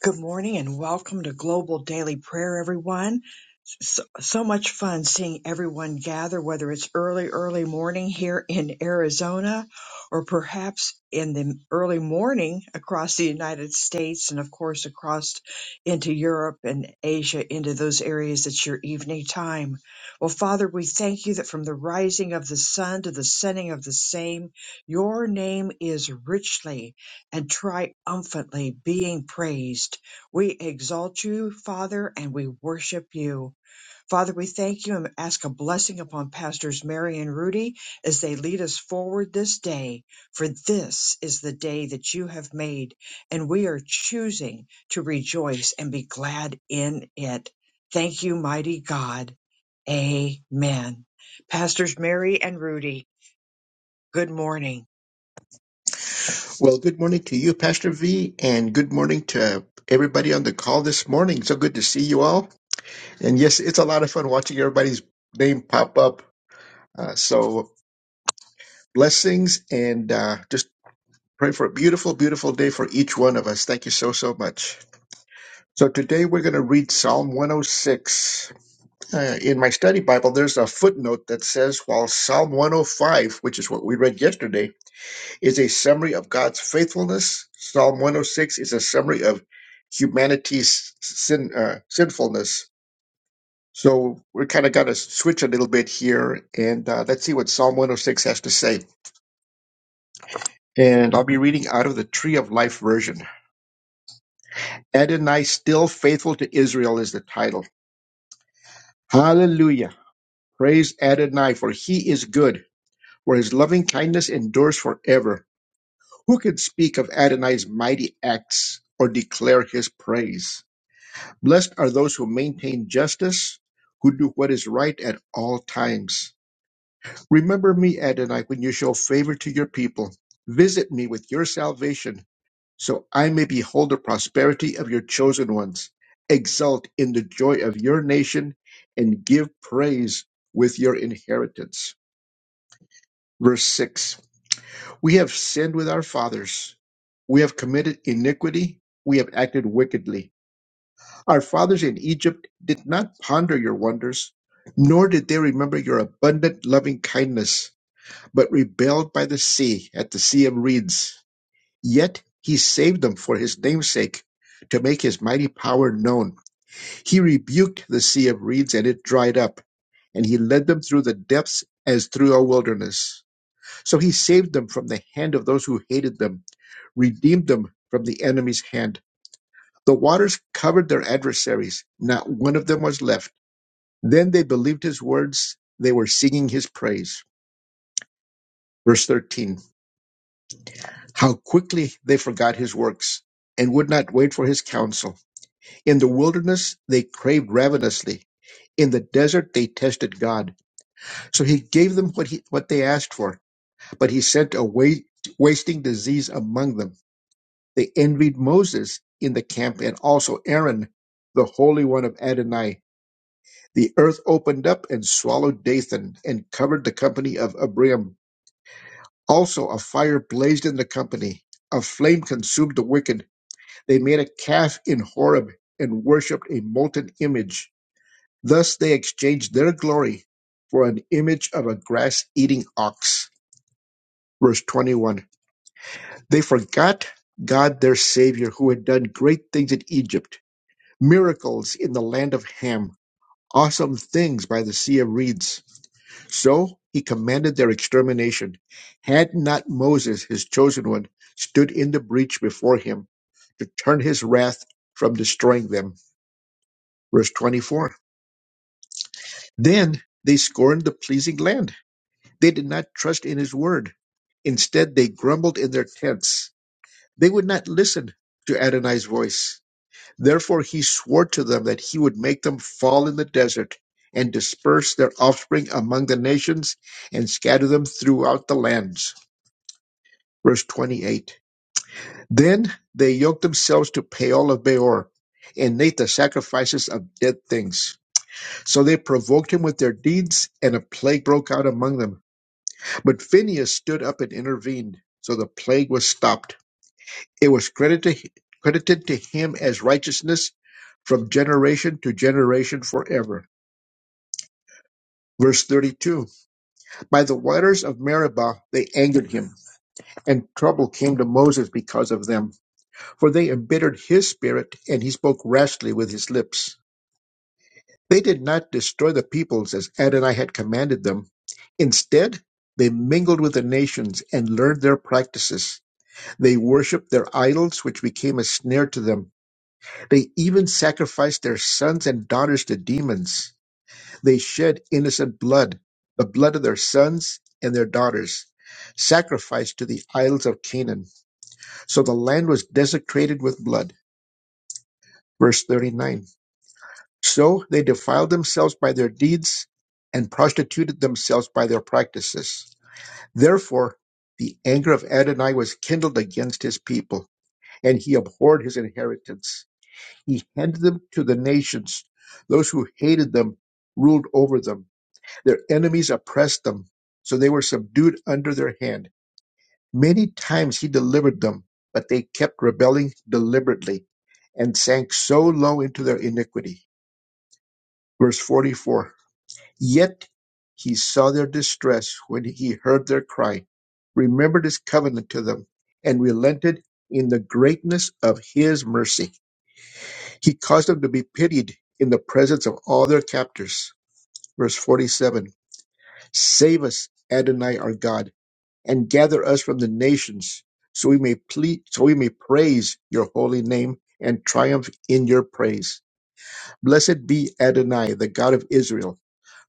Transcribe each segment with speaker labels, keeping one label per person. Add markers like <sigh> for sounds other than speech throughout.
Speaker 1: Good morning and welcome to Global Daily Prayer, everyone so, so much fun seeing everyone gather, whether it's early, early morning here in Arizona or perhaps in the early morning across the United States and, of course, across into Europe and Asia, into those areas. It's your evening time. Well, Father, we thank you that from the rising of the sun to the setting of the same, your name is richly and triumphantly being praised. We exalt you, Father, and we worship you. Father, we thank you and ask a blessing upon Pastors Mary and Rudy as they lead us forward this day. For this is the day that you have made, and we are choosing to rejoice and be glad in it. Thank you, mighty God. Amen. Pastors Mary and Rudy, good morning.
Speaker 2: Well, good morning to you, Pastor V, and good morning to everybody on the call this morning. So good to see you all. And yes, it's a lot of fun watching everybody's name pop up. Uh, so blessings and uh, just pray for a beautiful, beautiful day for each one of us. Thank you so, so much. So today we're going to read Psalm 106. Uh, in my study Bible, there's a footnote that says, while Psalm 105, which is what we read yesterday, is a summary of God's faithfulness. Psalm 106 is a summary of humanity's sin, uh, sinfulness. So we're kind of going to switch a little bit here, and uh, let's see what Psalm 106 has to say. And I'll be reading out of the Tree of Life version. Adonai, still faithful to Israel, is the title. Hallelujah! Praise Adonai, for he is good, for his loving kindness endures forever. Who can speak of Adonai's mighty acts or declare his praise? Blessed are those who maintain justice, who do what is right at all times. Remember me, Adonai, when you show favor to your people. Visit me with your salvation, so I may behold the prosperity of your chosen ones. Exult in the joy of your nation and give praise with your inheritance. Verse 6 We have sinned with our fathers. We have committed iniquity. We have acted wickedly. Our fathers in Egypt did not ponder your wonders, nor did they remember your abundant loving kindness, but rebelled by the sea, at the sea of reeds. Yet he saved them for his name's sake, to make his mighty power known. He rebuked the sea of reeds, and it dried up, and he led them through the depths as through a wilderness. So he saved them from the hand of those who hated them, redeemed them from the enemy's hand. The waters covered their adversaries, not one of them was left. Then they believed his words. They were singing his praise. Verse 13. How quickly they forgot his works and would not wait for his counsel. In the wilderness, they craved ravenously. In the desert, they tested God. So he gave them what, he, what they asked for, but he sent a wa- wasting disease among them. They envied Moses in the camp and also Aaron, the Holy One of Adonai. The earth opened up and swallowed Dathan and covered the company of Abiram Also a fire blazed in the company. A flame consumed the wicked. They made a calf in Horeb and worshipped a molten image. Thus they exchanged their glory for an image of a grass eating ox. Verse 21. They forgot God their Savior who had done great things in Egypt, miracles in the land of Ham awesome things by the sea of reeds. So he commanded their extermination. Had not Moses, his chosen one, stood in the breach before him to turn his wrath from destroying them. Verse 24. Then they scorned the pleasing land. They did not trust in his word. Instead, they grumbled in their tents. They would not listen to Adonai's voice Therefore he swore to them that he would make them fall in the desert and disperse their offspring among the nations and scatter them throughout the lands. Verse 28. Then they yoked themselves to Peol of Beor and made the sacrifices of dead things. So they provoked him with their deeds, and a plague broke out among them. But Phinehas stood up and intervened, so the plague was stopped. It was credited credited to him as righteousness from generation to generation forever. Verse 32 By the waters of Meribah they angered him, and trouble came to Moses because of them, for they embittered his spirit, and he spoke rashly with his lips. They did not destroy the peoples as Adonai had commanded them. Instead, they mingled with the nations and learned their practices. They worshipped their idols, which became a snare to them They even sacrificed their sons and daughters to demons. They shed innocent blood, the blood of their sons and their daughters, sacrificed to the idols of Canaan. So the land was desecrated with blood. Verse 39. So they defiled themselves by their deeds and prostituted themselves by their practices. Therefore, the anger of Adonai was kindled against his people, and he abhorred his inheritance. He handed them to the nations. Those who hated them ruled over them. Their enemies oppressed them, so they were subdued under their hand. Many times he delivered them, but they kept rebelling deliberately and sank so low into their iniquity. Verse 44 Yet he saw their distress when he heard their cry, remembered his covenant to them, and relented in the greatness of his mercy. He caused them to be pitied in the presence of all their captors. Verse 47 Save us, Adonai our God, and gather us from the nations, so we may plead, so we may praise your holy name and triumph in your praise. Blessed be Adonai, the God of Israel,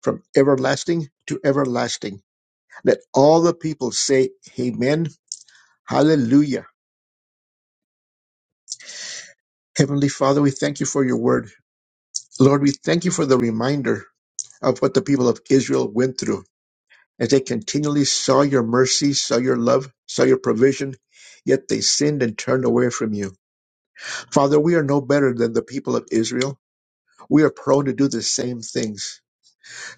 Speaker 2: from everlasting to everlasting. Let all the people say, Amen, Hallelujah. Heavenly Father, we thank you for your word. Lord, we thank you for the reminder of what the people of Israel went through as they continually saw your mercy, saw your love, saw your provision, yet they sinned and turned away from you. Father, we are no better than the people of Israel. We are prone to do the same things.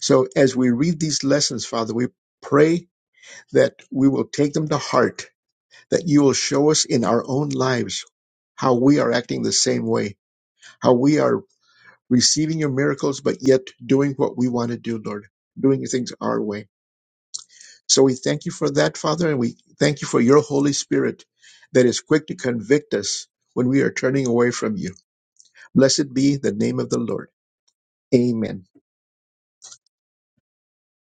Speaker 2: So as we read these lessons, Father, we pray that we will take them to heart, that you will show us in our own lives how we are acting the same way, how we are receiving your miracles, but yet doing what we want to do, Lord, doing things our way. So we thank you for that, Father, and we thank you for your Holy Spirit that is quick to convict us when we are turning away from you. Blessed be the name of the Lord. Amen.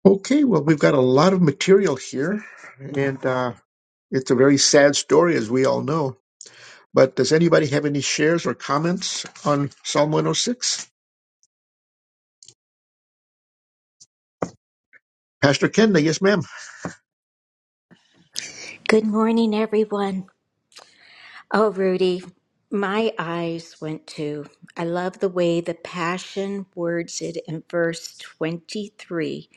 Speaker 2: Okay, well, we've got a lot of material here, and uh, it's a very sad story, as we all know. But does anybody have any shares or comments on Psalm 106? Pastor Kenda, yes, ma'am.
Speaker 3: Good morning, everyone. Oh, Rudy, my eyes went to. I love the way the Passion words it in verse 23,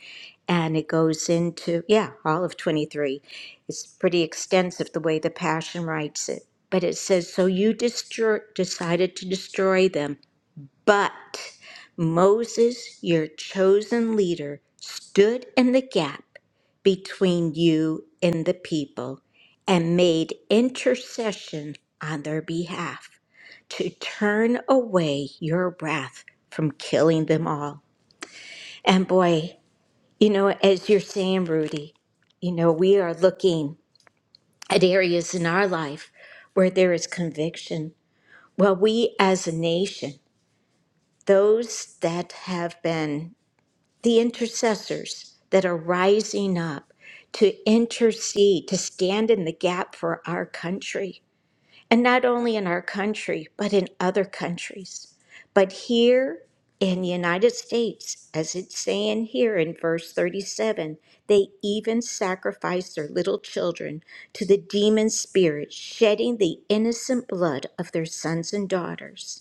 Speaker 3: and it goes into, yeah, all of 23. It's pretty extensive the way the Passion writes it. But it says, So you destroy, decided to destroy them but Moses, your chosen leader, stood in the gap between you and the people and made intercession on their behalf to turn away your wrath from killing them all. And boy, you know, as you're saying, Rudy, you know, we are looking at areas in our life where there is conviction. Well, we as a nation, those that have been the intercessors that are rising up to intercede, to stand in the gap for our country. And not only in our country, but in other countries. But here in the United States, as it's saying here in verse 37, they even sacrifice their little children to the demon spirit, shedding the innocent blood of their sons and daughters.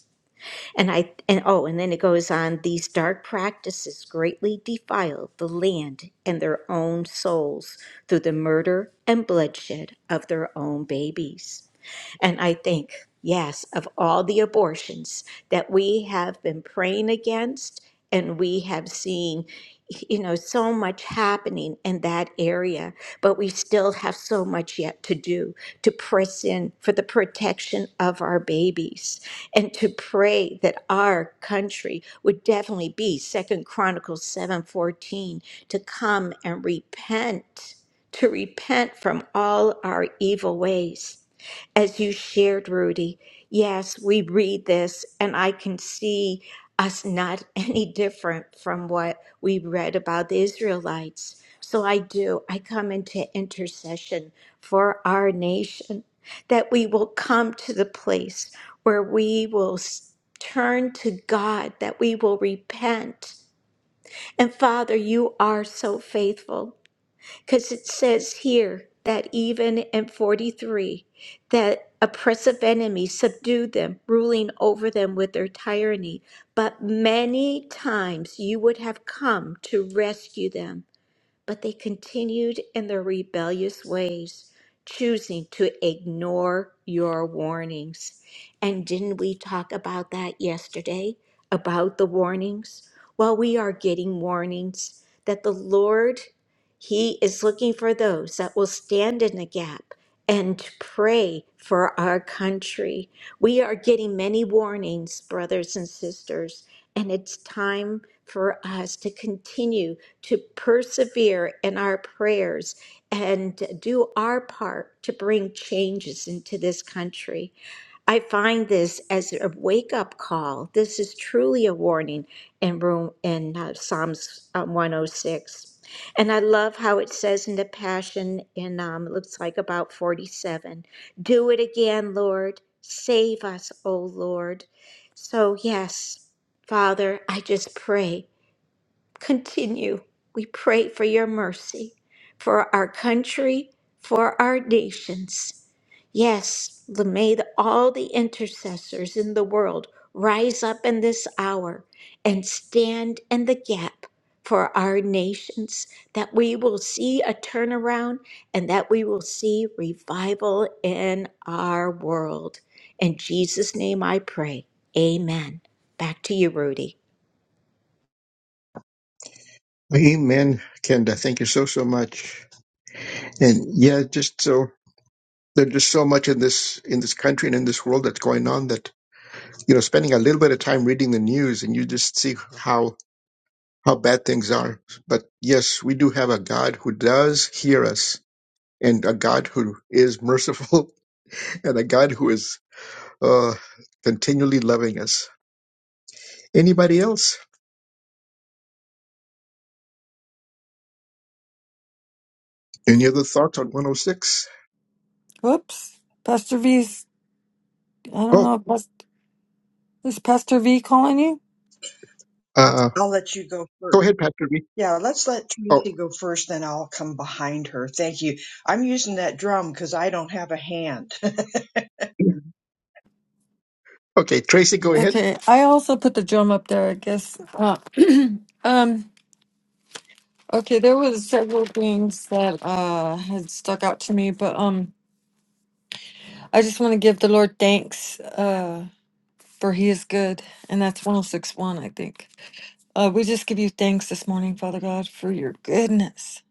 Speaker 3: And I and oh, and then it goes on, these dark practices greatly defile the land and their own souls through the murder and bloodshed of their own babies. And I think, yes, of all the abortions that we have been praying against, and we have seen, you know, so much happening in that area, but we still have so much yet to do to press in for the protection of our babies and to pray that our country would definitely be second chronicles 7:14 to come and repent to repent from all our evil ways as you shared, Rudy, yes, we read this, and I can see us not <laughs> any different from what we read about the Israelites. So I do, I come into intercession for our nation, that we will come to the place where we will s- turn to God, that we will repent. And Father, you are so faithful because it says here that even in 43 that oppressive enemies subdued them ruling over them with their tyranny but many times you would have come to rescue them but they continued in their rebellious ways, choosing to ignore your warnings. And didn't we talk about that yesterday? About the warnings? Well, we are getting warnings that the Lord, He is looking for those that will stand in the gap and pray for our country. We are getting many warnings, brothers and sisters, and it's time for us to continue to persevere in our prayers and do our part to bring changes into this country. I find this as a wake up call. This is truly a warning in room in uh, Psalms uh, 106. And I love how it says in the Passion, in um, it looks like about 47, do it again, Lord. Save us, O Lord. So, yes, Father, I just pray continue. We pray for your mercy for our country, for our nations. Yes, the- may the- all the intercessors in the world rise up in this hour and stand in the gap for our nations, that we will see a turnaround and that we will see revival in our world. In Jesus' name I pray. Amen. Back to you, Rudy.
Speaker 2: Amen, Kenda. Thank you so, so much. And yeah, just so there's just so much in this in this country and in this world that's going on that you know spending a little bit of time reading the news and you just see how how bad things are but yes we do have a god who does hear us and a god who is merciful <laughs> and a god who is uh continually loving us anybody else any other thoughts on 106 oh six?
Speaker 4: Whoops. Pastor V's, I don't
Speaker 2: Oh,
Speaker 4: know. if Pas- Is Pastor V calling you?
Speaker 2: uh
Speaker 1: I'll let you go
Speaker 2: go
Speaker 1: first.
Speaker 2: ahead pastor B.
Speaker 1: Yeah, let's let
Speaker 2: oh
Speaker 1: Tracy go first, then I'll come behind her. Thank you. I'm using that drum because I don't have a hand. <laughs>
Speaker 2: <clears throat> okay tracy go ahead
Speaker 4: Okay. I also put the drum up there, I guess. Uh, <clears throat> um, okay. There was several things that, uh, had stuck out to me, but, um, I just want to give the Lord thanks, uh, for he is good. And that's 1061, I think. Uh, we just give you thanks this morning, Father God, for your goodness.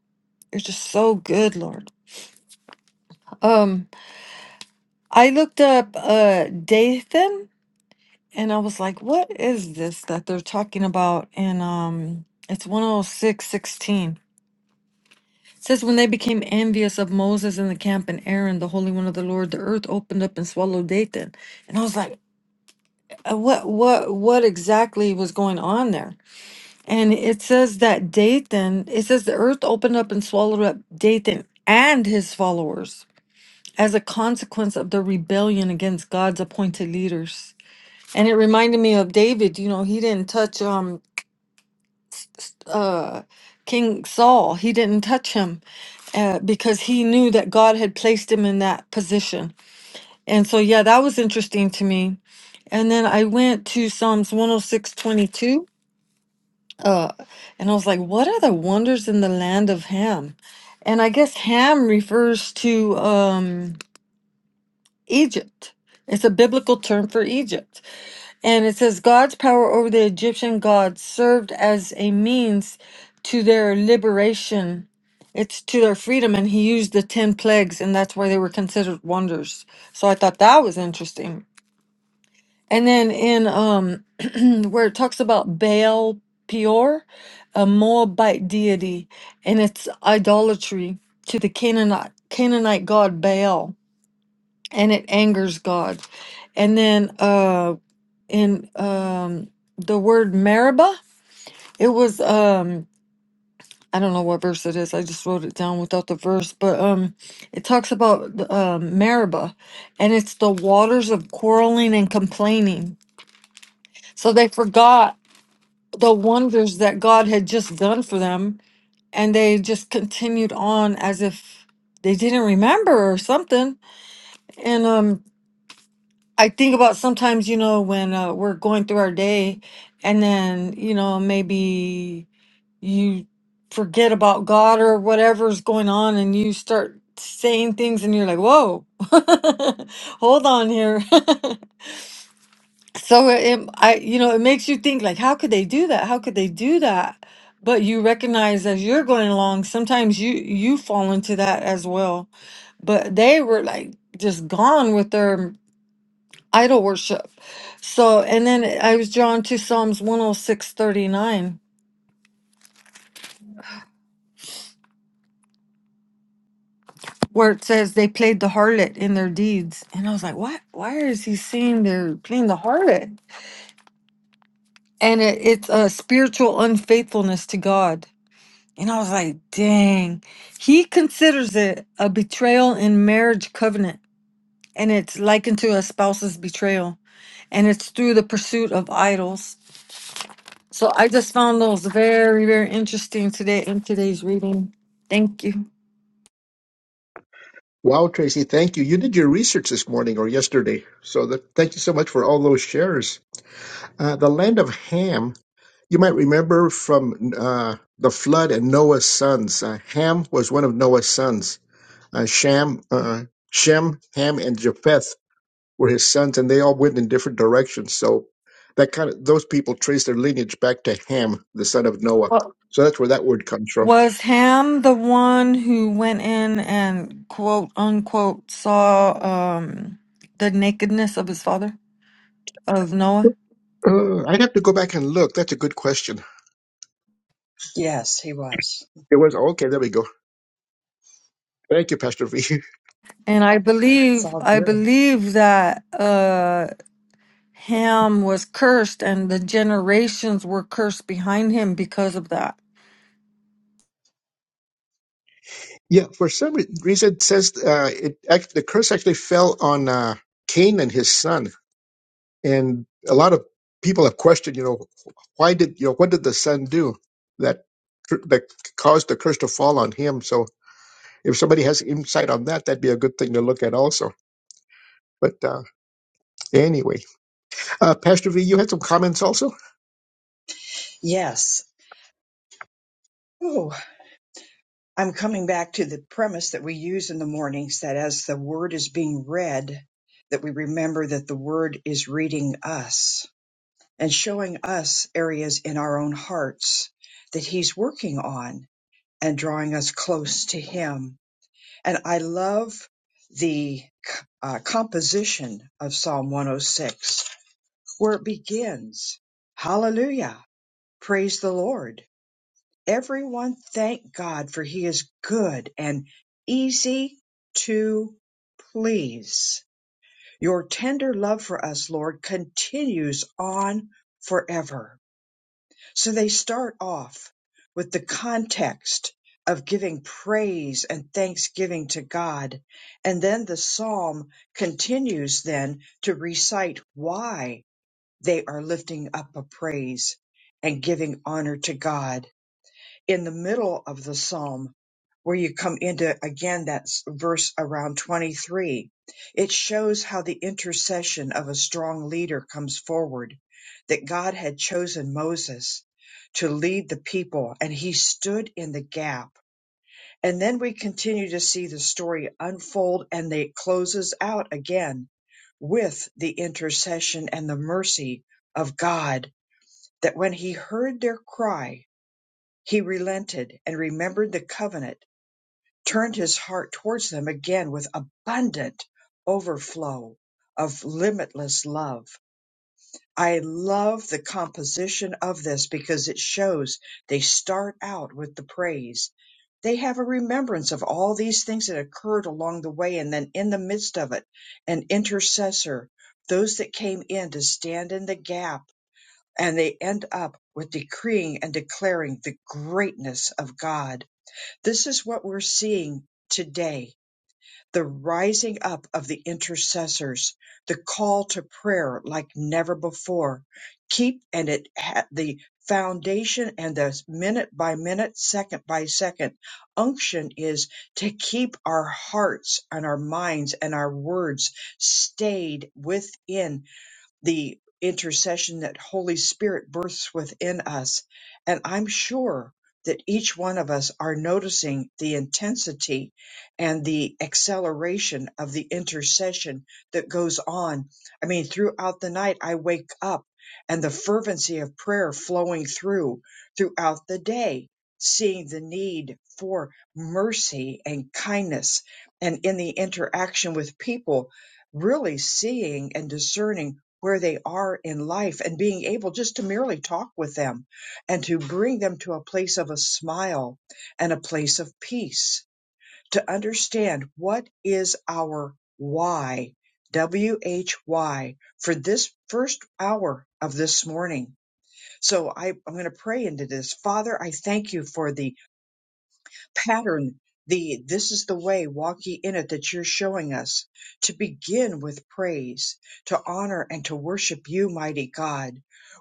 Speaker 4: You're just so good, Lord. Um, I looked up, uh, Dathan. And I was like, what is this that they're talking about? And um it's 106:16. It says when they became envious of Moses in the camp and Aaron, the holy one of the Lord, the earth opened up and swallowed Dathan. And I was like, "Uh, what what what exactly was going on there? And it says that Dathan, it says the earth opened up and swallowed up Dathan and his followers as a consequence of the rebellion against God's appointed leaders and it reminded me of David. You know, he didn't touch um uh, King Saul. He didn't touch him uh, because he knew that God had placed him in that position. And so, yeah, that was interesting to me. And then I went to Psalms 106 22, uh, and I was like, what are the wonders in the land of Ham? And I guess Ham refers to um, Egypt, it's a biblical term for Egypt. And it says God's power over the Egyptian gods served as a means to their liberation. It's to their freedom, and he used the 10 plagues, and that's why they were considered wonders. So I thought that was interesting. And then in um, <clears throat> where it talks about Baal Peor, a Moabite deity, and its idolatry to the Canaanite, Canaanite god Baal, and it angers God. And then uh in um the word Meribah. It was um I don't know what verse it is. I just wrote it down without the verse, but um it talks about the, um Meribah and it's the waters of quarreling and complaining. So they forgot the wonders that God had just done for them and they just continued on as if they didn't remember or something. And um I think about sometimes, you know, when uh, we're going through our day and then, you know, maybe you forget about God or whatever's going on and you start saying things and you're like, whoa, <laughs> hold on here. <laughs> so it, I, you know, it makes you think like, how could they do that? How could they do that? But you recognize as you're going along, sometimes you, you fall into that as well. But they were like just gone with their idol worship. So, and then I was drawn to Psalms 106, 39 where it says they played the harlot in their deeds. And I was like, what? Why is he saying they're playing the harlot? And it, it's a spiritual unfaithfulness to God. And I was like, dang. He considers it a betrayal in marriage covenant. And it's likened to a spouse's betrayal. And it's through the pursuit of idols. So I just found those very, very interesting today in today's reading. Thank you.
Speaker 2: wow tracy thank you you did your research this morning or yesterday so that thank you so much for all those shares uh, the land of ham You might remember from uh, the flood and Noah's sons. Uh, Ham was one of Noah's sons. Uh, Sham, uh, Shem, Ham, and Japheth were his sons, and they all went in different directions. So that kind of those people trace their lineage back to Ham, the son of Noah. So that's where that word comes from.
Speaker 4: Was Ham the one who went in and quote unquote saw um the nakedness of his father of Noah?
Speaker 2: Uh, I'd have to go back and look. That's a good question.
Speaker 1: yes, he was.
Speaker 2: It was okay. There we go. Thank you, Pastor V.
Speaker 4: And I
Speaker 1: It's
Speaker 4: believe
Speaker 1: all
Speaker 4: I
Speaker 1: good.
Speaker 4: believe that uh Ham was cursed and the generations were cursed behind him because of that.
Speaker 2: <laughs> yeah, for some re- reason it says uh, it act, the curse actually fell on uh, Cain and his son And a lot of people have questioned, you know, why did you know what did the son do that cur- that caused the curse to fall on him? So if somebody has insight on that, that'd be a good thing to look at also. But uh, anyway, uh, Pastor V, you had some comments also.
Speaker 1: Yes. Oh, I'm coming back to the premise that we use in the mornings that as the word is being read, that we remember that the word is reading us and showing us areas in our own hearts that he's working on and drawing us close to him. And I love the uh, composition of Psalm 106 where it begins, Hallelujah, praise the Lord Everyone thank God for he is good and easy to please. Your tender love for us, Lord, continues on forever. So they start off with the context of giving praise and thanksgiving to God. And then the psalm continues then to recite why they are lifting up a praise and giving honor to God in the middle of the psalm where you come into again that's verse around 23 it shows how the intercession of a strong leader comes forward that god had chosen moses to lead the people and he stood in the gap and then we continue to see the story unfold and they it closes out again with the intercession and the mercy of god that when he heard their cry he relented and remembered the covenant, turned his heart towards them again with abundant overflow of limitless love. I love the composition of this because it shows they start out with the praise. They have a remembrance of all these things that occurred along the way, and then in the midst of it, an intercessor, those that came in to stand in the gap, and they end up with decreeing and declaring the greatness of God this is what we're seeing today the rising up of the intercessors, the call to prayer like never before. Keep and it had the foundation and the minute by minute, second by second unction is to keep our hearts and our minds and our words stayed within the intercession that Holy Spirit births within us. And I'm sure that each one of us are noticing the intensity and the acceleration of the intercession that goes on. I mean, throughout the night, I wake up and the fervency of prayer flowing through throughout the day, seeing the need for mercy and kindness. And in the interaction with people, really seeing and discerning where they are in life and being able just to merely talk with them and to bring them to a place of a smile and a place of peace to understand what is our why W H Y for this first hour of this morning. So I, I'm going to pray into this. Father, I thank you for the pattern the this is the way walk ye in it that you're showing us to begin with praise to honor and to worship you mighty god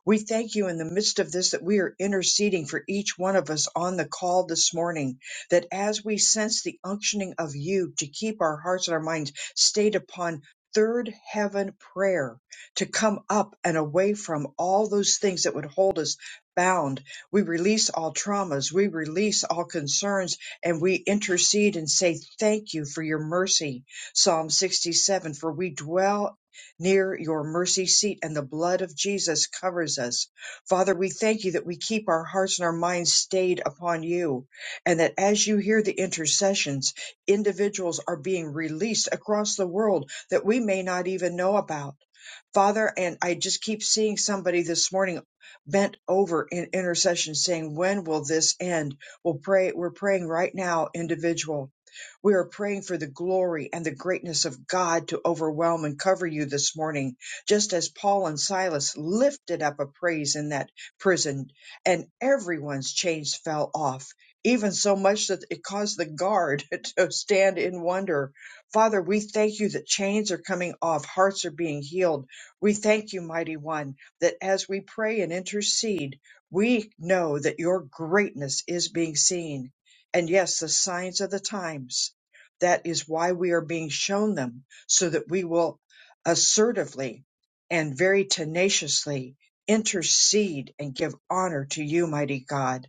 Speaker 1: we thank you in the midst of this that we are interceding for each one of us on the call this morning that as we sense the unctioning of you to keep our hearts and our minds stayed upon third heaven prayer to come up and away from all those things that would hold us bound we release all traumas. We release all concerns and we intercede and say thank you for your mercy. Psalm 67 For we dwell near your mercy seat, and the blood of Jesus covers us. Father, we thank you that we keep our hearts and our minds stayed upon you, and that as you hear the intercessions, individuals are being released across the world that we may not even know about. Father, and I just keep seeing somebody this morning bent over in intercession saying, When will this end? We'll pray, we're praying right now, individual. We are praying for the glory and the greatness of God to overwhelm and cover you this morning, just as Paul and Silas lifted up a praise in that prison, and everyone's chains fell off, even so much that it caused the guard <laughs> to stand in wonder. Father, we thank you that chains are coming off, hearts are being healed. We thank you, mighty one, that as we pray and intercede, we know that your greatness is being seen. And yes, the signs of the times. That is why we are being shown them so that we will assertively and very tenaciously intercede and give honor to you, mighty God.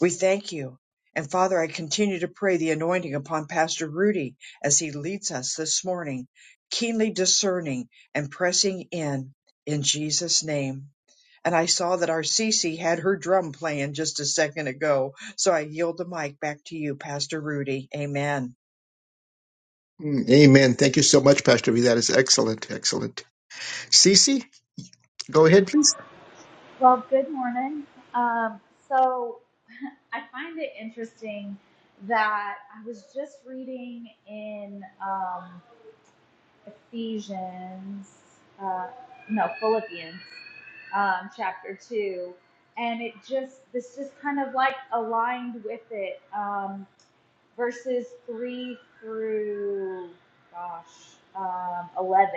Speaker 1: We thank you. And Father, I continue to pray the anointing upon Pastor Rudy as he leads us this morning, keenly discerning and pressing in in Jesus' name. And I saw that our Cece had her drum playing just a second ago. So I yield the mic back to you, Pastor Rudy. Amen.
Speaker 2: Mm, Amen. Thank you so much, Pastor V. That is excellent. Excellent. Cece? Go ahead, please.
Speaker 5: Well, good morning. Um, so <laughs> I find it interesting that I was just reading in um, Ephesians, uh, no, Philippians um, chapter 2, and it just, this just kind of like aligned with it. Um, verses 3 through, gosh, um, 11.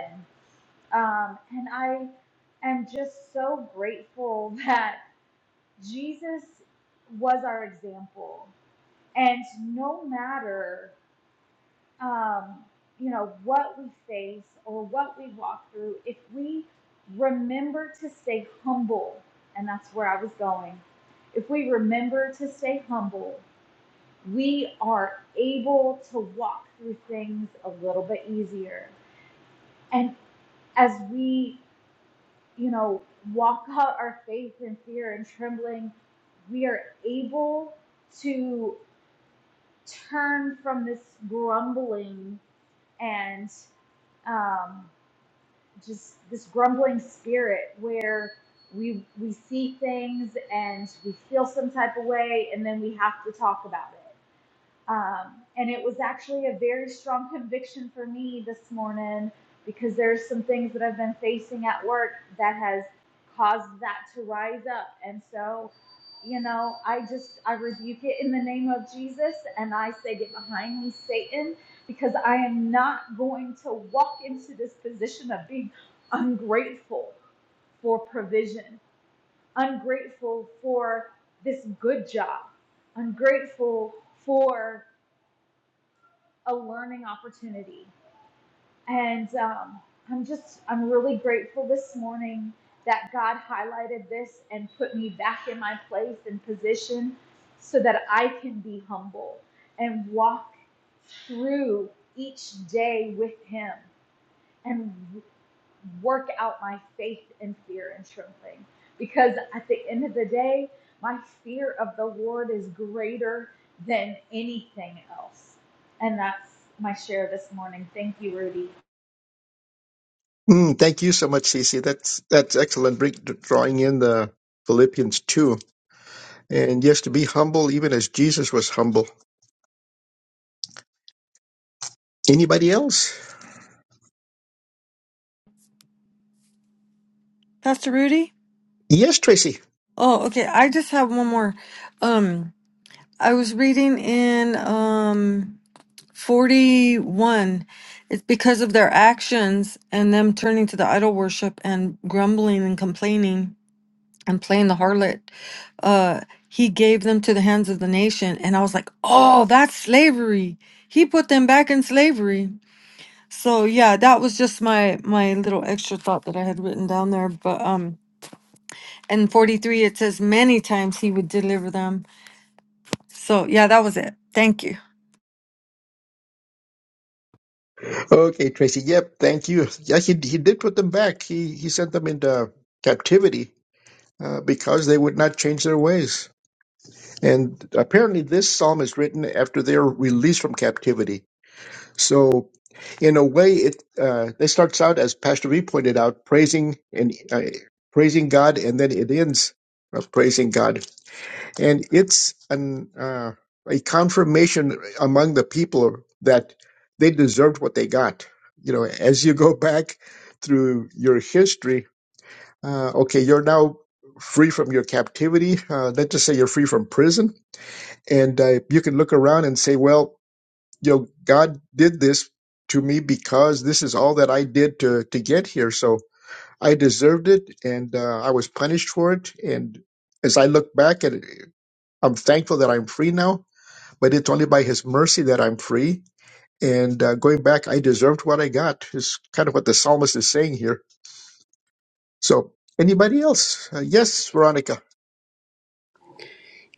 Speaker 5: Um, and I, i am just so grateful <laughs> that Jesus was our example. And no matter, um, you know, what we face or what we walk through, if we remember to stay humble, and that's where I was going, if we remember to stay humble, we are able to walk through things a little bit easier. And as we, you know, walk out our faith in fear and trembling, we are able to turn from this grumbling and um, just this grumbling spirit where we we see things and we feel some type of way and then we have to talk about it um, and it was actually a very strong conviction for me this morning because there's some things that I've been facing at work that has caused that to rise up. And so, you know, I just I rebuke it in the name of Jesus and I say get behind me Satan because I am not going to walk into this position of being ungrateful for provision, ungrateful for this good job, ungrateful for a learning opportunity. And um, I'm just, I'm really grateful this morning that God highlighted this and put me back in my place and position so that I can be humble and walk through each day with Him. And work out my faith and fear and trembling. Because at the end of the day, my fear of the Lord is greater than anything else. And that's my share this morning. Thank you, Rudy.
Speaker 2: Mm, thank you so much, Cece. That's that's excellent. Bring, drawing in the Philippians two, and yes, to be humble, even as Jesus was humble. Anybody else?
Speaker 4: Pastor Rudy?
Speaker 2: Yes, Tracy.
Speaker 4: Oh, okay. I just have one more. Um I was reading in um 41 it's because of their actions and them turning to the idol worship and grumbling and complaining and playing the harlot uh he gave them to the hands of the nation and i was like oh that's slavery he put them back in slavery so yeah that was just my my little extra thought that i had written down there but um in 43 it says many times he would deliver them so yeah that was it thank you
Speaker 2: Okay, Tracy. Yep. Thank you. Yeah, he he did put them back. He he sent them into captivity uh, because they would not change their ways. And apparently, this psalm is written after their release from captivity. So, in a way, it uh, it starts out as Pastor V pointed out, praising and uh, praising God, and then it ends uh, praising God, and it's an uh, a confirmation among the people that they deserved what they got. You know, as you go <laughs> back through your history, uh, okay, you're now free from your captivity. Uh, let's just say you're free from prison, and uh, you can look around and say, well you know, God did this to me because this is all that I did to to get here. So I deserved it, and uh, I was punished for it. And as I look back at it, I'm thankful that I'm free now. But it's only by His mercy that I'm free. And uh, going back, I deserved what I got. Is kind of what the psalmist is saying here. So anybody else? Uh, yes, Veronica.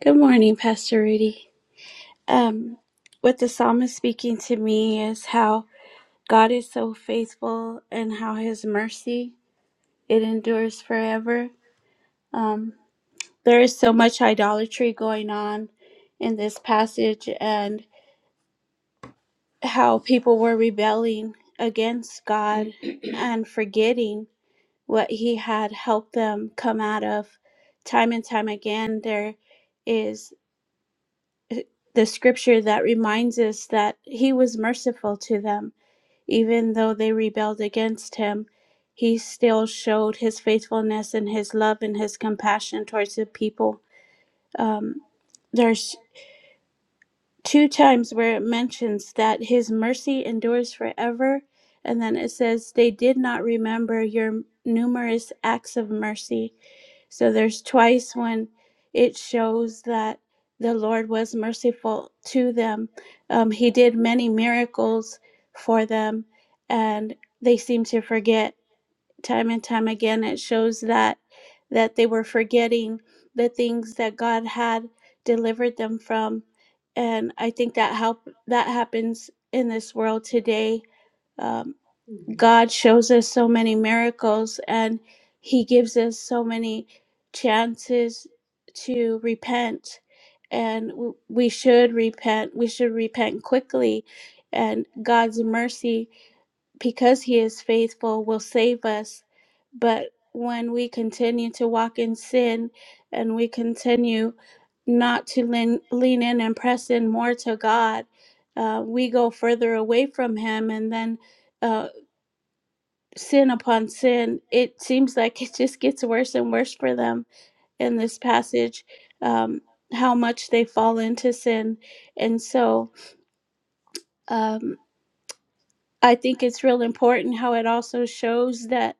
Speaker 6: Good morning, Pastor Rudy. Um, what the psalmist speaking to me is how God is so faithful and how His mercy it endures forever. Um, there is so much idolatry going on in this passage, and how people were rebelling against God <clears throat> and forgetting what He had helped them come out of. Time and time again, there is. the scripture that reminds us that he was merciful to them. Even though they rebelled against him, he still showed his faithfulness and his love and his compassion towards the people. Um, there's two times where it mentions that his mercy endures forever, and then it says, They did not remember your numerous acts of mercy so there's twice when it shows that the Lord was merciful to them. Um, he did many miracles for them, and they seem to forget time and time again. It shows that that they were forgetting the things that God had delivered them from, and I think that help that happens in this world today. Um, God shows us so many miracles and He gives us so many chances to repent. And w- we should repent. We should repent quickly. And God's mercy, because He is faithful, will save us. But when we continue to walk in sin and we continue not to lean, lean in and press in more to God, uh, we go further away from Him. And then uh, sin upon sin, it seems like <laughs> it just gets worse and worse for them in this passage, um, how much they fall into sin. And so, um, I think it's real important how it also shows that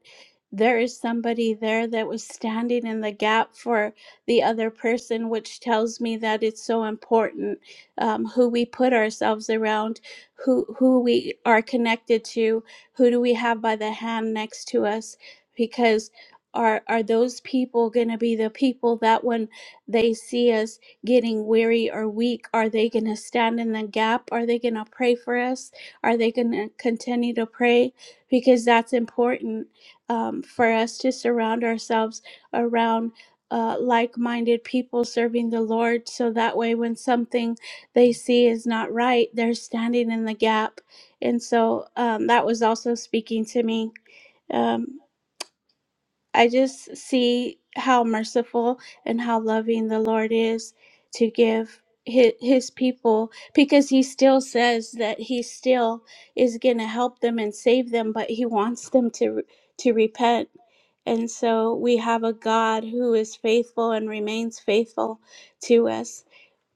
Speaker 6: there is somebody there that was standing in the gap for the other person, which tells me that it's so important um, who we put ourselves around, who who we are connected to, who do we have by the hand next to us, because. Are, are those people going to be the people that when they see us getting weary or weak, are they going to stand in the gap? Are they going to pray for us? Are they going to continue to pray? Because that's important um, for us to surround ourselves around uh, like minded people serving the Lord. So that way, when something they see is not right, they're standing in the gap. And so um, that was also speaking to me. Um, I just see how merciful and how loving the Lord is to give his, his people because he still says that he still is going to help them and save them but he wants them to to repent and so we have a God who is faithful and remains faithful to us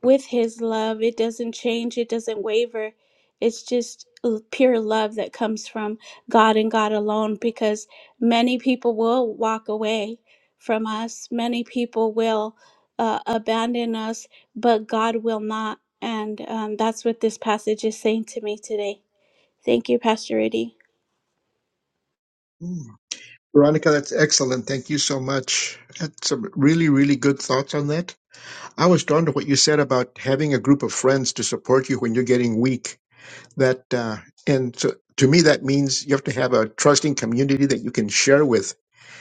Speaker 6: with his love. It doesn't change, it doesn't waver. It's just l- pure love that comes from God and God alone because many people will walk away from us, many people will uh, abandon us, but God will not. And um, that's what this passage is saying to me today. Thank you, Pastor Rudy.
Speaker 2: Mm. Veronica, that's excellent. Thank you so much. Had some really, really good thoughts on that. I was drawn to what you said about having a group of friends to support you when you're getting weak. That uh, and so to me that means you have to have a trusting community that you can share with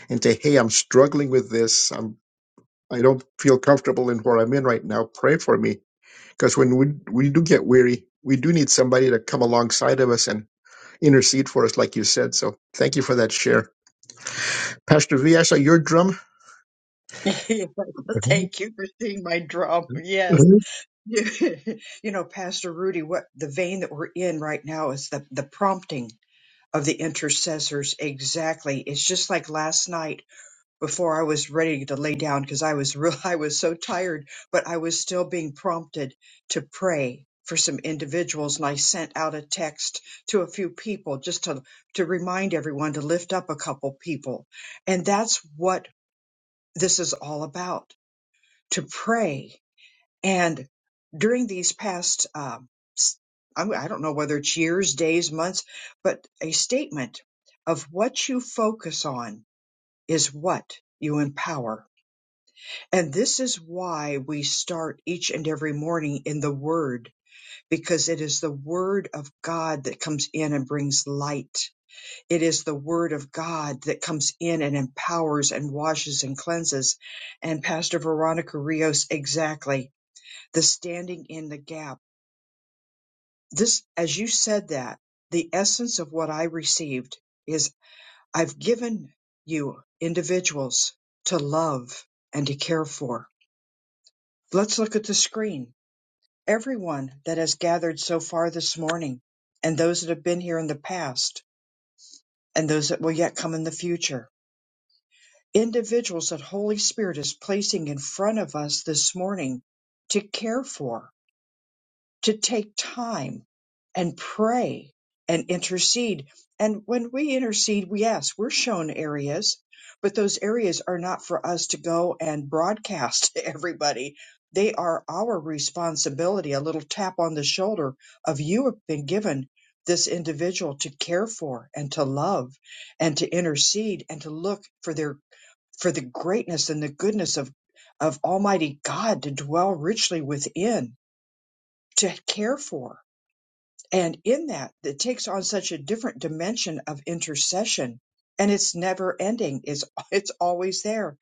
Speaker 2: and say, "Hey, I'm struggling with this. I'm I don't feel comfortable in where I'm in right now. Pray for me." Because when we we do get weary, we do need somebody to come alongside of us and intercede for us, like you said. So thank you for that share, Pastor V. I saw your drum.
Speaker 1: <laughs> Thank you for seeing my drum. Yes. <laughs> you know, Pastor Rudy, what the vein that we're in right now is the, the prompting of the intercessors exactly it's just like last night before i was ready to lay down because i was real <laughs> i was so tired but i was still being prompted to pray for some individuals and i sent out a text to a few people just to to remind everyone to lift up a couple people and that's what this is all about to pray and during these past, um, s- I'm- I don't know whether it's years, days, months, but a statement of what you focus on is what you empower. And this is why we start each and every morning in the Word, because it is the Word of God that comes in and brings light. It is the Word of God that comes in and empowers and washes and cleanses. And Pastor Veronica Rios, exactly, the standing in the gap This, as you said that, the essence of what I received is I've given you individuals to love and to care for. Let's look at the screen. Everyone that has gathered so far this morning, and those that have been here in the past, and those that will yet come in the future. Individuals that Holy Spirit is placing in front of us this morning to care for to take time and pray and intercede. And when we intercede, we- yes, we're shown areas, but those areas are not for us to go and broadcast <laughs> to everybody. They are our responsibility, a little tap on the shoulder of you have been given this individual to care for and to love and to intercede and to look for their for the greatness and the goodness of of almighty God to dwell richly within to care for and in that, it takes on such a different dimension of intercession and it's never ending. It's, <laughs> it's always there.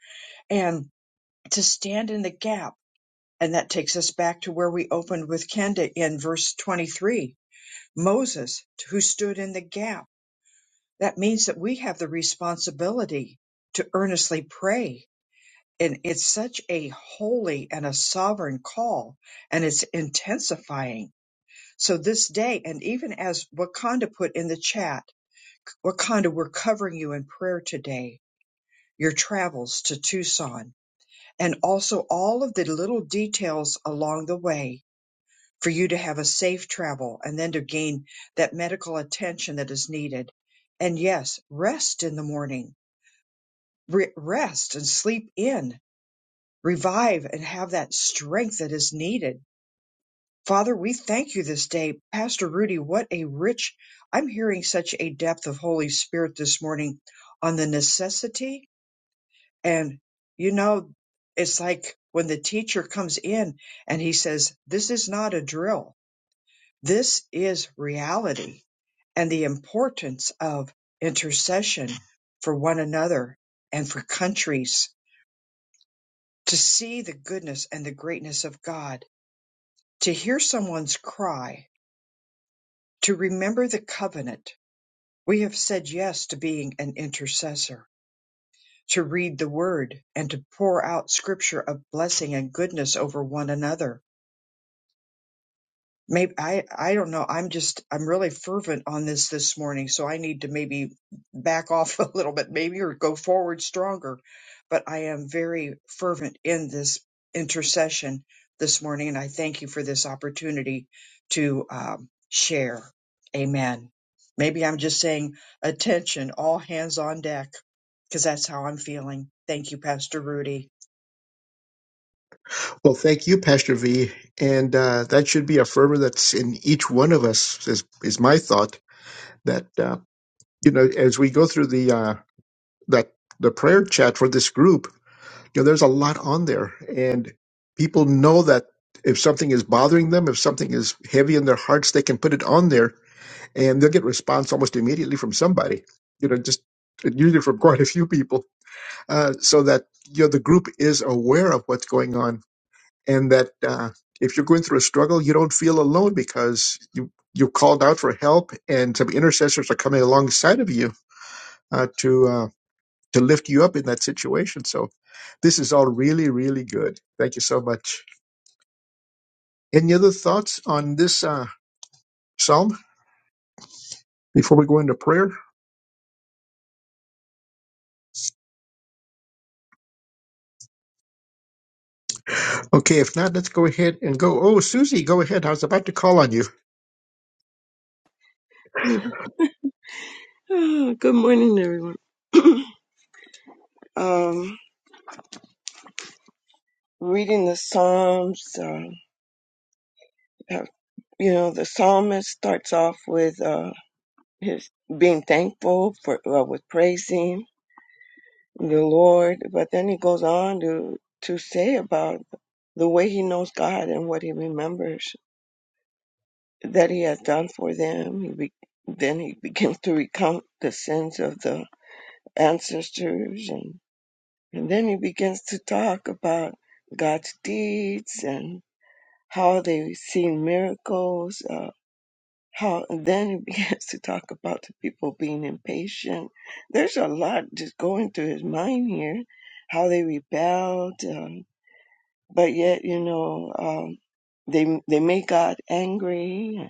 Speaker 1: And to stand in the gap. And that takes us back to where we opened with Kenda in verse 23. Moses, who stood in the gap. That means that we have the responsibility to earnestly pray. And it's such a holy and a sovereign call, and it's intensifying. So this day, and even as Wakanda put in the chat, Wakanda, we're covering you in prayer today, your travels to Tucson, and also all of the little details along the way for you to have a safe travel and then to gain that medical attention that is needed. And yes, rest in the morning, Re- rest and sleep in, revive and have that strength that is needed. Father, we thank you this day. Pastor Rudy, what a rich, I'm hearing such a depth of Holy Spirit this morning on the necessity And you know, it's like when the teacher comes in and he says, This is not a drill, this is reality, and the importance of intercession for one another and for countries to see the goodness and the greatness of God, to hear someone's cry, to remember the covenant. We have said yes to being an intercessor, to read the word and to pour out scripture of blessing and goodness over one another Maybe I I don't know. I'm just I'm really fervent on this this morning, so I need to maybe back off <laughs> a little bit, maybe or go forward stronger. But I am very fervent in this intercession this morning, and I thank you for this opportunity to um, share. Amen. Maybe I'm just saying attention, all hands on deck, because that's how I'm feeling. Thank you, Pastor Rudy.
Speaker 2: Well, thank you, Pastor V. And uh, that should be a fervor that's in each one of us, is, is my thought. That, uh, you know, as we go through the, uh, that, the prayer chat for this group, you know, there's a lot on there. And people know that if something is bothering them, if something is heavy in their hearts, they can put it on there and they'll get response almost immediately from somebody, you know, just usually from quite a few people, uh, so that, you know, the group is aware of what's going on and that uh, if you're going through a struggle, you don't feel alone because you you called out for help, and some intercessors are coming alongside of you uh, to uh, to lift you up in that situation. So this is all really really good. Thank you so much. Any other thoughts on this uh, psalm before we go into prayer? Okay, if not, let's go ahead and go. Oh, Susie, go ahead. I was about to call on you.
Speaker 7: <sighs> <laughs> Good morning, everyone. <clears throat> um, reading the Psalms, uh, have- you know, the psalmist starts off with uh, his being thankful for uh, with praising the Lord, but then he goes on to to say about the way he knows God and what he remembers that he has done for them. He be, then he begins to recount the sins of the ancestors and. And then he begins to talk about God's deeds and how they've seen miracles. Uh, how and then he <laughs> begins to talk about the people being impatient. There's a lot just going through his mind here. How they rebelled, um, but yet you know um, they they made God angry,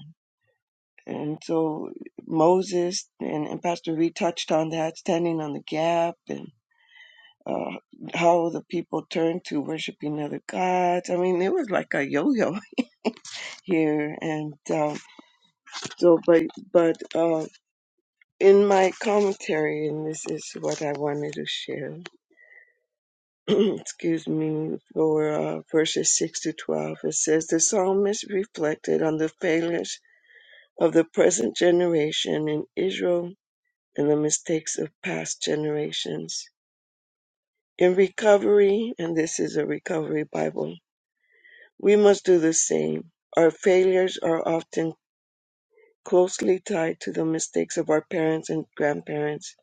Speaker 7: and, and so Moses and, and Pastor Reed touched on that, standing on the gap, and. uh, how the people turned to worshiping other gods. I mean, it was like a yo-yo <laughs> here, and um, so, but, but uh, in my commentary, and this is what I wanted to share. <clears throat> excuse me, for uh, verses six to twelve, it says the psalmist reflected on the failures of the present generation in Israel and the mistakes of past generations. In recovery, and this is a recovery Bible We must do the same. Our failures are often closely tied to the mistakes of our parents and grandparents.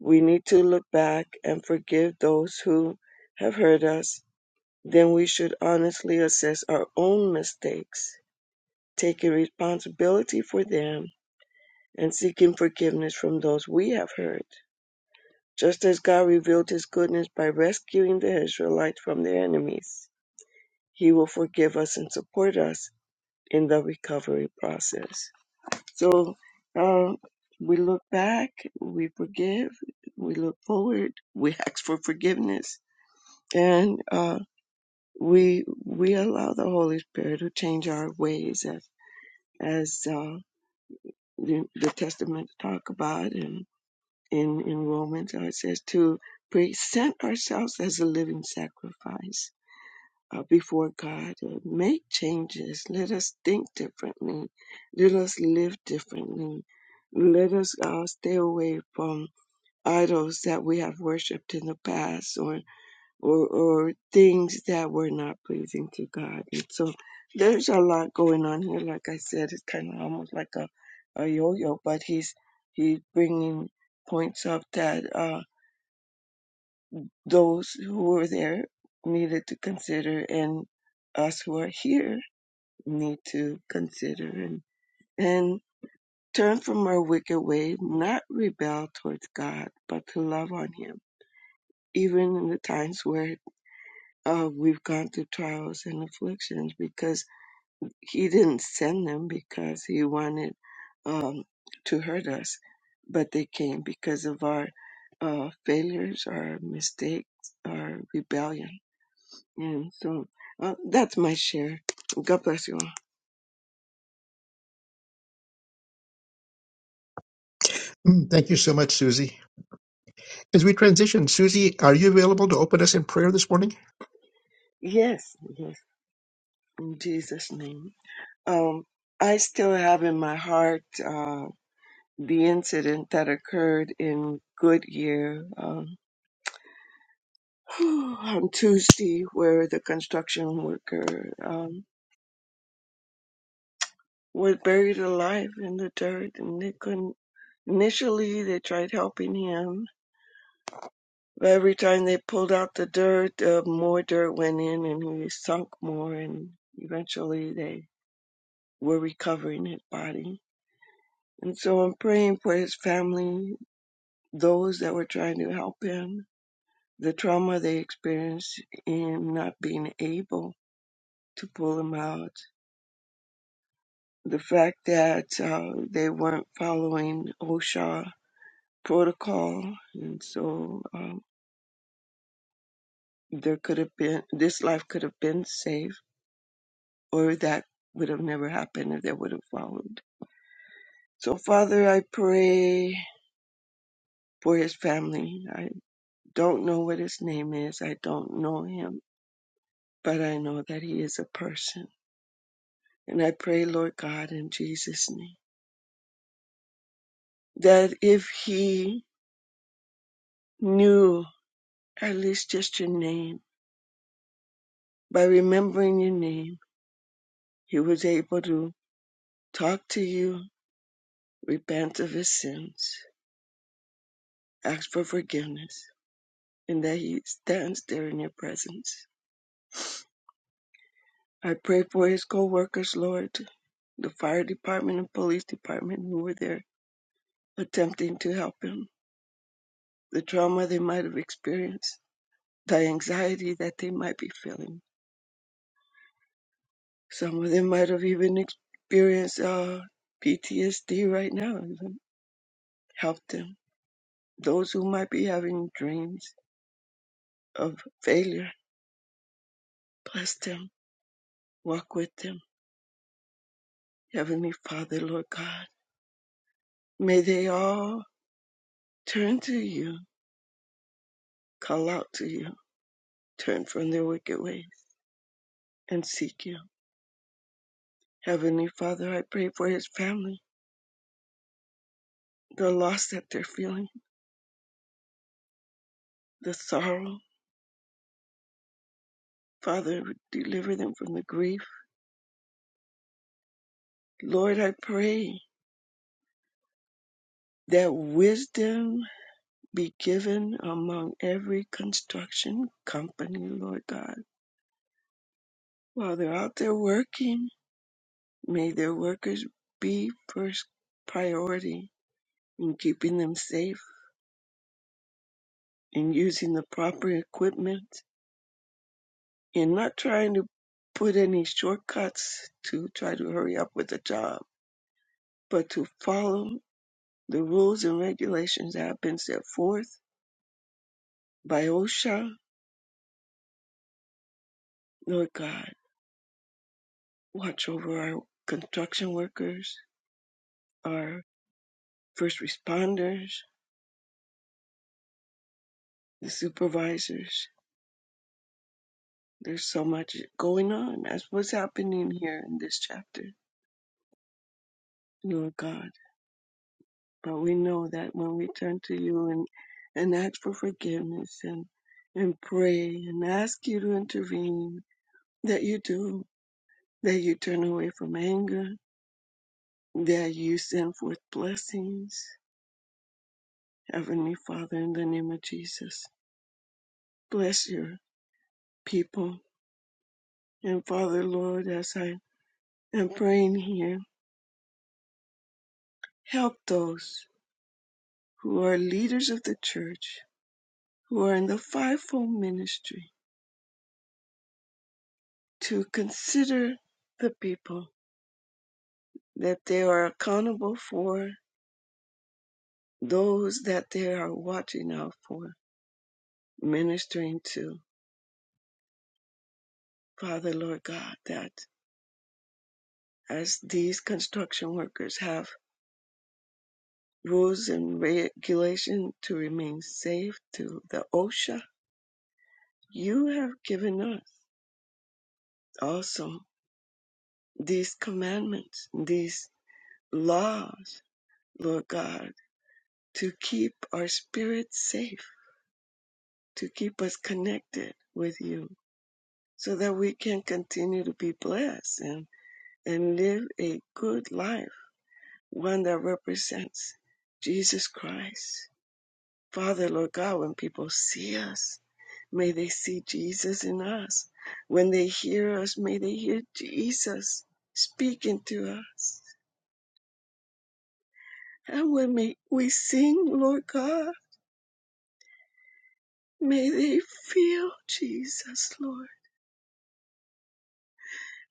Speaker 7: We need to look back and forgive those who have hurt us. Then we should honestly assess our own mistakes, taking responsibility for them, and seeking forgiveness from those we have hurt. Just as God revealed his goodness by rescuing the Israelites from their enemies, he will forgive us and support us in the recovery process. So um, we look back, we forgive, we look forward, <laughs> we ask for forgiveness, and uh, we we allow the Holy Spirit to change our ways, as as uh, the, the Testament talk about, and in in Romans how it says to present ourselves as a living sacrifice uh, before God. Uh, make changes. Let us think differently. Let us live differently. Let us uh, stay away from idols that we have worshipped in the past or, or, or things that were not pleasing to God. And so there's a lot going on here. Like I said, it's kind of almost like a, a yo-yo, but he's, he's bringing points up that uh, those who were there needed to consider and us who are here need to consider and, and turn from our wicked way, not rebel towards God, but to love on Him, even in the times where uh, we've gone through trials and afflictions, because He didn't send them because He wanted um, to hurt us, but they came because of our uh, failures, our mistakes, our rebellion. And so uh, that's my share. God bless you all.
Speaker 2: Mm, Thank you so much, Susie. As we transition, Susie, are you available to open us in prayer this morning?
Speaker 7: Yes, yes, in Jesus' name. Um, I still have in my heart uh, the incident that occurred in Goodyear um, <sighs> on Tuesday, where the construction worker um, was buried alive in the dirt, and they couldn't. Initially, they tried helping him, but every time they pulled out the dirt, uh, more dirt went in, and he sunk more. And eventually, they were recovering his body. And so I'm praying for his family those that were trying to help him, the trauma they experienced in not being able to pull him out, the fact that uh, they weren't following OSHA protocol, and so um, there could have been this life could have been saved, or that would have never happened if they would have followed. So, Father, I pray for his family. I don't know what his name is. I don't know him, but I know that he is a person And I pray, Lord God, in Jesus' name, that if he knew at least just your name, by remembering your name, he was able to talk to you, repent of his sins, ask for forgiveness, and that he stands there in your presence. I pray for his co-workers, Lord, the fire department and police department who were there attempting to help him, the trauma they might have experienced, the anxiety that they might be feeling Some of them might have even experienced uh, PTSD right now and help them. Those who might be having dreams of failure, bless them, walk with them. Heavenly Father, Lord God, may they all turn to you, call out to you, turn from their wicked ways, and seek you. Heavenly Father, I pray for his family, the loss that they're feeling, the sorrow. Father, deliver them from the grief. Lord, I pray that wisdom be given among every construction company, Lord God. While they're out there working, may their workers be first priority in keeping them safe and using the proper equipment and not trying to put any shortcuts to try to hurry up with the job, but to follow the rules and regulations that have been set forth by OSHA. Lord God, watch over our construction workers our first responders, the supervisors. There's so much going on. That's what's happening here in this chapter, Lord God. But we know that when we turn to you and, and ask for forgiveness and, and pray and ask you to intervene, that you do, that you turn away from anger, that you send forth blessings. Heavenly Father, in the name of Jesus, bless your people. And Father, Lord, as I am praying here, Help those who are leaders of the church, who are in the fivefold ministry, to consider the people that they are accountable for, those that they are watching out for, ministering to. Father, Lord God, that as these construction workers have rules and regulation to remain safe to the OSHA, you have given us also these commandments, these laws Lord God, to keep our spirits safe, to keep us connected with you, so that we can continue to be blessed and, and live a good life, one that represents Jesus Christ. Father, Lord God, when people see us, may they see Jesus in us. When they hear us, may they hear Jesus speaking to us. And when we, we sing, Lord God, may they feel Jesus, Lord.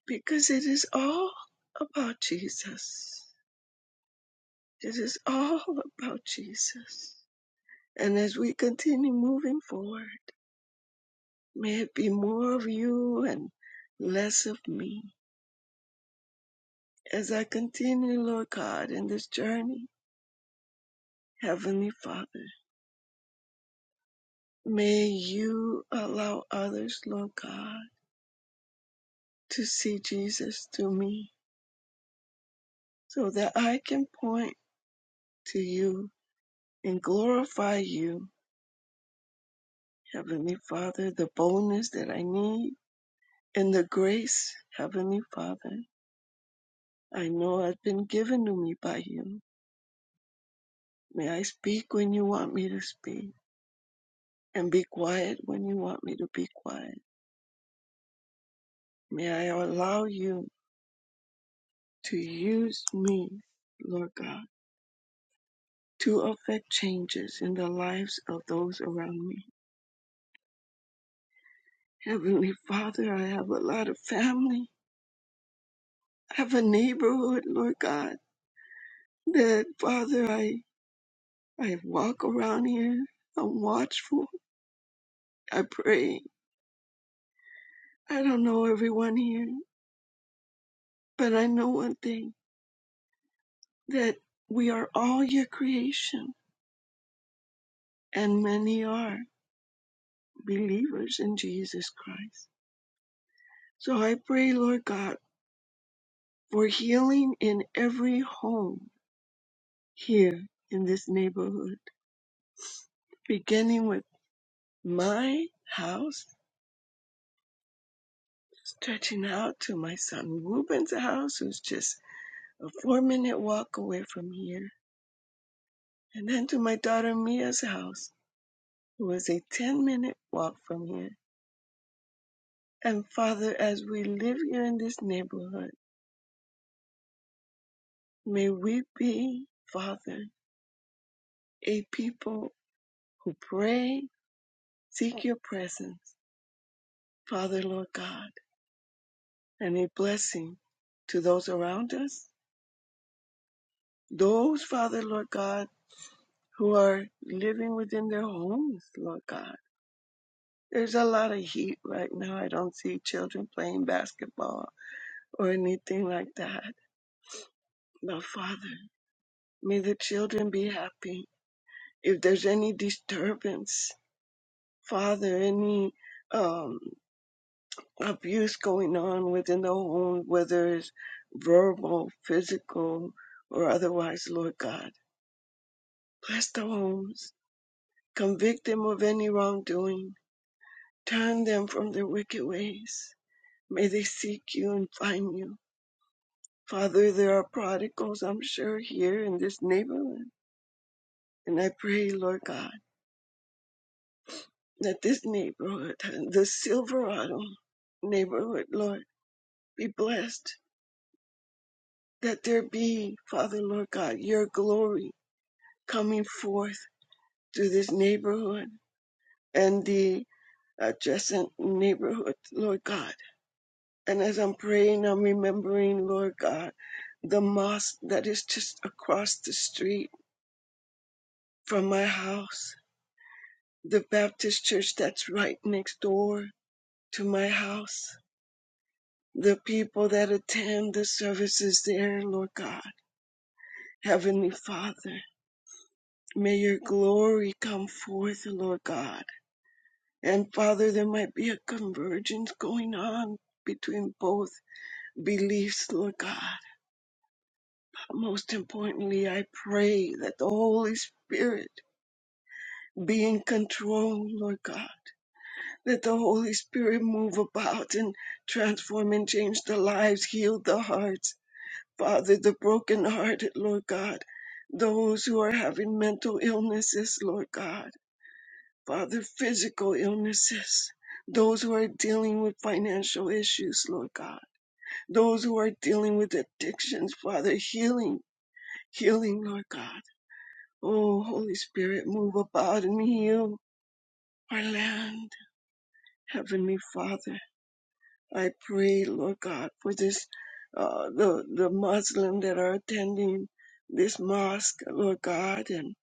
Speaker 7: because it is all about Jesus. It is all about Jesus. And as we continue moving forward, may it be more of you and less of me. As I continue, Lord God, in this journey, Heavenly Father, may you allow others, Lord God, to see Jesus through me so that I can point to you and glorify you, Heavenly Father, the boldness that I need and the grace, Heavenly Father, I know has been given to me by you. May I speak when you want me to speak and be quiet when you want me to be quiet. May I allow you to use me, Lord God, to affect changes in the lives of those around me. Heavenly Father, I have a lot of family. I have a neighborhood, Lord God, that Father, I, I walk around here. I'm watchful. I pray I don't know everyone here, but I know one thing that we are all your creation, and many are believers in Jesus Christ. So I pray, Lord God, for healing in every home here in this neighborhood, beginning with my house, stretching out to my son Ruben's house, who's just a four minute walk away from here, and then to my daughter Mia's house, who is a 10 minute walk from here And Father, as we live here in this neighborhood, may we be, Father, a people who pray, seek your presence, Father, Lord God, and a blessing to those around us. Those, Father, Lord God, who are living within their homes, Lord God. There's a lot of heat right now. I don't see children playing basketball or anything like that. But Father, may the children be happy. If there's any disturbance, Father, any um, abuse going on within the home, whether it's verbal, physical, or otherwise, Lord God. Bless the homes. Convict them of any wrongdoing. Turn them from their wicked ways. May they seek you and find you. Father, there are prodigals, I'm sure, here in this neighborhood. And I pray, Lord God, that this neighborhood, the Silverado neighborhood, Lord, be blessed that there be, Father Lord God, your glory coming forth through this neighborhood and the adjacent neighborhood, Lord God. And as I'm praying, I'm remembering, Lord God, the mosque that is just across the street from my house, the Baptist church that's right next door to my house, the people that attend the services there, Lord God. Heavenly Father, may your glory come forth, Lord God And Father, there might be a convergence going on between both beliefs, Lord God. Most importantly, I pray that the Holy Spirit be in control, Lord God. Let the Holy Spirit move about and transform and change the lives, heal the hearts. Father, the brokenhearted, Lord God. Those who are having mental illnesses, Lord God. Father, physical illnesses, those who are dealing with financial issues, Lord God, those who are dealing with addictions, Father, healing, healing, Lord God. Oh, Holy Spirit, move about and heal our land. Heavenly Father, I pray, Lord God, for this, uh, the, the Muslim that are attending this mosque, Lord God, and,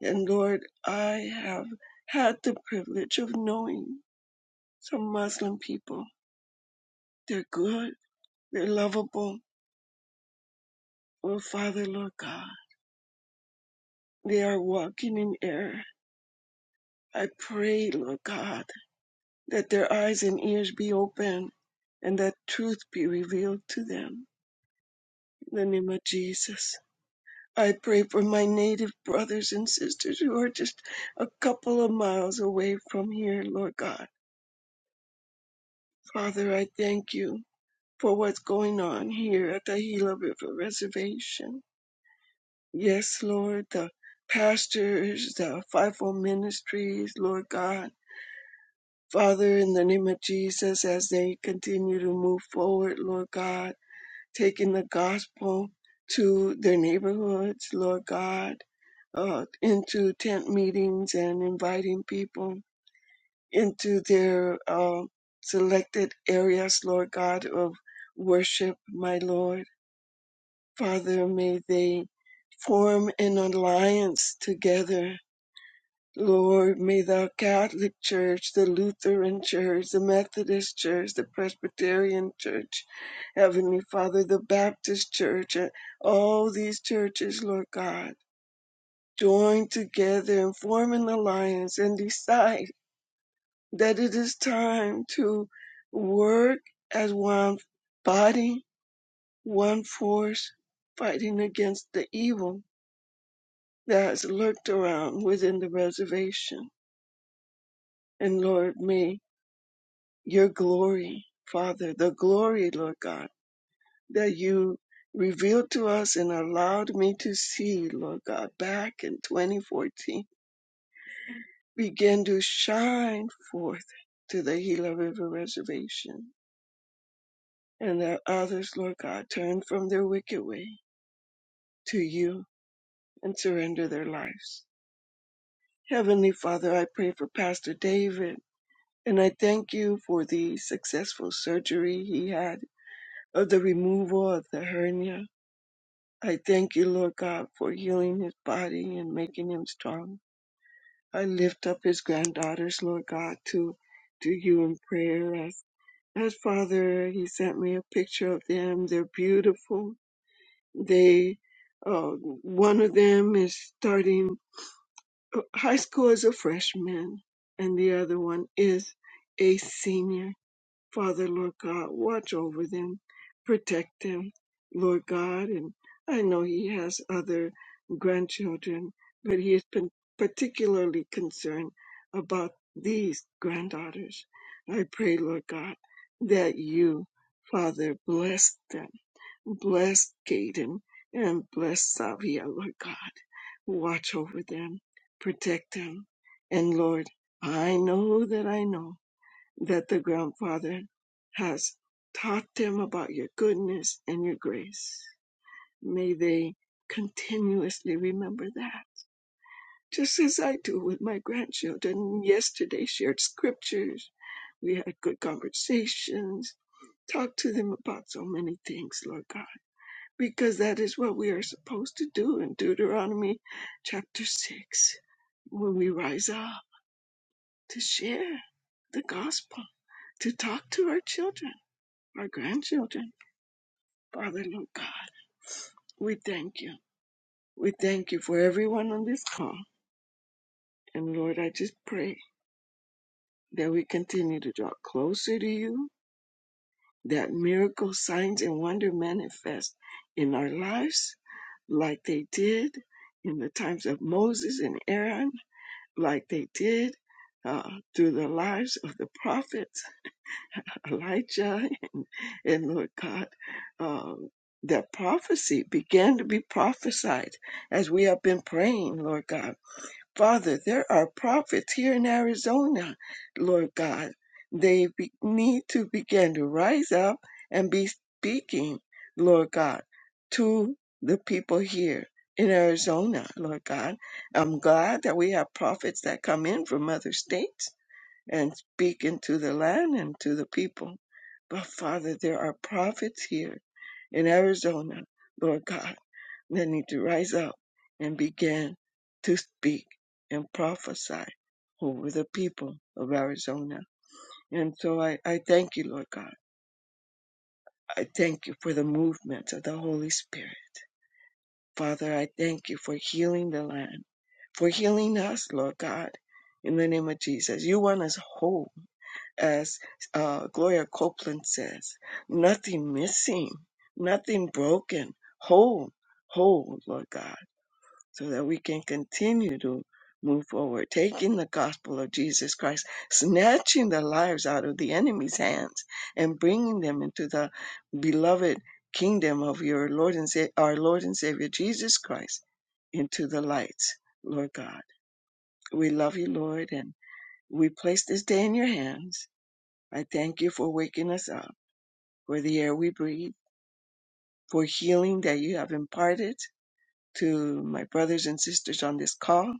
Speaker 7: and Lord, I have had the privilege of knowing some Muslim people They're good. They're lovable. Oh, Father, Lord God, they are walking in error. I pray, Lord God, that their eyes and ears be open and that truth be revealed to them. In the name of Jesus. I pray for my native brothers and sisters who are just a couple of miles away from here, Lord God. Father, I thank you for what's going on here at the Gila River Reservation. Yes, Lord, the pastors, the fivefold ministries, Lord God. Father, in the name of Jesus, as they continue to move forward, Lord God, taking the gospel to their neighborhoods, Lord God, uh, into tent meetings and inviting people into their uh, selected areas, Lord God, of worship, my Lord. Father, may they form an alliance together Lord, may the Catholic Church, the Lutheran Church, the Methodist Church, the Presbyterian Church, Heavenly Father, the Baptist Church, and all these churches, Lord God, join together and form an alliance and decide that it is time to work as one body, one force, fighting against the evil that has lurked around within the reservation. And Lord, may. your glory, Father, the glory, Lord God, that you revealed to us and allowed me to see, Lord God, back in 2014, begin to shine forth to the Gila River Reservation. And that others, Lord God, turn from their wicked way to you and surrender their lives. Heavenly Father, I pray for Pastor David, and I thank you for the successful surgery he had of the removal of the hernia I thank you, Lord God, for healing his body and making him strong. I lift up his granddaughters, Lord God, to to you in prayer. As, as Father, he sent me a picture of them. They're beautiful. They, uh, one of them is starting uh, high school as a freshman, and the other one is a senior Father, Lord God, watch over them, protect them, Lord God. And I know He has other grandchildren, but He has been particularly concerned about these granddaughters. I pray, Lord God, that you, Father, bless them. Bless Gaden and bless Savia, Lord God. Watch over them, protect them. And Lord, I know that I know that the grandfather has taught them about your goodness and your grace. May they continuously remember that, just as I do with my grandchildren. Yesterday, shared scriptures, we had good conversations, talked to them about so many things, Lord God, because that is what we are supposed to do in Deuteronomy chapter 6 when we rise up to share the gospel, to talk to our children our grandchildren. Father, Lord God, we thank you. We thank you for everyone on this call. And Lord, I just pray that we continue to draw closer to you, that miracle signs and wonder manifest in our lives like they did in the times of Moses and Aaron, like they did uh, through the lives of the prophets Elijah <laughs> and, and Lord God, um, that prophecy began to be prophesied as we have been praying, Lord God. Father, there are prophets here in Arizona, Lord God. They be, need to begin to rise up and be speaking, Lord God, to the people here in Arizona, Lord God. I'm glad that we have prophets that come in from other states and speak into the land and to the people. But Father, there are prophets here in Arizona, Lord God, that need to rise up and begin to speak and prophesy over the people of Arizona. And so I, I thank you, Lord God. I thank you for the movement of the Holy Spirit. Father, I thank you for healing the land, for healing us, Lord God, in the name of Jesus. You want us whole. as uh, Gloria Copeland says, nothing missing, nothing broken, whole, whole, Lord God, so that we can continue to move forward, taking the gospel of Jesus Christ, snatching the lives out of the enemy's hands, and bringing them into the beloved kingdom of your Lord and Sa- our Lord and Savior Jesus Christ, into the lights, Lord God. We love you, Lord, and we place this day in your hands I thank you for waking us up, for the air we breathe, for healing that you have imparted to my brothers and sisters on this call,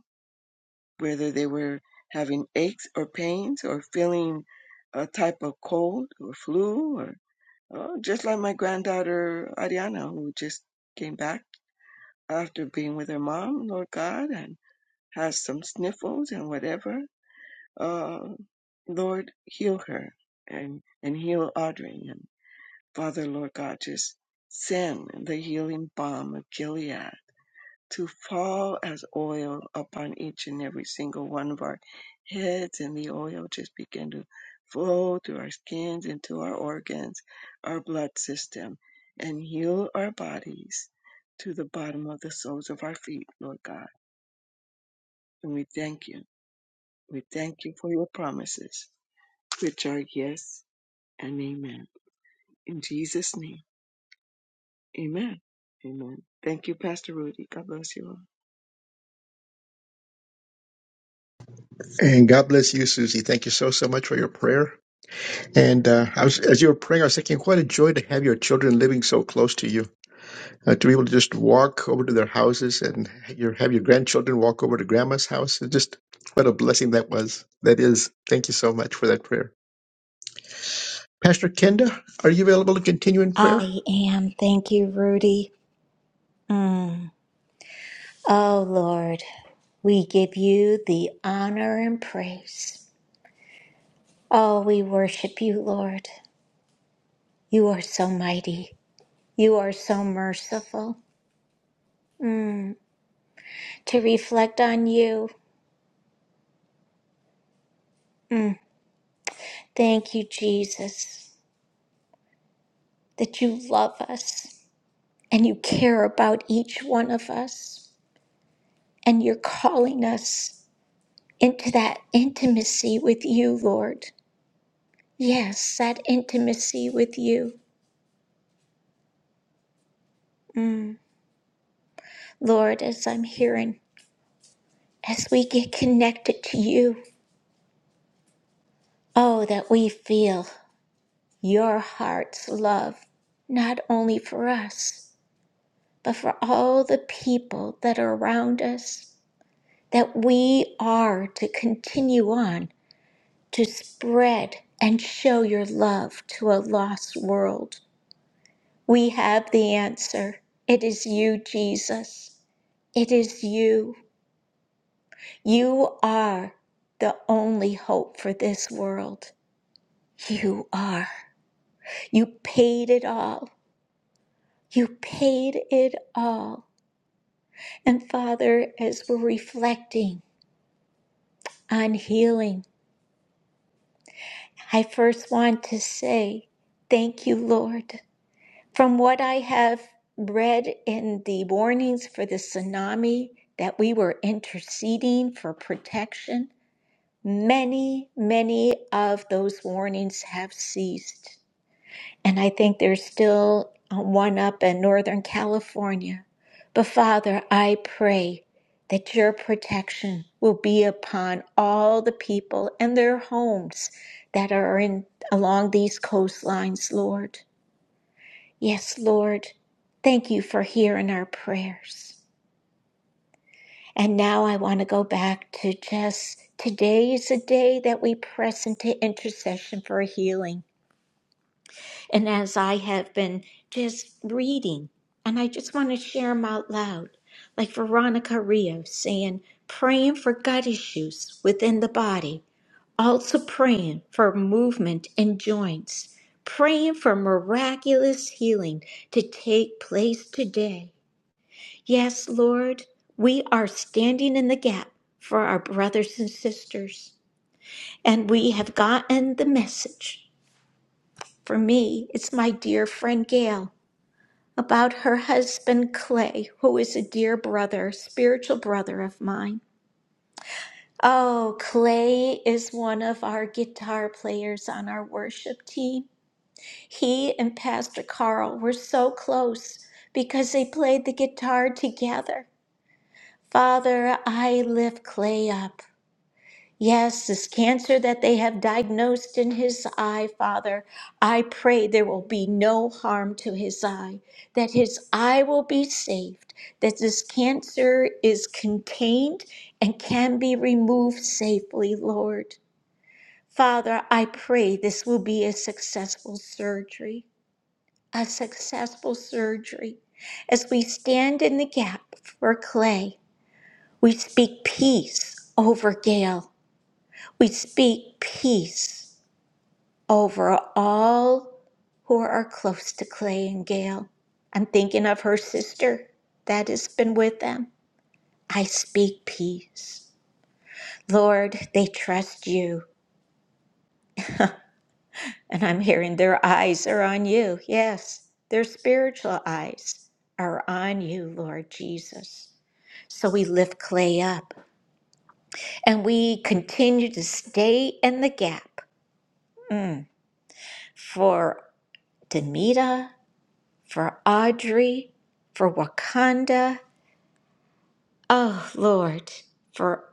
Speaker 7: whether they were having aches or pains or feeling a type of cold or flu or oh, just like my granddaughter Ariana, who just came back after being with her mom, Lord God, and has some sniffles and whatever. Uh, Lord, heal her and, and heal Audrey and Father, Lord God, just send the healing balm of Gilead to fall as oil upon each and every single one of our heads, and the oil just begin to flow through our skins, into our organs, our blood system, and heal our bodies to the bottom of the soles of our feet, Lord God. And we thank you. We thank you for your promises, which are yes and amen. In Jesus' name. Amen. Amen. Thank you, Pastor Rudy. God bless you all.
Speaker 2: And God bless you, Susie. Thank you so, so much for your prayer. And uh, I was, as you were praying, I was thinking, what a joy to have your children living so close to you, uh, to be able to just walk over to their houses and your, have your grandchildren walk over to grandma's house. It's just what a blessing that was. That is. Thank you so much for that prayer. Pastor Kenda, are you available to continue in prayer?
Speaker 3: I am. Thank you, Rudy. Mm. Oh, Lord, we give you the honor and praise. Oh, we worship you, Lord. You are so mighty. You are so merciful. Mm. To reflect on you. Mm. Thank you, Jesus, that you love us and you care about each one of us. And you're calling us into that intimacy with you, Lord. Yes, that intimacy with you. Mm. Lord, as I'm hearing, as we get connected to you, oh, that we feel your heart's love, not only for us, but for all the people that are around us, that we are to continue on to spread and show your love to a lost world. We have the answer. It is you, Jesus. It is you. You are the only hope for this world. You are. You paid it all. You paid it all. And Father, as we're reflecting on healing, I first want to say thank you, Lord. From what I have read in the warnings for the tsunami, that we were interceding for protection, many, many of those warnings have ceased. And I think there's still uh, one up in Northern California. But Father, I pray that your protection will be upon all the people and their homes that are in along these coastlines, Lord. Yes, Lord. Thank you for hearing our prayers. And now I want to go back to just today is a day that we press into intercession for healing. And as I have been just reading, and I just want to share them out loud, like Veronica Rios saying, praying for gut issues within the body, also praying for movement in joints, praying for miraculous healing to take place today. Yes, Lord, we are standing in the gap for our brothers and sisters, and we have gotten the message. For me, it's my dear friend Gail about her husband Clay, who is a dear brother, spiritual brother of mine. Oh, Clay is one of our guitar players on our worship team. He and Pastor Carl were so close because they played the guitar together. Father, I lift Clay up. Yes, this cancer that they have diagnosed in his eye, Father, I pray there will be no harm to his eye, that his eye will be saved, that this cancer is contained and can be removed safely, Lord. Father, I pray this will be a successful surgery, a successful surgery. As we stand in the gap for Clay, we speak peace over Gail. We speak peace over all who are close to Clay and Gail. I'm thinking of her sister that has been with them. I speak peace. Lord, they trust you. And I'm hearing their eyes are on you. Yes, their spiritual eyes are on you, Lord Jesus. So we lift Clay up and we continue to stay in the gap mm, for Demita for Audrey, for Wakanda. Oh, Lord, for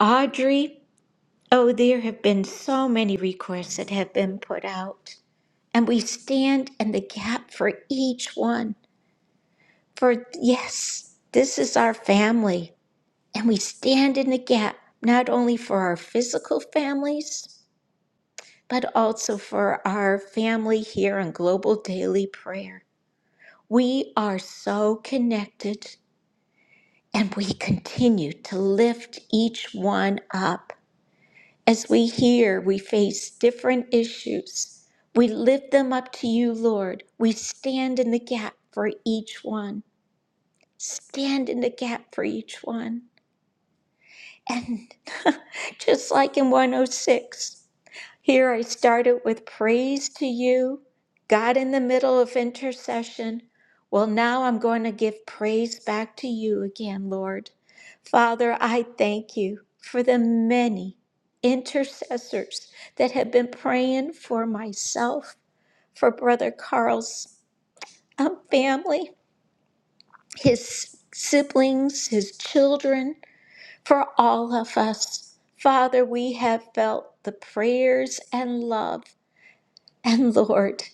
Speaker 3: Audrey. Oh, there have been so many requests that have been put out. And we stand in the gap for each one. For yes, this is our family. And we stand in the gap not only for our physical families, but also for our family here in Global Daily Prayer. We are so connected. And we continue to lift each one up. As we hear we face different issues, we lift them up to you, Lord. We stand in the gap for each one. Stand in the gap for each one. And <laughs> just like in 106, here I started with praise to you, God in the middle of intercession. Well, now I'm going to give praise back to you again, Lord. Father, I thank you for the many intercessors that have been praying for myself, for Brother Carl's um, family, his siblings, his children, for all of us. Father, we have felt the prayers and love and <laughs> Lord,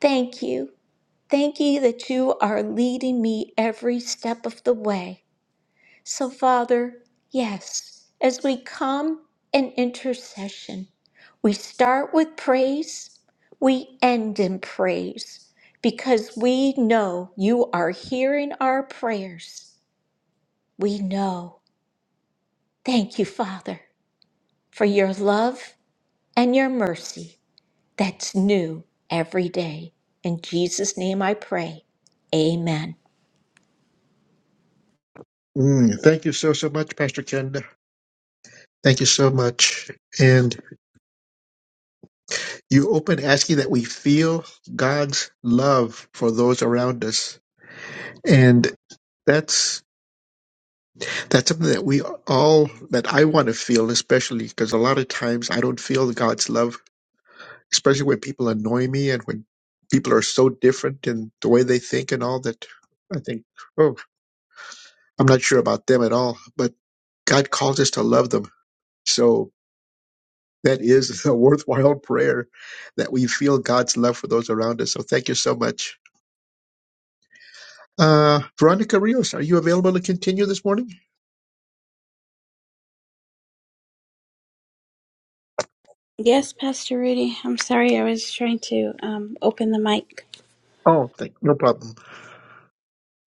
Speaker 3: thank you. Thank you that you are leading me every step of the way. So, Father, yes, as we come in intercession, we start with praise, we end in praise, because we know you are hearing our prayers. We know. Thank you, Father, for your love and your mercy. that's new every day. In Jesus' name I pray. Amen.
Speaker 2: Mm, thank you so, so much, Pastor Ken. Thank you so much. And you open asking that we feel God's love for those around us. And that's that's something that we all that I want to feel, especially because a lot of times I don't feel God's love, especially when people annoy me and when people are so different in the way they think and all that I think, oh, I'm not sure about them at all. But God calls us to love them. So That is <laughs> a worthwhile prayer that we feel God's love for those around us. So thank you so much. Uh, Veronica Rios, are you available to continue this morning?
Speaker 6: Yes, Pastor Rudy. I'm sorry, I was trying to um, open the mic.
Speaker 2: Oh, thank, no problem.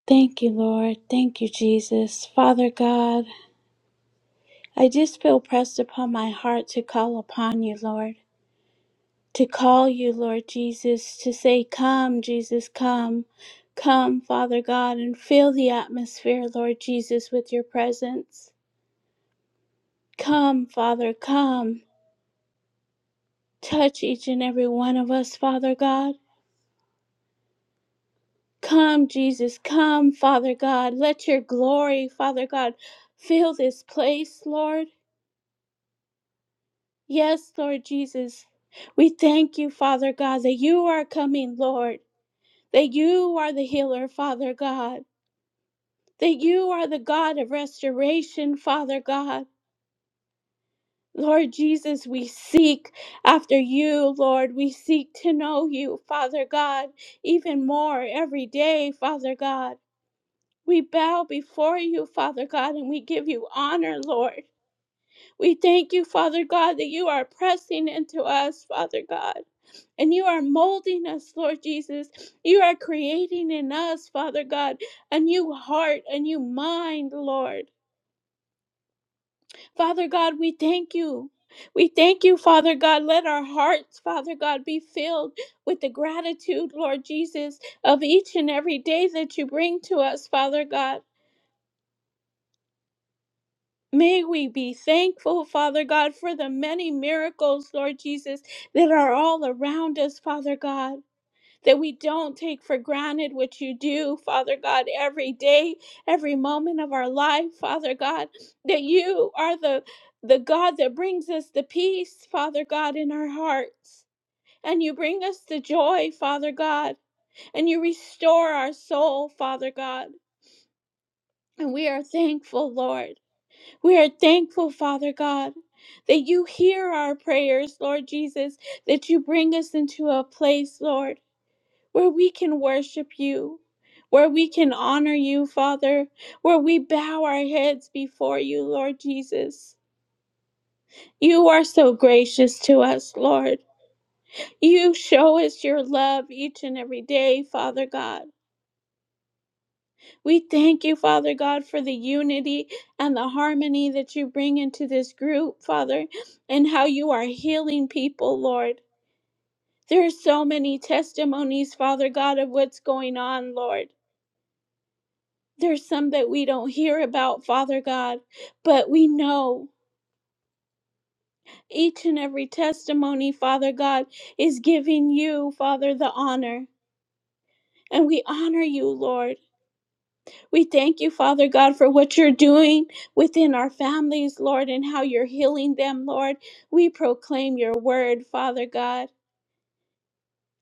Speaker 6: Thank you, Lord. Thank you, Jesus. Father God. I just feel pressed upon my heart to call upon you, Lord, to call you, Lord Jesus, to say, Come, Jesus, come. Come, Father God, and fill the atmosphere, Lord Jesus, with your presence. Come, Father, come. Touch each and every one of us, Father God. Come, Jesus, come, Father God. Let your glory, Father God, fill this place, Lord. Yes, Lord Jesus. We thank you, Father God, that you are coming, Lord. that you are the healer, Father God, that you are the God of restoration, Father God. Lord Jesus, we seek after you, Lord. We seek to know you, Father God, even more every day, Father God. We bow before you, Father God, and we give you honor, Lord. We thank you, Father God, that you are pressing into us, Father God. And you are molding us, Lord Jesus. You are creating in us, Father God, a new heart, a new mind, Lord. Father God, we thank you. We thank you, Father God. Let our hearts, Father God, be filled with the gratitude, Lord Jesus, of each and every day that you bring to us, Father God. May we be thankful, Father God, for the many miracles, Lord Jesus, that are all around us, Father God, that we don't take for granted what you do, Father God, every day, every moment of our life, Father God, that you are the, the God that brings us the peace, Father God, in our hearts. And you bring us the joy, Father God, and you restore our soul, Father God. And we are thankful, Lord. We are thankful, Father God, that you hear our prayers, Lord Jesus, that you bring us into a place, Lord, where we can worship you, where we can honor you, Father, where we bow our heads before you, Lord Jesus. You are so gracious to us, Lord. You show us your love each and every day, Father God. We thank you, Father God, for the unity and the harmony that you bring into this group, Father, and how you are healing people, Lord. There are so many testimonies, Father God, of what's going on, Lord. There's some that we don't hear about, Father God, but we know each and every testimony, Father God, is giving you, Father, the honor. And we honor you, Lord. We thank you, Father God, for what you're doing within our families, Lord, and how you're healing them, Lord. We proclaim your word, Father God.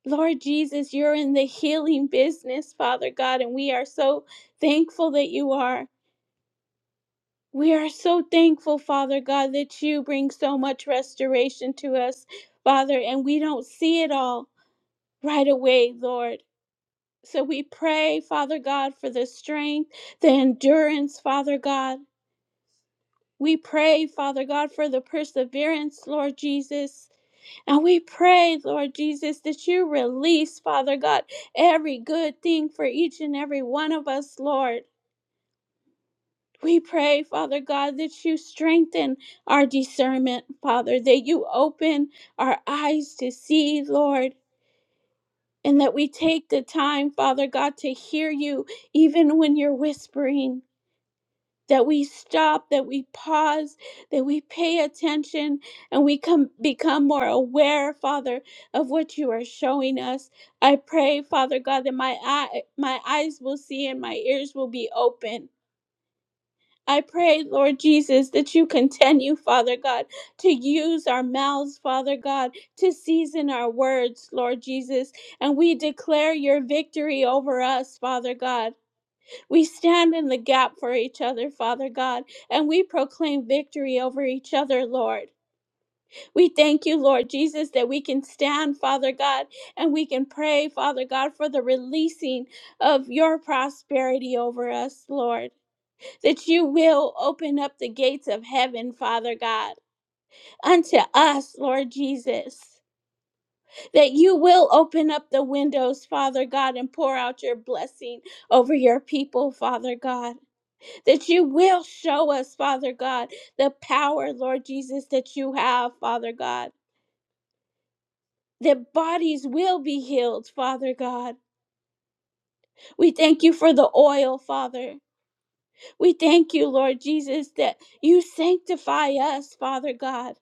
Speaker 6: Lord Jesus, you're in the healing business, Father God, and we are so thankful that you are. We are so thankful, Father God, that you bring so much restoration to us, Father, and we don't see it all right away, Lord. So we pray, Father God, for the strength, the endurance, Father God. We pray, Father God, for the perseverance, Lord Jesus. And we pray, Lord Jesus, that you release, Father God, every good thing for each and every one of us, Lord. We pray, Father God, that you strengthen our discernment, Father, that you open our eyes to see, Lord, and that we take the time, Father God, to hear you even when you're whispering. that we stop, that we pause, that we pay attention, and we come become more aware, Father, of what you are showing us. I pray, Father God, that my eye, my eyes will see and my ears will be open. I pray, Lord Jesus, that you continue, Father God, to use our mouths, Father God, to season our words, Lord Jesus. And we declare your victory over us, Father God. We stand in the gap for each other, Father God, and we proclaim victory over each other, Lord. We thank you, Lord Jesus, that we can stand, Father God, and we can pray, Father God, for the releasing of your prosperity over us, Lord. That you will open up the gates of heaven, Father God, unto us, Lord Jesus. That you will open up the windows, Father God, and pour out your blessing over your people, Father God. that you will show us, Father God, the power, Lord Jesus, that you have, Father God. That bodies will be healed, Father God. We thank you for the oil, Father. We thank you, Lord Jesus, that you sanctify us, Father God,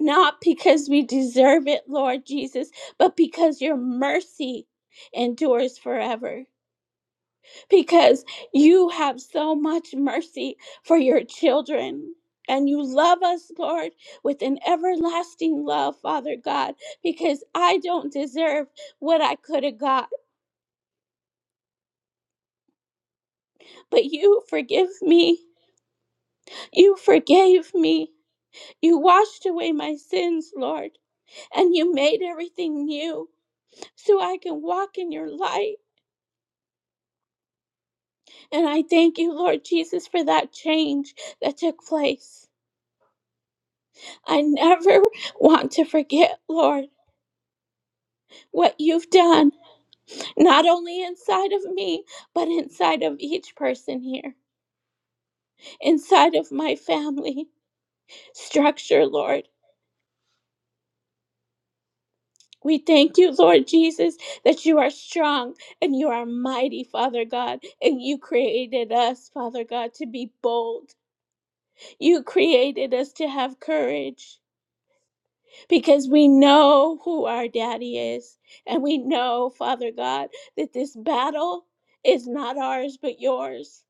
Speaker 6: not because we deserve it, Lord Jesus, but because your mercy endures forever. because you have so much mercy for your children. And you love us, Lord, with an everlasting love, Father God, because I don't deserve what I could have got. But you forgive me. You forgave me. You washed away my sins, Lord, and you made everything new so I can walk in your light. And I thank you, Lord Jesus, for that change that took place. I never <laughs> want to forget, Lord what you've done, not only inside of me, but inside of each person here, inside of my family structure, Lord. We thank you, Lord Jesus, that you are strong and you are mighty, Father God, and you created us, Father God, to be bold. You created us to have courage because we know who our daddy is. And we know, Father God, that this battle is not ours but yours.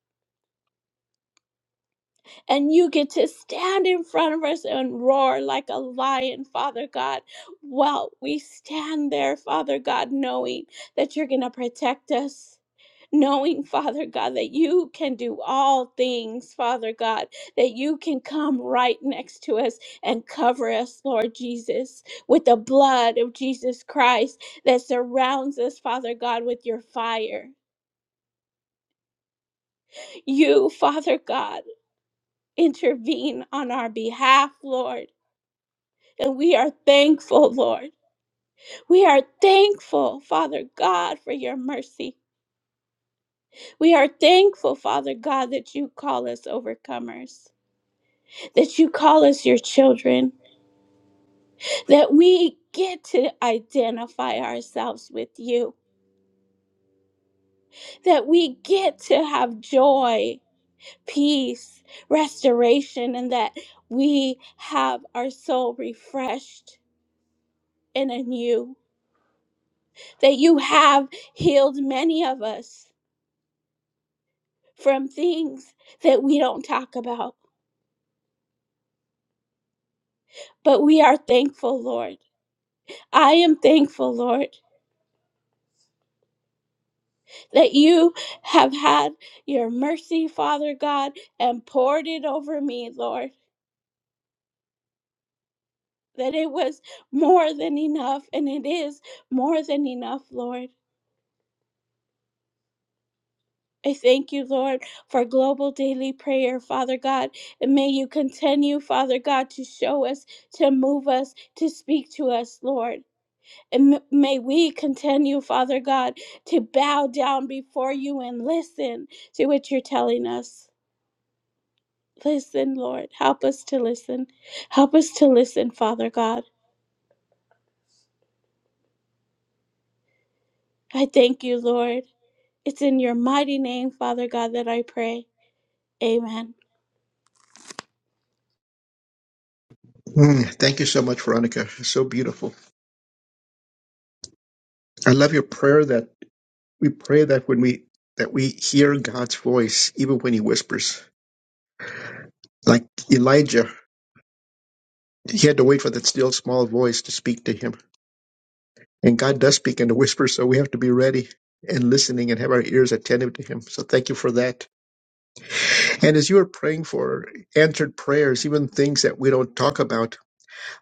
Speaker 6: And you get to stand in front of us and roar like a lion, Father God. Well, we stand there, Father God, knowing that you're going to protect us. Knowing, Father God, that you can do all things, Father God, that you can come right next to us and cover us, Lord Jesus, with the blood of Jesus Christ that surrounds us, Father God, with your fire. You, Father God, intervene on our behalf, Lord And we are thankful, Lord. We are thankful, Father God, for your mercy. We are thankful, Father God, that you call us overcomers, that you call us your children, that we get to identify ourselves with you, that we get to have joy, peace, restoration, and that we have our soul refreshed and anew, that you have healed many of us from things that we don't talk about. But we are thankful, Lord. I am thankful, Lord, that you have had your mercy, Father God, and poured it over me, Lord. That it was more than enough, and it is more than enough, Lord. I thank you, Lord, for global daily prayer, Father God. And may you continue, Father God, to show us, to move us, to speak to us, Lord. And m- may we continue, Father God, to bow down before you and listen to what you're telling us. Listen, Lord. Help us to listen. Help us to listen, Father God. I thank you, Lord. It's in your mighty name, Father God, that I pray. Amen.
Speaker 2: Mm, thank you so much, Veronica. So beautiful. I love your prayer that we pray that when we that we hear God's voice, even when He whispers, like Elijah, he had to wait for that still small voice to speak to him. And God does speak in the whisper, so we have to be ready and listening and have our ears attentive to Him. So thank you for that. And as you were praying for answered prayers, even things that we don't talk about,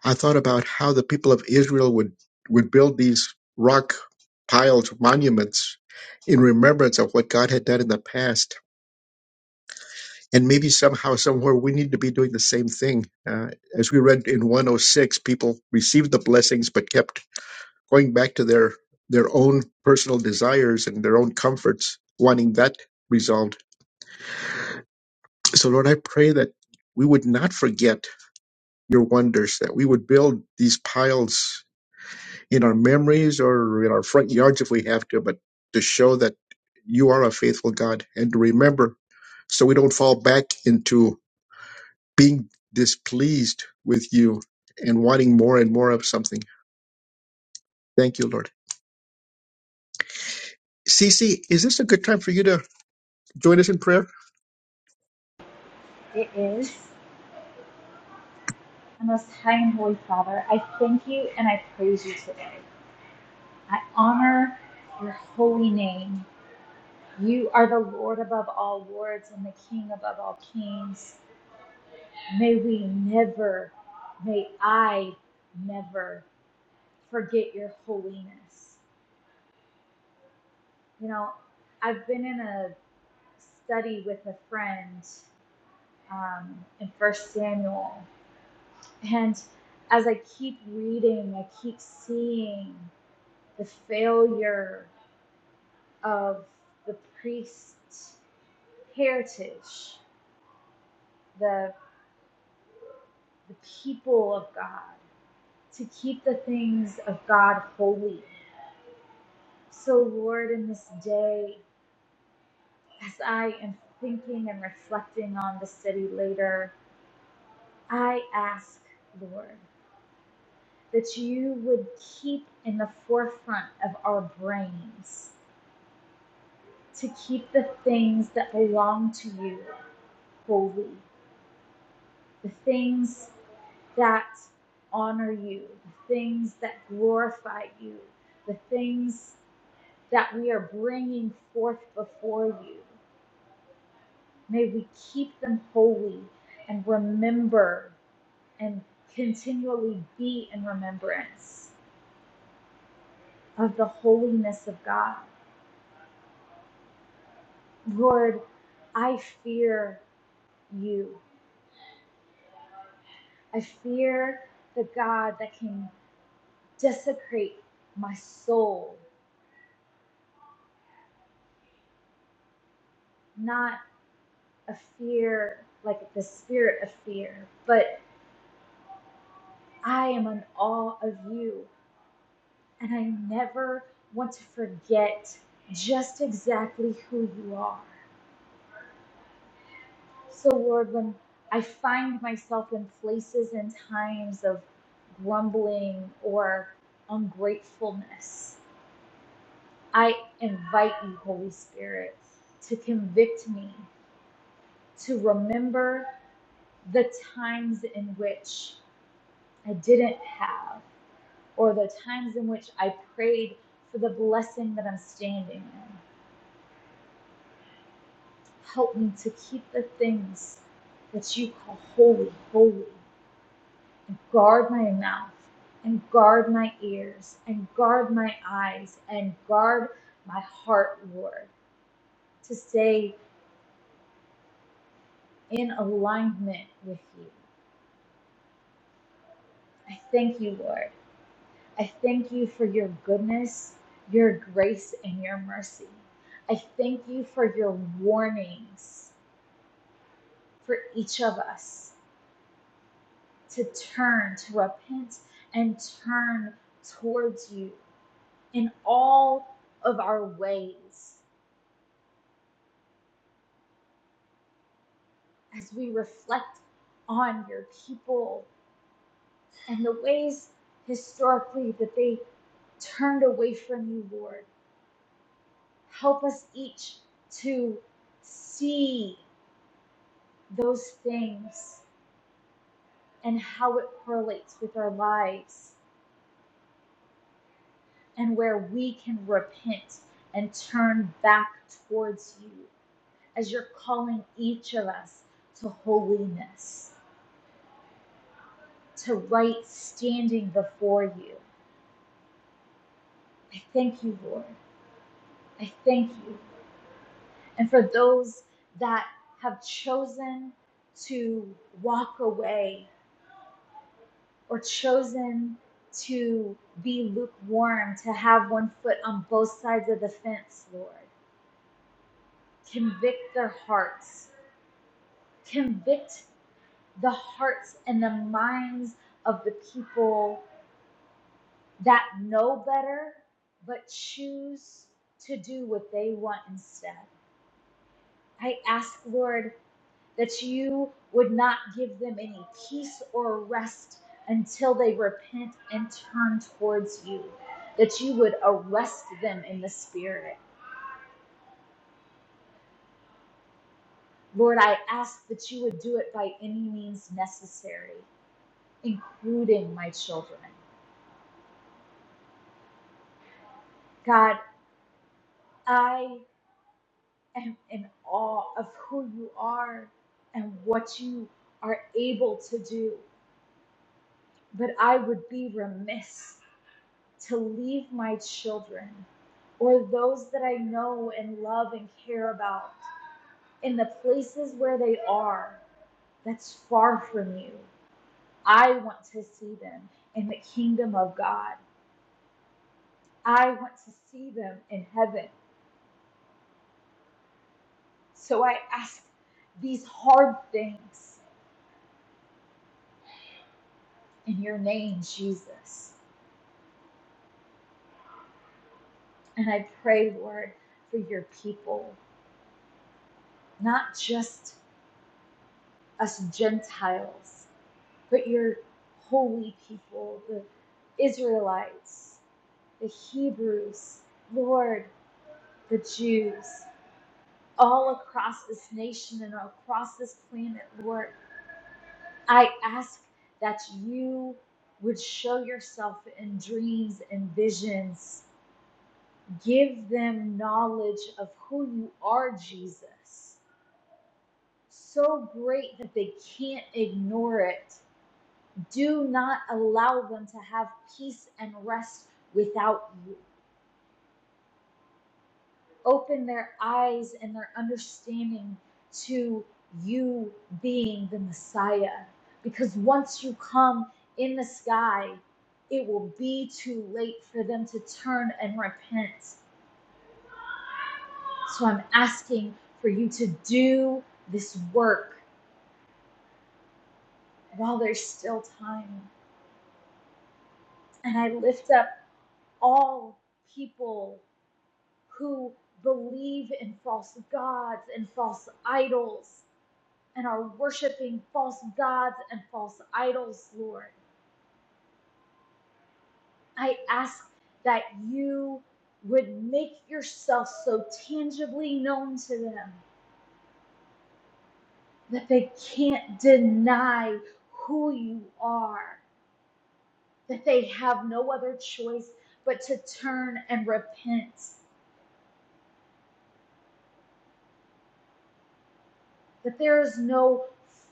Speaker 2: I thought about how the people of Israel would, would build these rock piled monuments in remembrance of what God had done in the past. And maybe somehow, somewhere, we need to be doing the same thing. Uh, as we read in 106, people received the blessings but kept going back to their, their own personal desires and their own comforts, wanting that resolved. So, Lord, I pray that we would not forget your wonders, that we would build these piles in our memories or in our front yards if we have to, but to show that you are a faithful God and to remember so we don't fall back into being displeased with you and wanting more and more of something. Thank you, Lord. Cece, is this a good time for you to join us in prayer?
Speaker 5: It is. Most High and Holy Father, I thank you and I praise you today. I honor your holy name. You are the Lord above all lords and the King above all kings. May we never, may I never forget your holiness. You know, I've been in a study with a friend um, in First Samuel, and as I keep reading, I keep seeing the failure of the priest's heritage, the the people of God, to keep the things of God holy. So, Lord, in this day, As I am thinking and reflecting on the city later, I ask, Lord, that you would keep in the forefront of our brains to keep the things that belong to you holy, the things that honor you, the things that glorify you, the things that we are bringing forth before you. May we keep them holy and remember. and continually be in remembrance of the holiness of God. Lord, I fear you. I fear the God that can desecrate my soul, not a fear like the spirit of fear, but I am in awe of you, and I never want to forget just exactly who you are. So, Lord, when I find myself in places and times of grumbling or ungratefulness, I invite you, Holy Spirit, to convict me, to remember the times in which I didn't have, or the times in which I prayed for the blessing that I'm standing in. Help me to keep the things that you call holy, holy. Guard my mouth, and guard my ears, and guard my eyes, and guard my heart, Lord, to stay in alignment with you. I thank you, Lord. I thank you for your goodness, your grace, and your mercy. I thank you for your warnings for each of us to turn, to repent, and turn towards you in all of our ways. as we reflect on your people and the ways historically that they turned away from you, Lord. Help us each to see those things and how it correlates with our lives and where we can repent and turn back towards you as you're calling each of us to holiness, to right standing before you. I thank you, Lord. I thank you. And for those that have chosen to walk away or chosen to be lukewarm, to have one foot on both sides of the fence, Lord, convict their hearts, convict the hearts and the minds of the people that know better but choose to do what they want instead. I ask, Lord, that you would not give them any peace or rest until they repent and turn towards you, that you would arrest them in the spirit. Lord, I ask that you would do it by any means necessary, including my children. God, I am in awe of who you are and what you are able to do, but I would be remiss to leave my children or those that I know and love and care about in the places where they are that's far from you. I want to see them in the kingdom of God. I want to see them in heaven. So I ask these hard things in your name, Jesus. And I pray, Lord, for your people, not just us Gentiles, but your holy people, the Israelites, the Hebrews, Lord, the Jews, all across this nation and across this planet, Lord, I ask that you would show yourself in dreams and visions. Give them knowledge of who you are, Jesus, so great that they can't ignore it Do not allow them to have peace and rest without you. Open their eyes and their understanding to you being the Messiah. Because once you come in the sky, it will be too late for them to turn and repent. So I'm asking for you to do this work while there's still time. And I lift up all people who believe in false gods and false idols and are worshiping false gods and false idols, Lord. I ask that you would make yourself so tangibly known to them that they can't deny who you are, that they have no other choice but to turn and repent, that there is no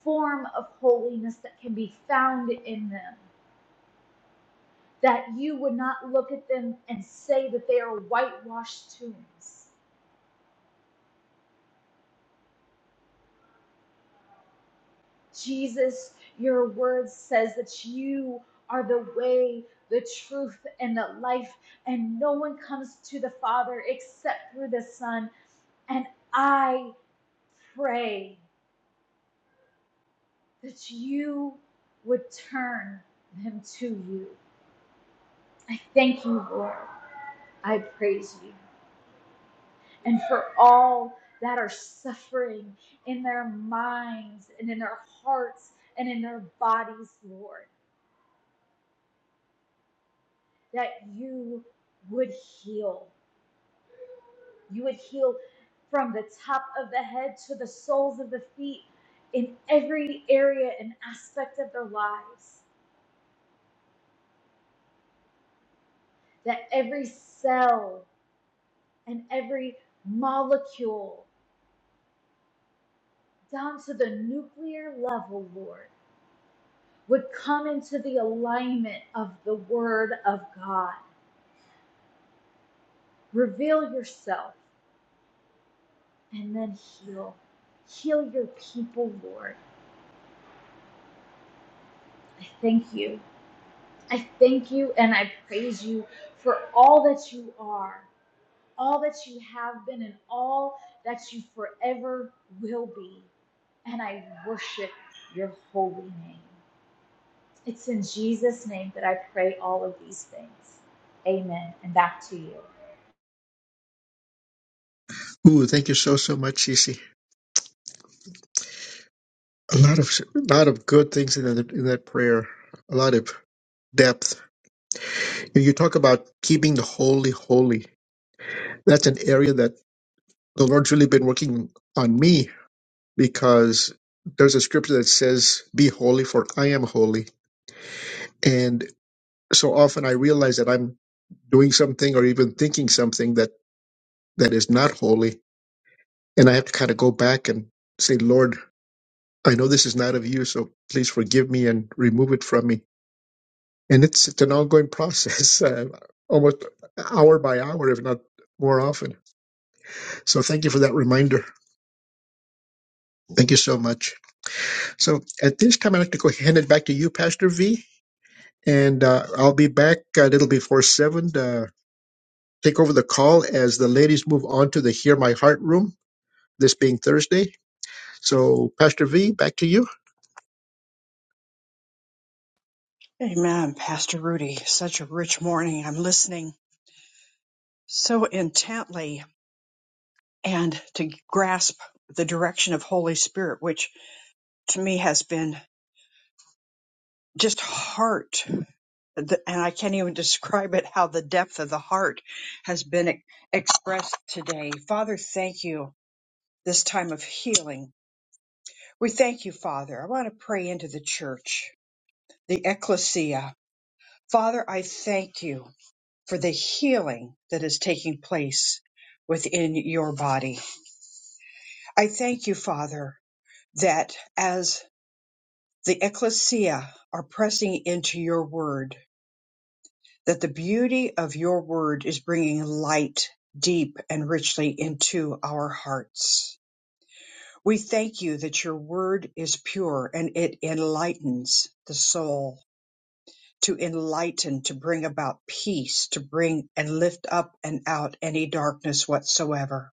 Speaker 5: form of holiness that can be found in them that you would not look at them and say that they are whitewashed tombs. Jesus, your word says that you are the way, the truth, and the life, and no one comes to the Father except through the Son. And I pray that you would turn them to you. I thank you, Lord. I praise you. and for all that are suffering in their minds and in their hearts and in their bodies, Lord, that you would heal. You would heal from the top of the head to the soles of the feet in every area and aspect of their lives, that every cell and every molecule down to the nuclear level, Lord would come into the alignment of the Word of God. Reveal yourself and then heal. Heal your people, Lord. I thank you. I thank you and I praise you for all that you are, all that you have been, and all that you forever will be. And I worship your holy name. It's in Jesus' name that I pray all of these things. Amen. And back to you.
Speaker 2: Ooh, thank you so so much, Cece. A lot of a lot of good things in that in that prayer. A lot of depth. You talk about keeping the holy holy. that's an area that the Lord's really been working on me because there's a scripture that says, Be holy, for I am holy. And so often I realize that I'm doing something or even thinking something that, that is not holy. And I have to kind of go back and say, Lord, I know this is not of you, so please forgive me and remove it from me. And it's, it's an ongoing process, <laughs> uh, almost hour by hour, if not more often. So thank you for that reminder. Thank you so much. So at this time, I'd like to go hand it back to you, Pastor V, and uh, I'll be back a little before seven to take over the call as the ladies move on to the Hear My Heart room, this being Thursday. So, Pastor V, back to you.
Speaker 1: Amen, Pastor Rudy. Such a rich morning. I'm listening so intently and to grasp the direction of Holy Spirit, which to me has been just heart. the- And I can't even <laughs> describe it how the depth of the heart has been e- expressed today. Father, thank you this time of healing. We thank you, Father. I want to pray into the church, the ecclesia. Father, I thank you for the healing that is taking place within your body. I thank you, Father, that as the ecclesia are pressing into your word, that the beauty of your word is bringing light deep and richly into our hearts. We thank you that your word is pure and it enlightens the soul, to enlighten, to bring about peace, to bring and lift up and out any darkness whatsoever.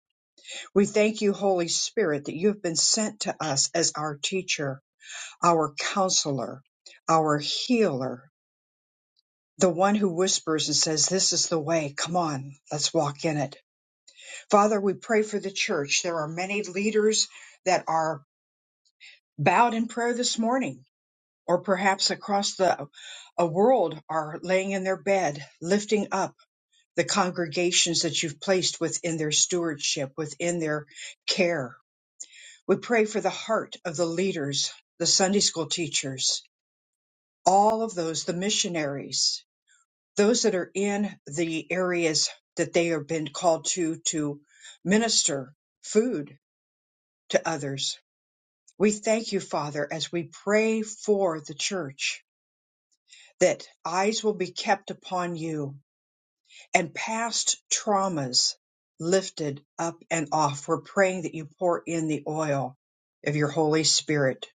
Speaker 1: We thank you, Holy Spirit, that you have been sent to us as our teacher, our counselor, our healer, the one who whispers and says, This is the way. Come on, let's walk in it. Father, we pray for the church. There are many leaders that are bowed in prayer this morning, or perhaps across the a world are laying in their bed, lifting up the congregations that you've placed within their stewardship, within their care. We pray for the heart of the leaders, the Sunday school teachers, all of those, the missionaries, those that are in the areas that they have been called to to minister food to others. We thank you, Father, as we pray for the church that eyes will be kept upon you and past traumas lifted up and off. We're praying that you pour in the oil of your Holy Spirit,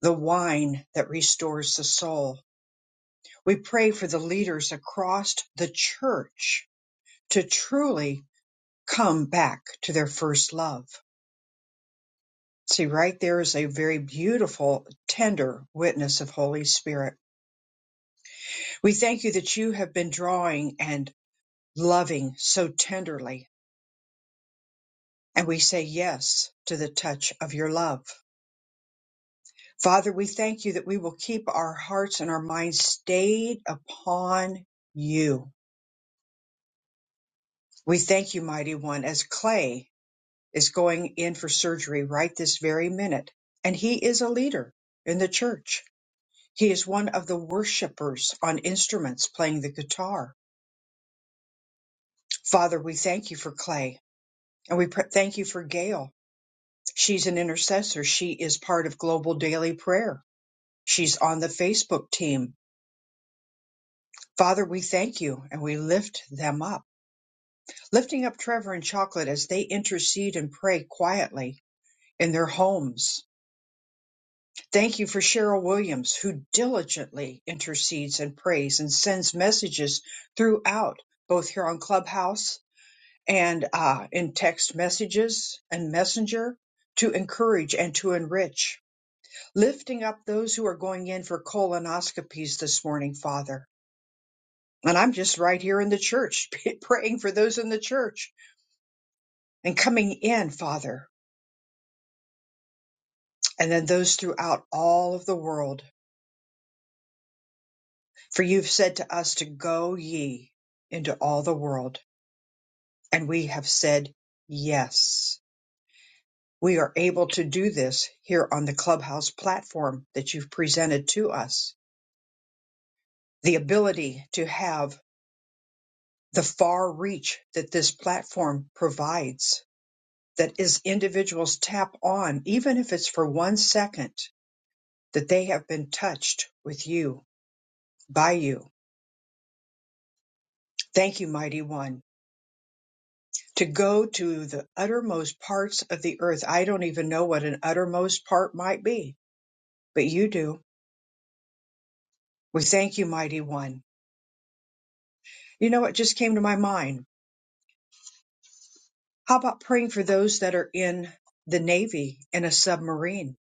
Speaker 1: the wine that restores the soul. We pray for the leaders across the church to truly come back to their first love. See, right there is a very beautiful, tender witness of Holy Spirit. We thank you that you have been drawing and loving so tenderly, and we say yes to the touch of your love. Father, we thank you that we will keep our hearts and our minds stayed upon you. We thank you, mighty one, as Clay is going in for surgery right this very minute, and he is a leader in the church. He is one of the worshipers on instruments playing the guitar. Father, we thank you for Clay and we pr- thank you for Gail. She's an intercessor. She is part of Global Daily Prayer. She's on the Facebook team. Father, we thank you and we lift them up. Lifting up Trevor and Chocolate as they intercede and pray quietly in their homes. Thank you for Cheryl Williams, who diligently intercedes and prays and sends messages throughout, both here on Clubhouse and uh, in text messages and messenger to encourage and to enrich, lifting up those who are going in for colonoscopies this morning, Father. And I'm just right here in the church, <laughs> praying for those in the church and coming in, Father, and then those throughout all of the world. For you've said to us to go ye into all the world. And we have said yes we are able to do this here on the Clubhouse platform that you've presented to us. The ability to have the far reach that this platform provides, that is individuals tap on, even if it's for one second, that they have been touched with you, by you. Thank you, mighty one. To go to the uttermost parts of the earth. I don't even know what an uttermost part might be, but you do. We thank you, mighty one. You know, it just came to my mind How about praying for those that are in the Navy in a submarine?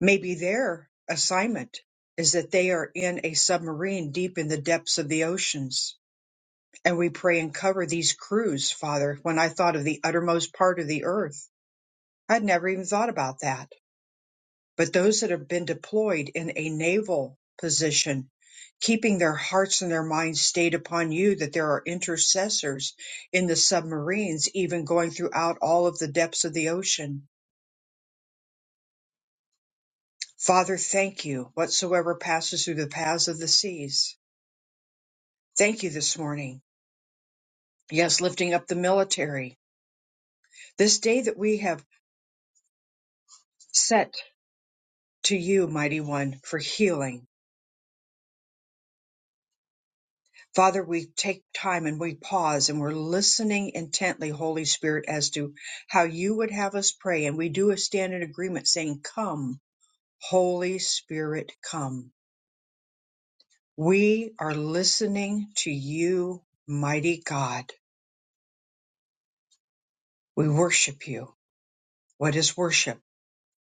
Speaker 1: Maybe their assignment is that they are in a submarine deep in the depths of the oceans. And we pray and cover these crews, Father. When I thought of the uttermost part of the earth, I'd never even thought about that. But those that have been deployed in a naval position, keeping their hearts and their minds stayed upon you, that there are intercessors in the submarines, even going throughout all of the depths of the ocean Father, thank you, whatsoever passes through the paths of the seas. Thank you this morning. Yes, lifting up the military. This day that we have set to you, mighty one, for healing. Father, we take time and we pause and we're listening intently, Holy Spirit, as to how you would have us pray. And we do stand in agreement saying, Come, Holy Spirit, come. We are listening to you, mighty God. We worship you. What is worship?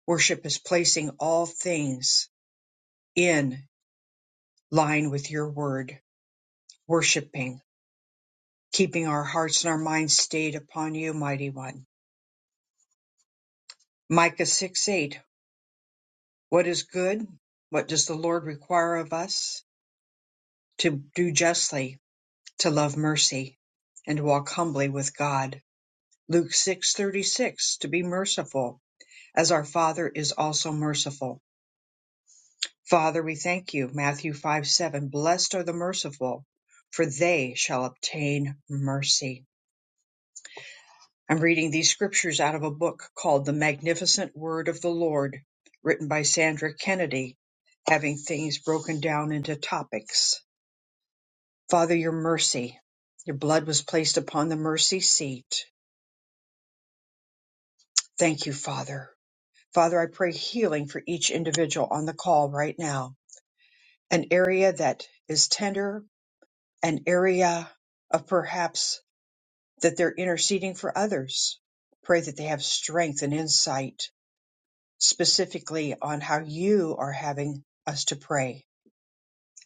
Speaker 1: Worship is placing all things in line with your word, worshiping, keeping our hearts and our minds stayed upon you, mighty one. Micah 6 8. What is good? What does the Lord require of us? To do justly, to love mercy, and to walk humbly with God. Luke six thirty six. To be merciful, as our Father is also merciful. Father, we thank you. Matthew 5 7. Blessed are the merciful, for they shall obtain mercy. I'm reading these scriptures out of a book called The Magnificent Word of the Lord, written by Sandra Kennedy, having things broken down into topics. Father, your mercy. Your blood was placed upon the mercy seat. Thank you, Father. Father, I pray healing for each individual on the call right now. An area that is tender an area of perhaps that they're interceding for others. Pray that they have strength and insight specifically on how you are having us to pray.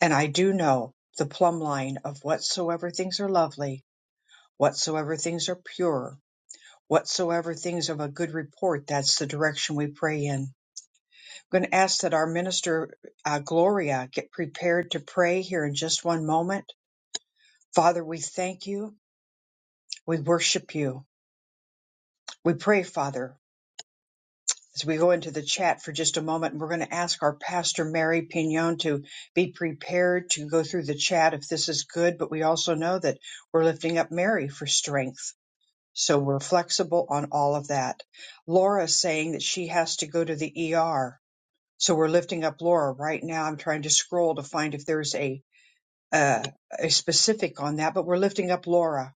Speaker 1: And I do know the plumb line of whatsoever things are lovely, whatsoever things are pure, whatsoever things of a good report, that's the direction we pray in. I'm going to ask that our minister, uh, Gloria, get prepared to pray here in just one moment. Father, we thank you. We worship you. We pray, Father, as we go into the chat for just a moment, and we're going to ask our pastor, Mary Pignon, to be prepared to go through the chat if this is good. But we also know that we're lifting up Mary for strength. So we're flexible on all of that. Laura's saying that she has to go to the ER. So we're lifting up Laura right now. I'm trying to scroll to find if there's a, uh, a specific on that, but we're lifting up Laura.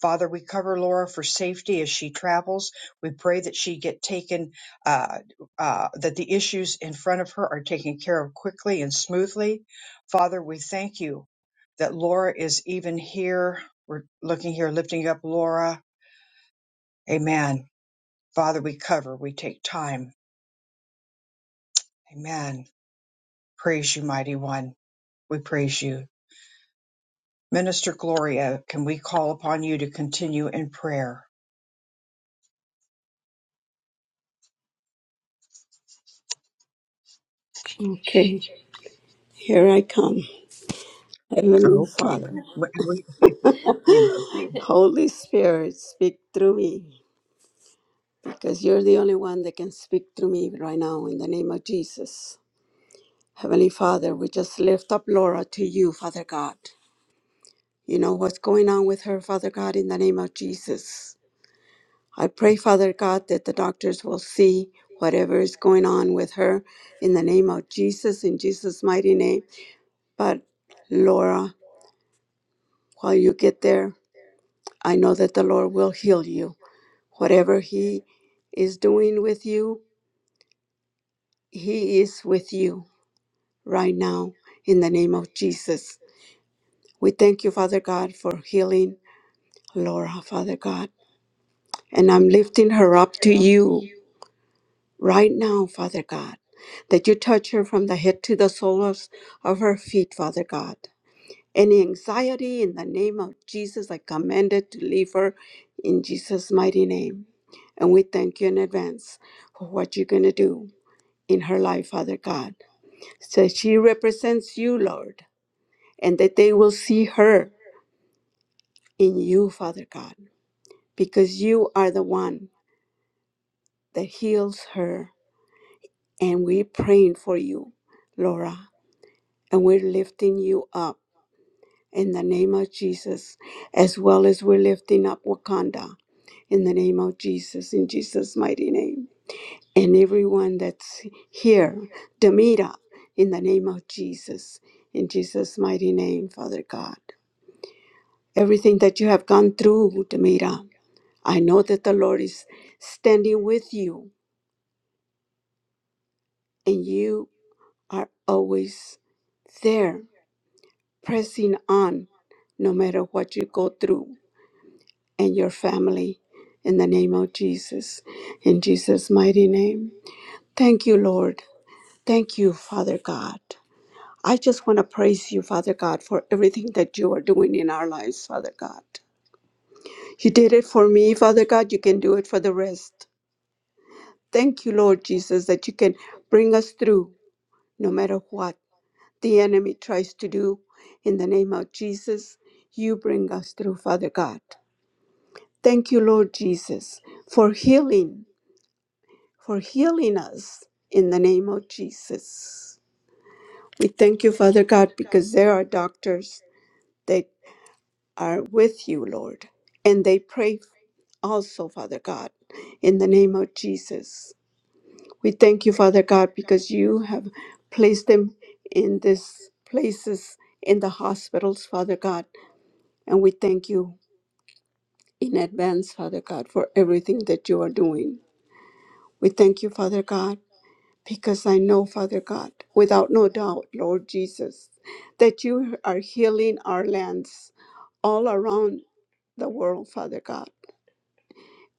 Speaker 1: Father, we cover Laura for safety as she travels. We pray that she get taken, uh, uh, that the issues in front of her are taken care of quickly and smoothly. Father, we thank you that Laura is even here. We're looking here, lifting up Laura. Amen. Father, we cover, we take time. Amen. Praise you, mighty one. We praise you. Minister Gloria, can we call upon you to continue in prayer?
Speaker 6: Okay, here I come. Heavenly
Speaker 1: Okay.
Speaker 6: Father,
Speaker 1: We, we, <laughs> we
Speaker 6: <laughs>
Speaker 1: love you.
Speaker 6: Holy Spirit, speak through me because you're the only one that can speak through me right now in the name of Jesus. Heavenly Father, we just lift up Laura to you, Father God. You know what's going on with her, Father God, in the name of Jesus. I pray, Father God, that the doctors will see whatever is going on with her in the name of Jesus, in Jesus' mighty name. But Laura, while you get there, I know that the Lord will heal you. Whatever He is doing with you, He is with you right now in the name of Jesus. We thank you, Father God, for healing Laura, Father God. And I'm lifting her up to you right now, Father God, that you touch her from the head to the soles of her feet, Father God. Any anxiety in the name of Jesus, I command it to leave her in Jesus' mighty name. And we thank you in advance for what you're going to do in her life, Father God. So she represents you, Lord, and that they will see her in you, Father God, because you are the one that heals her And we're praying for you, Laura, and we're lifting you up in the name of Jesus, as well as we're lifting up Wakanda in the name of Jesus, in Jesus' mighty name. And everyone that's here, Demita, in the name of Jesus, in Jesus' mighty name, Father God. Everything that you have gone through, Demita, I know that the Lord is standing with you, and you are always there pressing on no matter what you go through and your family in the name of Jesus, in Jesus' mighty name. Thank you, Lord. Thank you, Father God. I just want to praise you, Father God, for everything that you are doing in our lives, Father God. You did it for me, Father God. You can do it for the rest. Thank you, Lord Jesus, that you can bring us through no matter what the enemy tries to do. In the name of Jesus, you bring us through, Father God. Thank you, Lord Jesus, for healing, for healing us in the name of Jesus. We thank you, Father God, because there are doctors that are with you, Lord, and they pray also, Father God, in the name of Jesus. We thank you, Father God, because you have placed them in these places, in the hospitals, Father God, and we thank you in advance, Father God, for everything that you are doing. We thank you, Father God because I know, Father God, without no doubt, Lord Jesus, that you are healing our lands all around the world, Father God.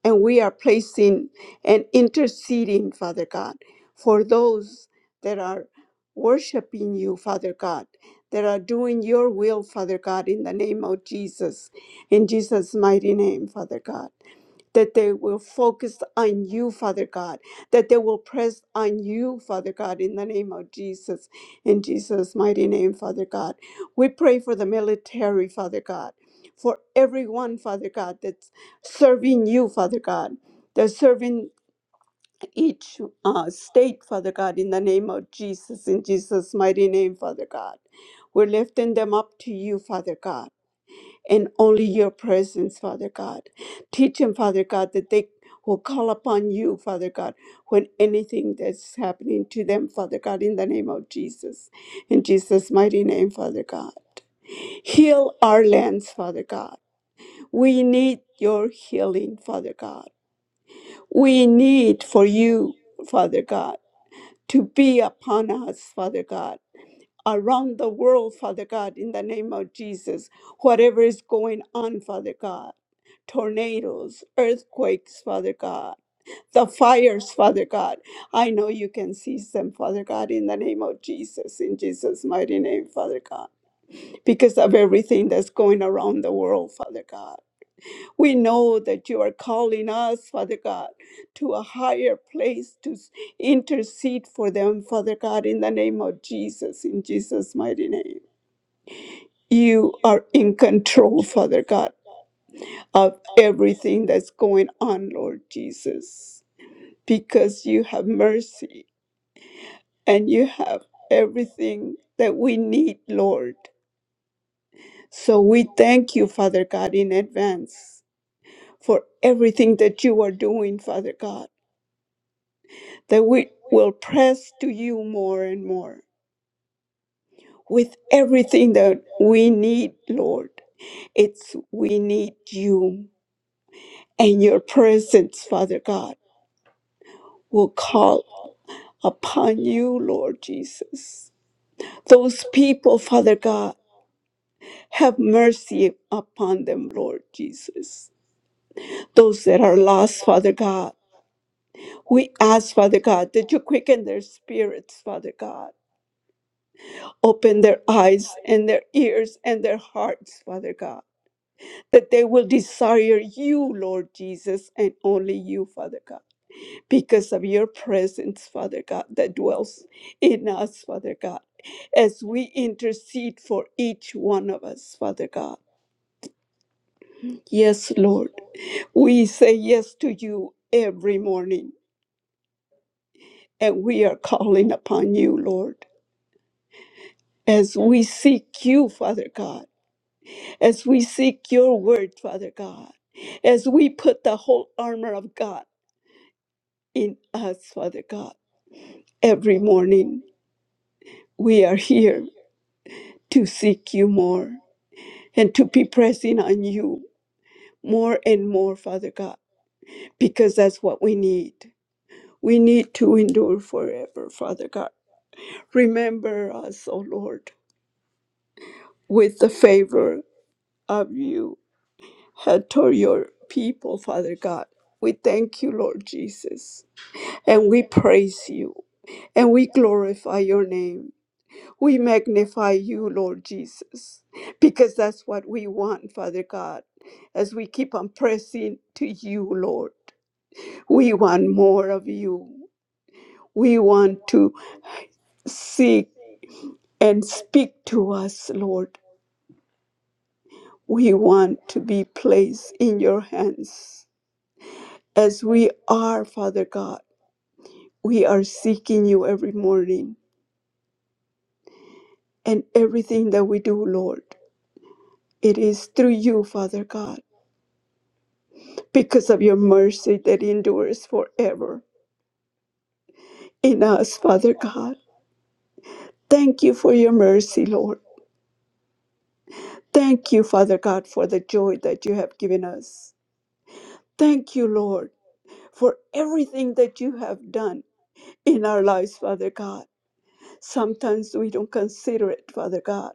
Speaker 6: And we are placing and interceding, Father God, for those that are worshiping you, Father God, that are doing your will, Father God, in the name of Jesus, in Jesus' mighty name, Father God that they will focus on you, Father God, that they will press on you, Father God, in the name of Jesus, in Jesus' mighty name, Father God. We pray for the military, Father God, for everyone, Father God, that's serving you, Father God. They're serving each uh, state, Father God, in the name of Jesus, in Jesus' mighty name, Father God. We're lifting them up to you, Father God and only your presence, Father God. Teach them, Father God, that they will call upon you, Father God, when anything that's happening to them, Father God, in the name of Jesus. In Jesus' mighty name, Father God. Heal our lands, Father God. We need your healing, Father God. We need for you, Father God, to be upon us, Father God around the world, Father God, in the name of Jesus. Whatever is going on, Father God, tornadoes, earthquakes, Father God, the fires, Father God, I know you can seize them, Father God, in the name of Jesus, in Jesus' mighty name, Father God, because of everything that's going around the world, Father God. We know that you are calling us, Father God, to a higher place to s- intercede for them, Father God, in the name of Jesus, in Jesus' mighty name. You are in control, Father God, of everything that's going on, Lord Jesus, because you have mercy and you have everything that we need, Lord. So we thank you, Father God, in advance for everything that you are doing, Father God, that we will press to you more and more with everything that we need, Lord. It's we need you and your presence, Father God. will call upon you, Lord Jesus. Those people, Father God, have mercy upon them, Lord Jesus. Those that are lost, Father God, we ask, Father God, that you quicken their spirits, Father God. Open their eyes and their ears and their hearts, Father God, that they will desire you, Lord Jesus, and only you, Father God. because of your presence, Father God, that dwells in us, Father God, as we intercede for each one of us, Father God. Yes, Lord, we say yes to you every morning, and we are calling upon you, Lord. As we seek you, Father God, as we seek your word, Father God, as we put the whole armor of God in us, Father God, every morning we are here to seek you more and to be pressing on you more and more, Father God, because that's what we need. We need to endure forever, Father God. Remember us, O Lord, with the favor of you had toward your people, Father God. We thank you, Lord Jesus, and we praise you, and we glorify your name. We magnify you, Lord Jesus, because that's what we want, Father God, as we keep on pressing to you, Lord. We want more of you. We want to seek and speak to us, Lord. We want to be placed in your hands as we are, Father God. We are seeking you every morning and everything that we do, Lord. It is through you, Father God, because of your mercy that endures forever in us, Father God. Thank you for your mercy, Lord. Thank you, Father God, for the joy that you have given us. Thank you, Lord, for everything that you have done in our lives, Father God. Sometimes we don't consider it, Father God.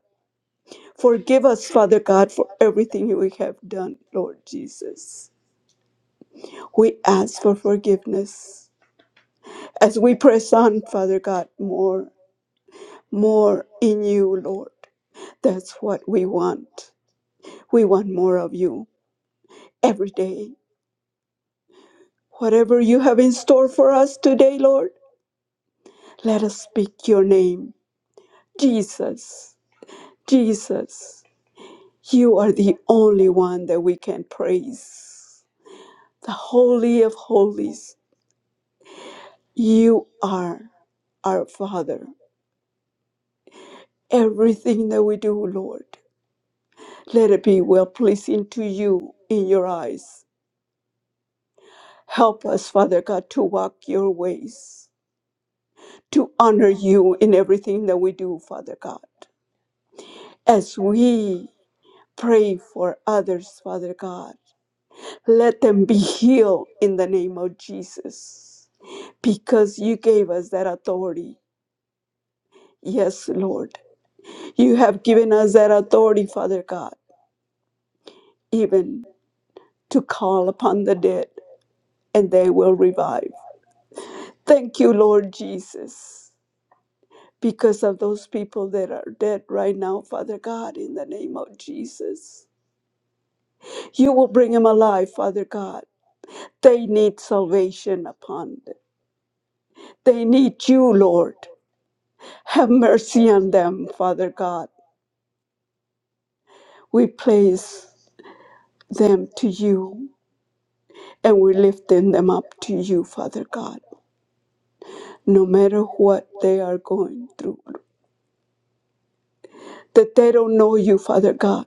Speaker 6: Forgive us, Father God, for everything we have done, Lord Jesus. We ask for forgiveness as we press on, Father God, more, more in you, Lord. That's what we want. We want more of you every day. Whatever you have in store for us today, Lord, let us speak your name, Jesus. Jesus, you are the only one that we can praise. The Holy of Holies, you are our Father. Everything that we do, Lord, let it be well pleasing to you in your eyes. Help us, Father God, to walk your ways, to honor you in everything that we do, Father God. As we pray for others, Father God, let them be healed in the name of Jesus. because you gave us that authority. Yes, Lord. You have given us that authority, Father God, even to call upon the dead and they will revive. Thank you, Lord Jesus, because of those people that are dead right now, Father God, in the name of Jesus. You will bring them alive, Father God. They need salvation upon them. They need you, Lord. Have mercy on them, Father God. We place them to you And we're lifting them up to you, Father God, no matter what they are going through. That they don't know you, Father God.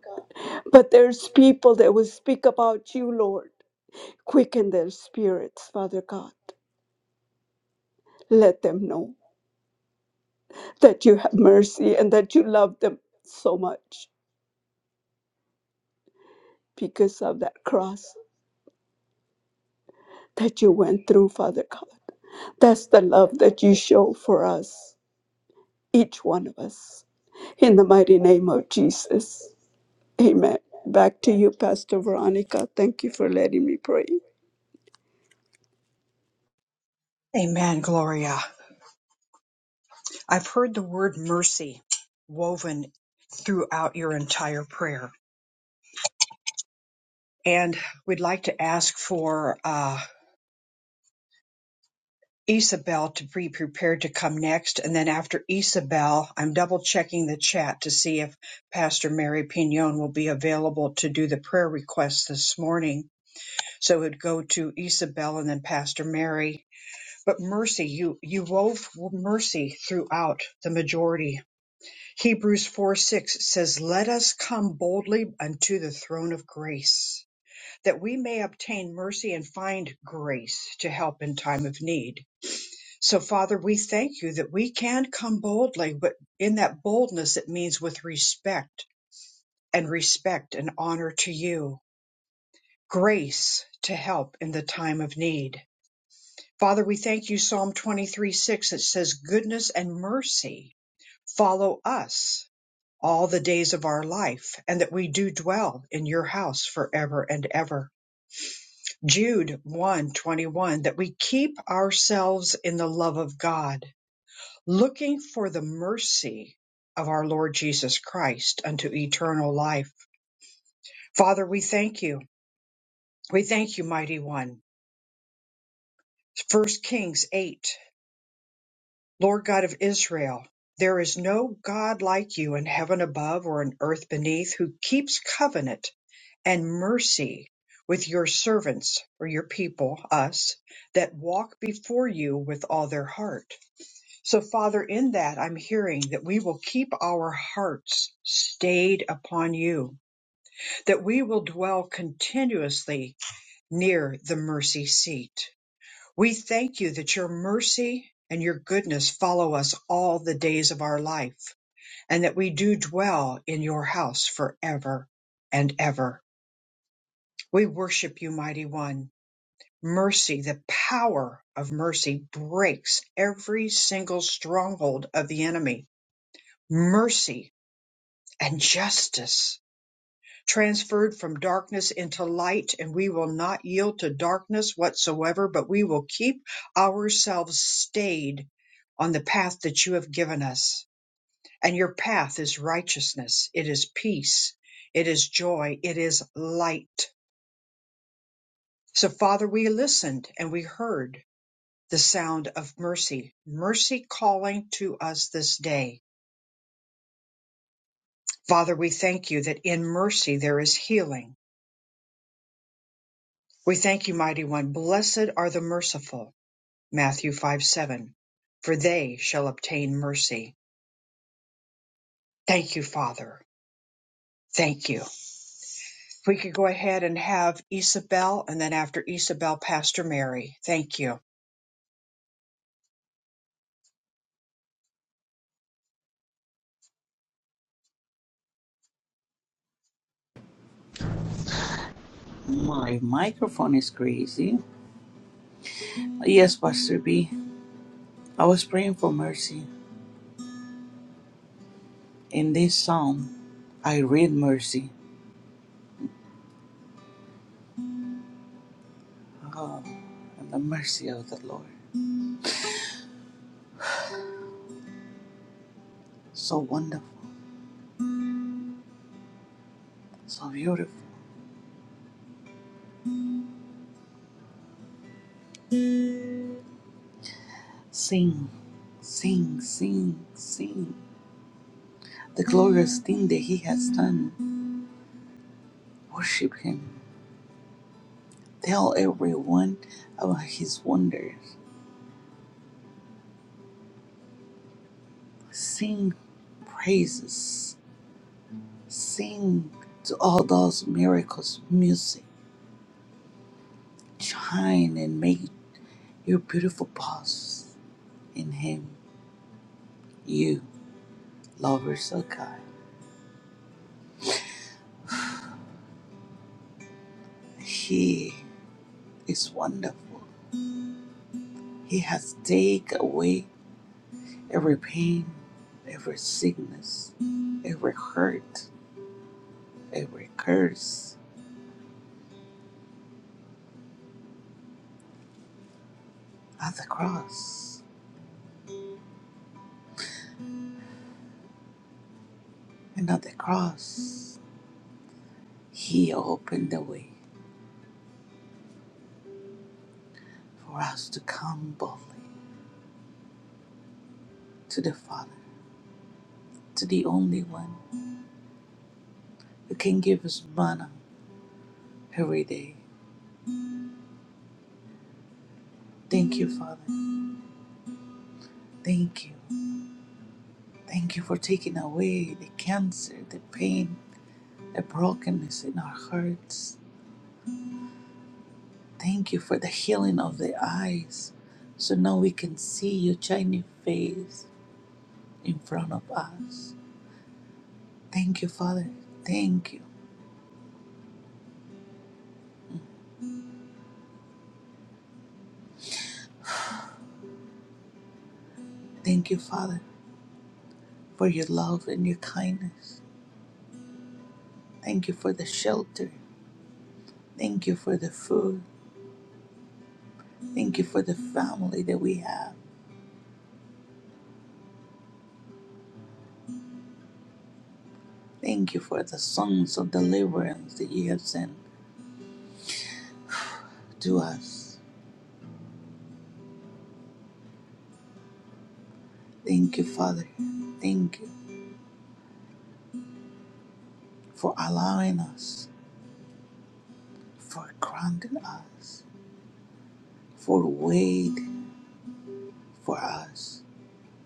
Speaker 6: But there's people that will speak about you, Lord. Quicken their spirits, Father God. Let them know that you have mercy and that you love them so much because of that cross that you went through, Father God. That's the love that you show for us, each one of us. In the mighty name of Jesus. Amen. Back to you, Pastor Veronica. Thank you for letting me pray.
Speaker 1: Amen, Gloria. I've heard the word mercy woven throughout your entire prayer. And we'd like to ask for uh, Isabel to be prepared to come next. And then after Isabel, I'm double checking the chat to see if Pastor Mary Pignon will be available to do the prayer request this morning. So it would go to Isabel and then Pastor Mary. But mercy, you, you wove mercy throughout the majority Hebrews 4 6 says, Let us come boldly unto the throne of grace, that we may obtain mercy and find grace to help in time of need. So, Father, we thank you that we can come boldly, but in that boldness, it means with respect and respect and honor to you, grace to help in the time of need. Father, we thank you, Psalm 23 6, that says, Goodness and mercy follow us all the days of our life, and that we do dwell in your house forever and ever. Jude one twenty one. that we keep ourselves in the love of God, looking for the mercy of our Lord Jesus Christ unto eternal life. Father, we thank you. We thank you, mighty one. First Kings 8 Lord God of Israel, there is no God like you in heaven above or in earth beneath who keeps covenant and mercy with your servants or your people, us, that walk before you with all their heart. So, Father, in that I'm hearing that we will keep our hearts stayed upon you, that we will dwell continuously near the mercy seat we thank you that your mercy and your goodness follow us all the days of our life, and that we do dwell in your house forever and ever. We worship you, mighty one. Mercy, the power of mercy breaks every single stronghold of the enemy. Mercy and justice transferred from darkness into light, and we will not yield to darkness whatsoever, but we will keep ourselves stayed on the path that you have given us. And your path is righteousness, it is peace, it is joy, it is light. So, Father, we listened and we heard the sound of mercy, mercy calling to us this day. Father, we thank you that in mercy there is healing. We thank you, Mighty One. Blessed are the merciful Matthew 5 7. For they shall obtain mercy. Thank you, Father. Thank you. If we could go ahead and have Isabel, and then after Isabel, Pastor Mary. Thank you.
Speaker 8: My microphone is crazy. Yes, Pastor B. I was praying for mercy. In this psalm, I read mercy. Oh, and the mercy of the Lord. So wonderful, so beautiful. Sing, sing, sing, sing. The glorious thing that He has done. Worship Him. Tell everyone about His wonders. Sing praises. Sing to all those miracles, music. Shine and make your beautiful pause in Him. You, lover so kind. He is wonderful. He has taken away every pain, every sickness, every hurt, every curse at the cross. And at the cross, He opened the way for us to come boldly to the Father, to the only one who can give us manna every day. Thank you, Father. Thank you. Thank you for taking away the cancer, the pain, the brokenness in our hearts. Thank you for the healing of the eyes. So now we can see your shining face in front of us. Thank you, Father. Thank you. Thank you, Father, for your love and your kindness. Thank you for the shelter. Thank you for the food. Thank you for the family that we have. Thank you for the songs of deliverance that you have sent to us. Thank you, Father. Thank you for allowing us, for granting us, for waiting for us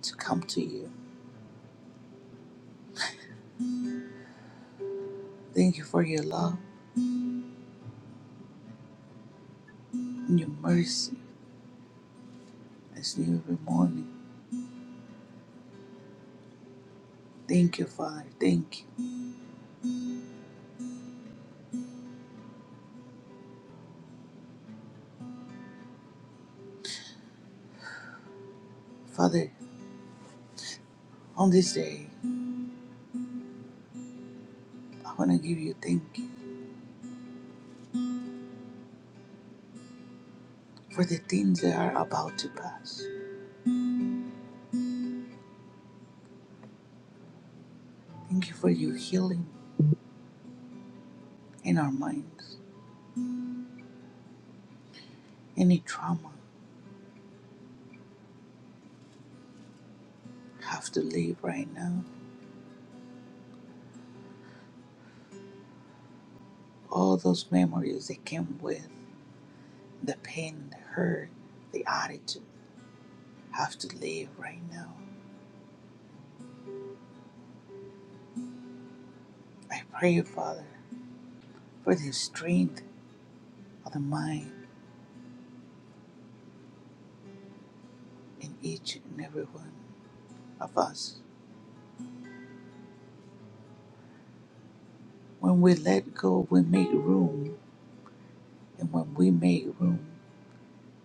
Speaker 8: to come to you. Thank you for your love and your mercy as new every morning. Thank you, Father. Thank you. Father, on this day, I want to give you thank you for the things that are about to pass. Thank you for your healing in our minds. Any trauma have to leave right now. All those memories that came with the pain, the hurt, the attitude have to leave right now. I pray, Father, for the strength of the mind in each and every one of us. When we let go, we make room, and when we make room,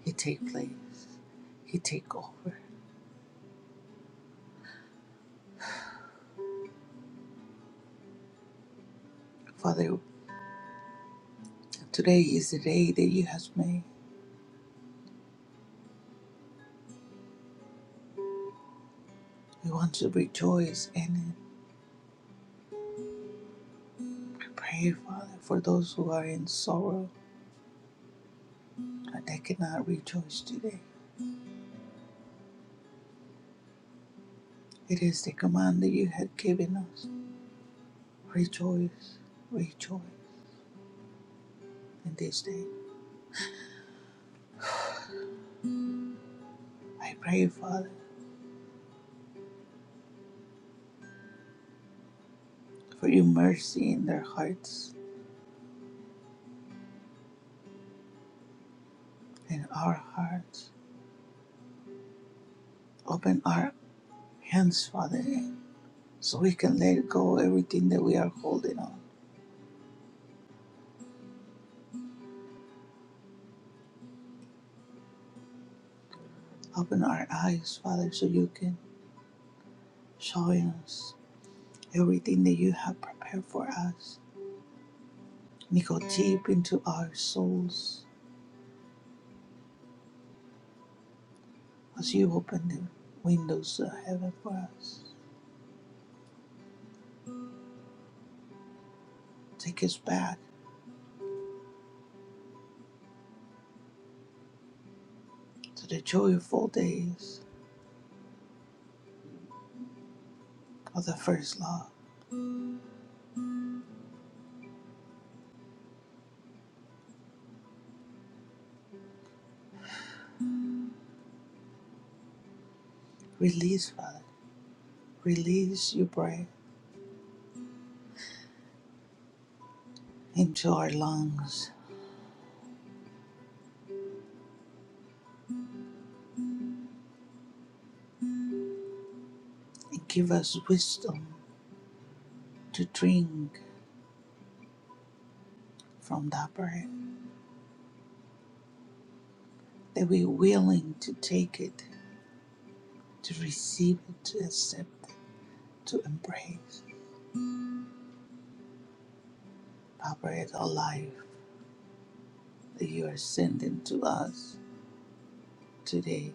Speaker 8: He take place, He take over. Father, today is the day that You have made. We want to rejoice and pray, Father, for those who are in sorrow and they cannot rejoice today. It is the command that You had given us Rejoice, rejoice in this day. I pray, Father, for your mercy in their hearts, in our hearts. Open our hands, Father, so we can let go everything that we are holding on. Open our eyes, Father, so you can show us everything that you have prepared for us. And go deep into our souls as you open the windows of heaven for us. Take us back to the joyful days of the first love Release, Father. Release your breath into our lungs and give us wisdom to drink from that breath, that we're willing to take it, to receive it, to accept it, to embrace that breath of life that you are sending to us today.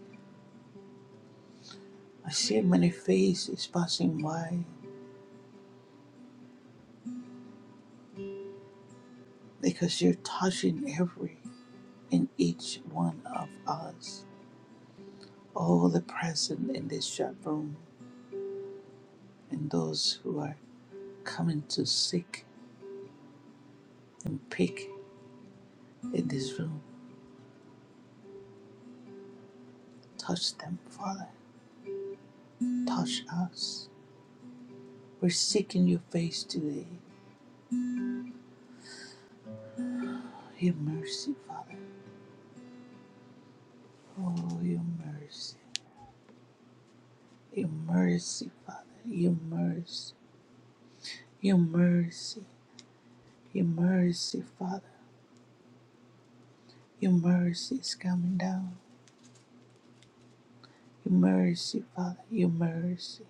Speaker 8: I see many faces passing by because you're touching every and each one of us, all the present in this chat room and those who are coming to seek and pick in this room. Touch them, Father. Touch us. We're seeking your face today. Your mercy, Father. Oh, your mercy. Your mercy, Father. Your mercy. Your mercy. Your mercy, Father. Your mercy is coming down. Your mercy, Father. Your mercy.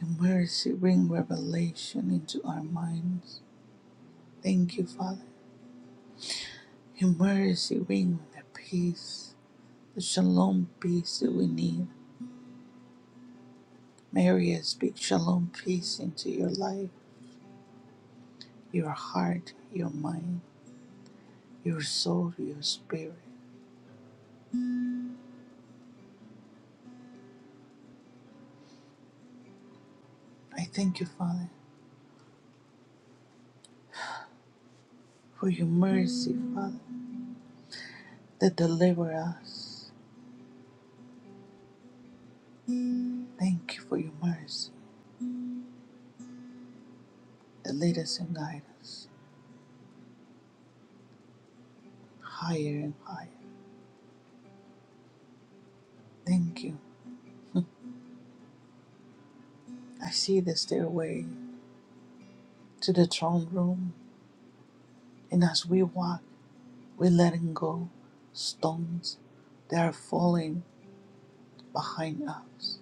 Speaker 8: Your mercy bring revelation into our minds. Thank you, Father. Your mercy bring the peace the shalom peace that we need. Maria, speak shalom peace into your life, your heart, your mind, your soul, your spirit. I thank you, Father, for your mercy, Father, that deliver us. Thank you for your mercy that lead us and guide us higher and higher. Thank you. <laughs> I see the stairway to the throne room, and as we walk, we're letting go stones that are falling behind us.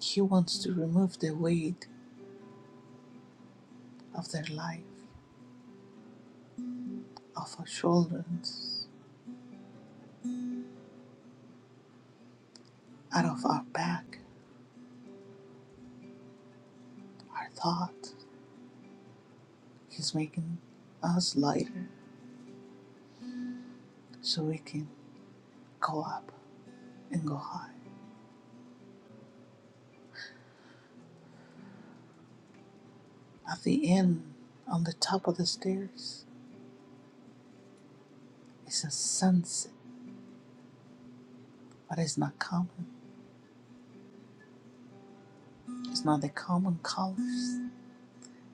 Speaker 8: He wants to remove the weight of their life off our shoulders, out of our back, our thoughts. He's making us lighter so we can go up and go high. At the end, on the top of the stairs, is a sunset, but it's not common. It's not the common colors.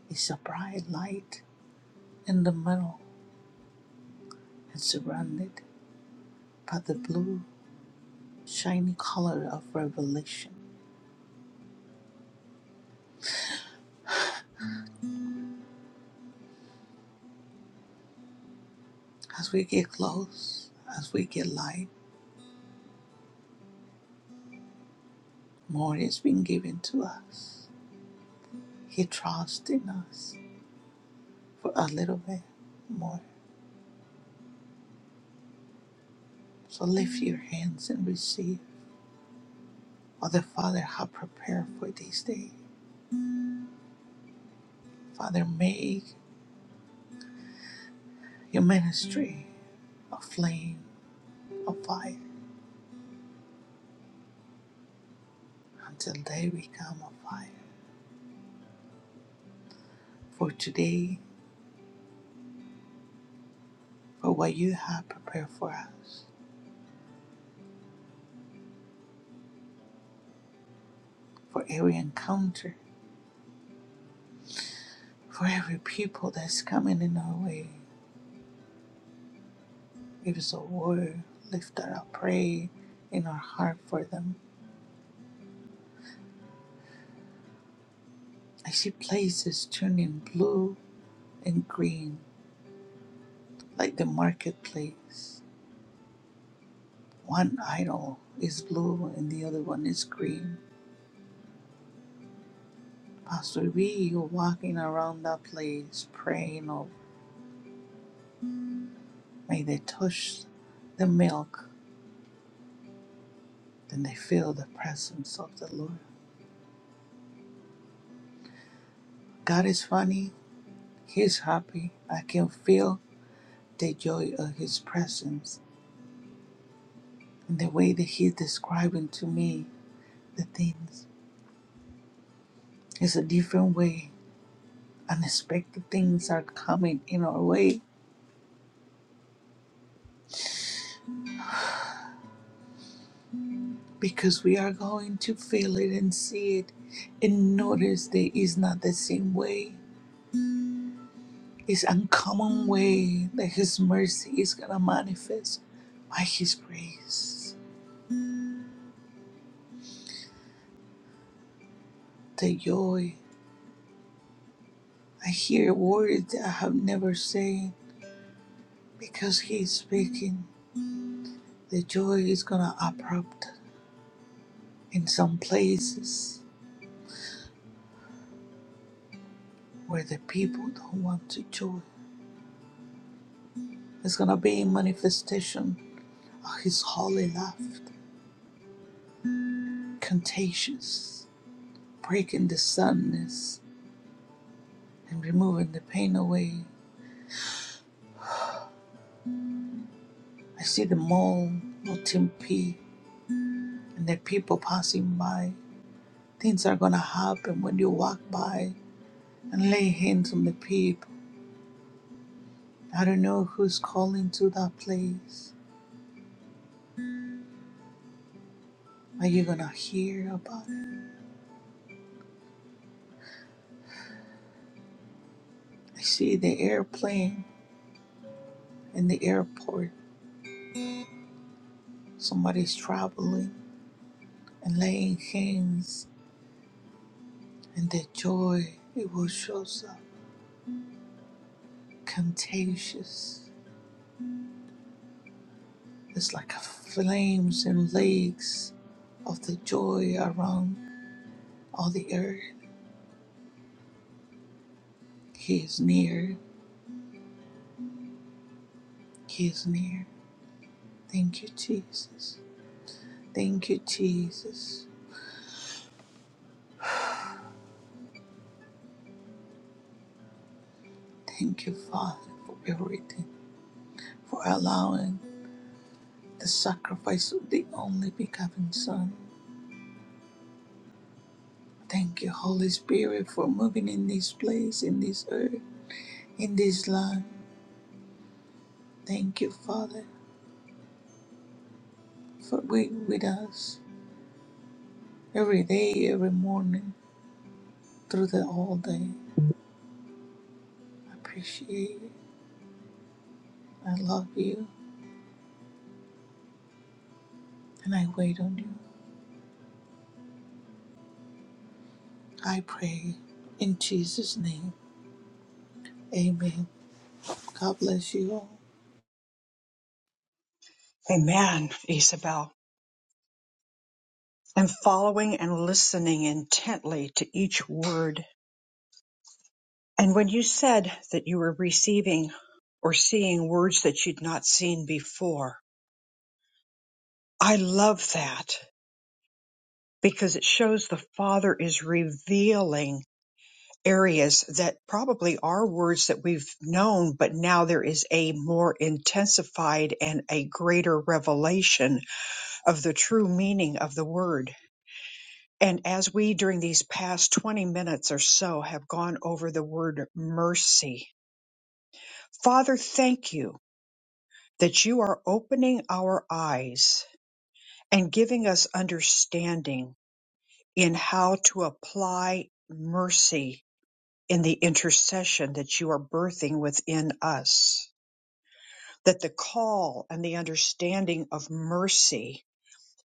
Speaker 8: It's a bright light in the middle and surrounded by the blue, shiny color of revelation. As we get close, as we get light, more is being given to us. He trusts in us for a little bit more. So lift your hands and receive what the Father has prepared for this day. Father, make your ministry a flame a fire until they become a fire. For today, for what you have prepared for us, for every encounter, for every people that's coming in our way. It is a word lifted up pray in our heart for them. I see places turning blue and green like the marketplace. One idol is blue and the other one is green. Pastor V, you're walking around that place praying of may they touch the milk, then they feel the presence of the Lord. God is funny, He's happy. I can feel the joy of His presence And The way that he's describing to me the things is a different way. Unexpected things are coming in our way because we are going to feel it and see it and notice that it's not the same way. It's uncommon way that his mercy is gonna manifest by his grace. The joy. I hear words that I have never said because he is speaking. The joy is gonna abrupt in some places where the people don't want to join it's going to be a manifestation of his holy love, contagious, breaking the sadness and removing the pain away. I see the mall, Otimpi, and the people passing by. Things are going to happen when you walk by and lay hands on the people. I don't know who's calling to that place. Are you going to hear about it? I see the airplane in the airport. Somebody's traveling and laying hands, and their joy it will show up contagious. It's like flames and lakes of the joy around all the earth. He is near. He is near. Thank you, Jesus. Thank you, Jesus. Thank you, Father, for everything, for allowing the sacrifice of the only begotten Son. Thank you, Holy Spirit, for moving in this place, in this earth, in this land. Thank you, Father, for being with us every day, every morning, through the whole day. I appreciate you. I love you, and I wait on you. I pray in Jesus' name. Amen. God bless you all.
Speaker 1: Amen, Isabel. And following and listening intently to each word. And when you said that you were receiving or seeing words that you'd not seen before, I love that because it shows the Father is revealing areas that probably are words that we've known, but now there is a more intensified and a greater revelation of the true meaning of the word. And as we, during these past 20 minutes or so, have gone over the word mercy, Father, thank you that you are opening our eyes and giving us understanding in how to apply mercy in the intercession that you are birthing within us. that the call and the understanding of mercy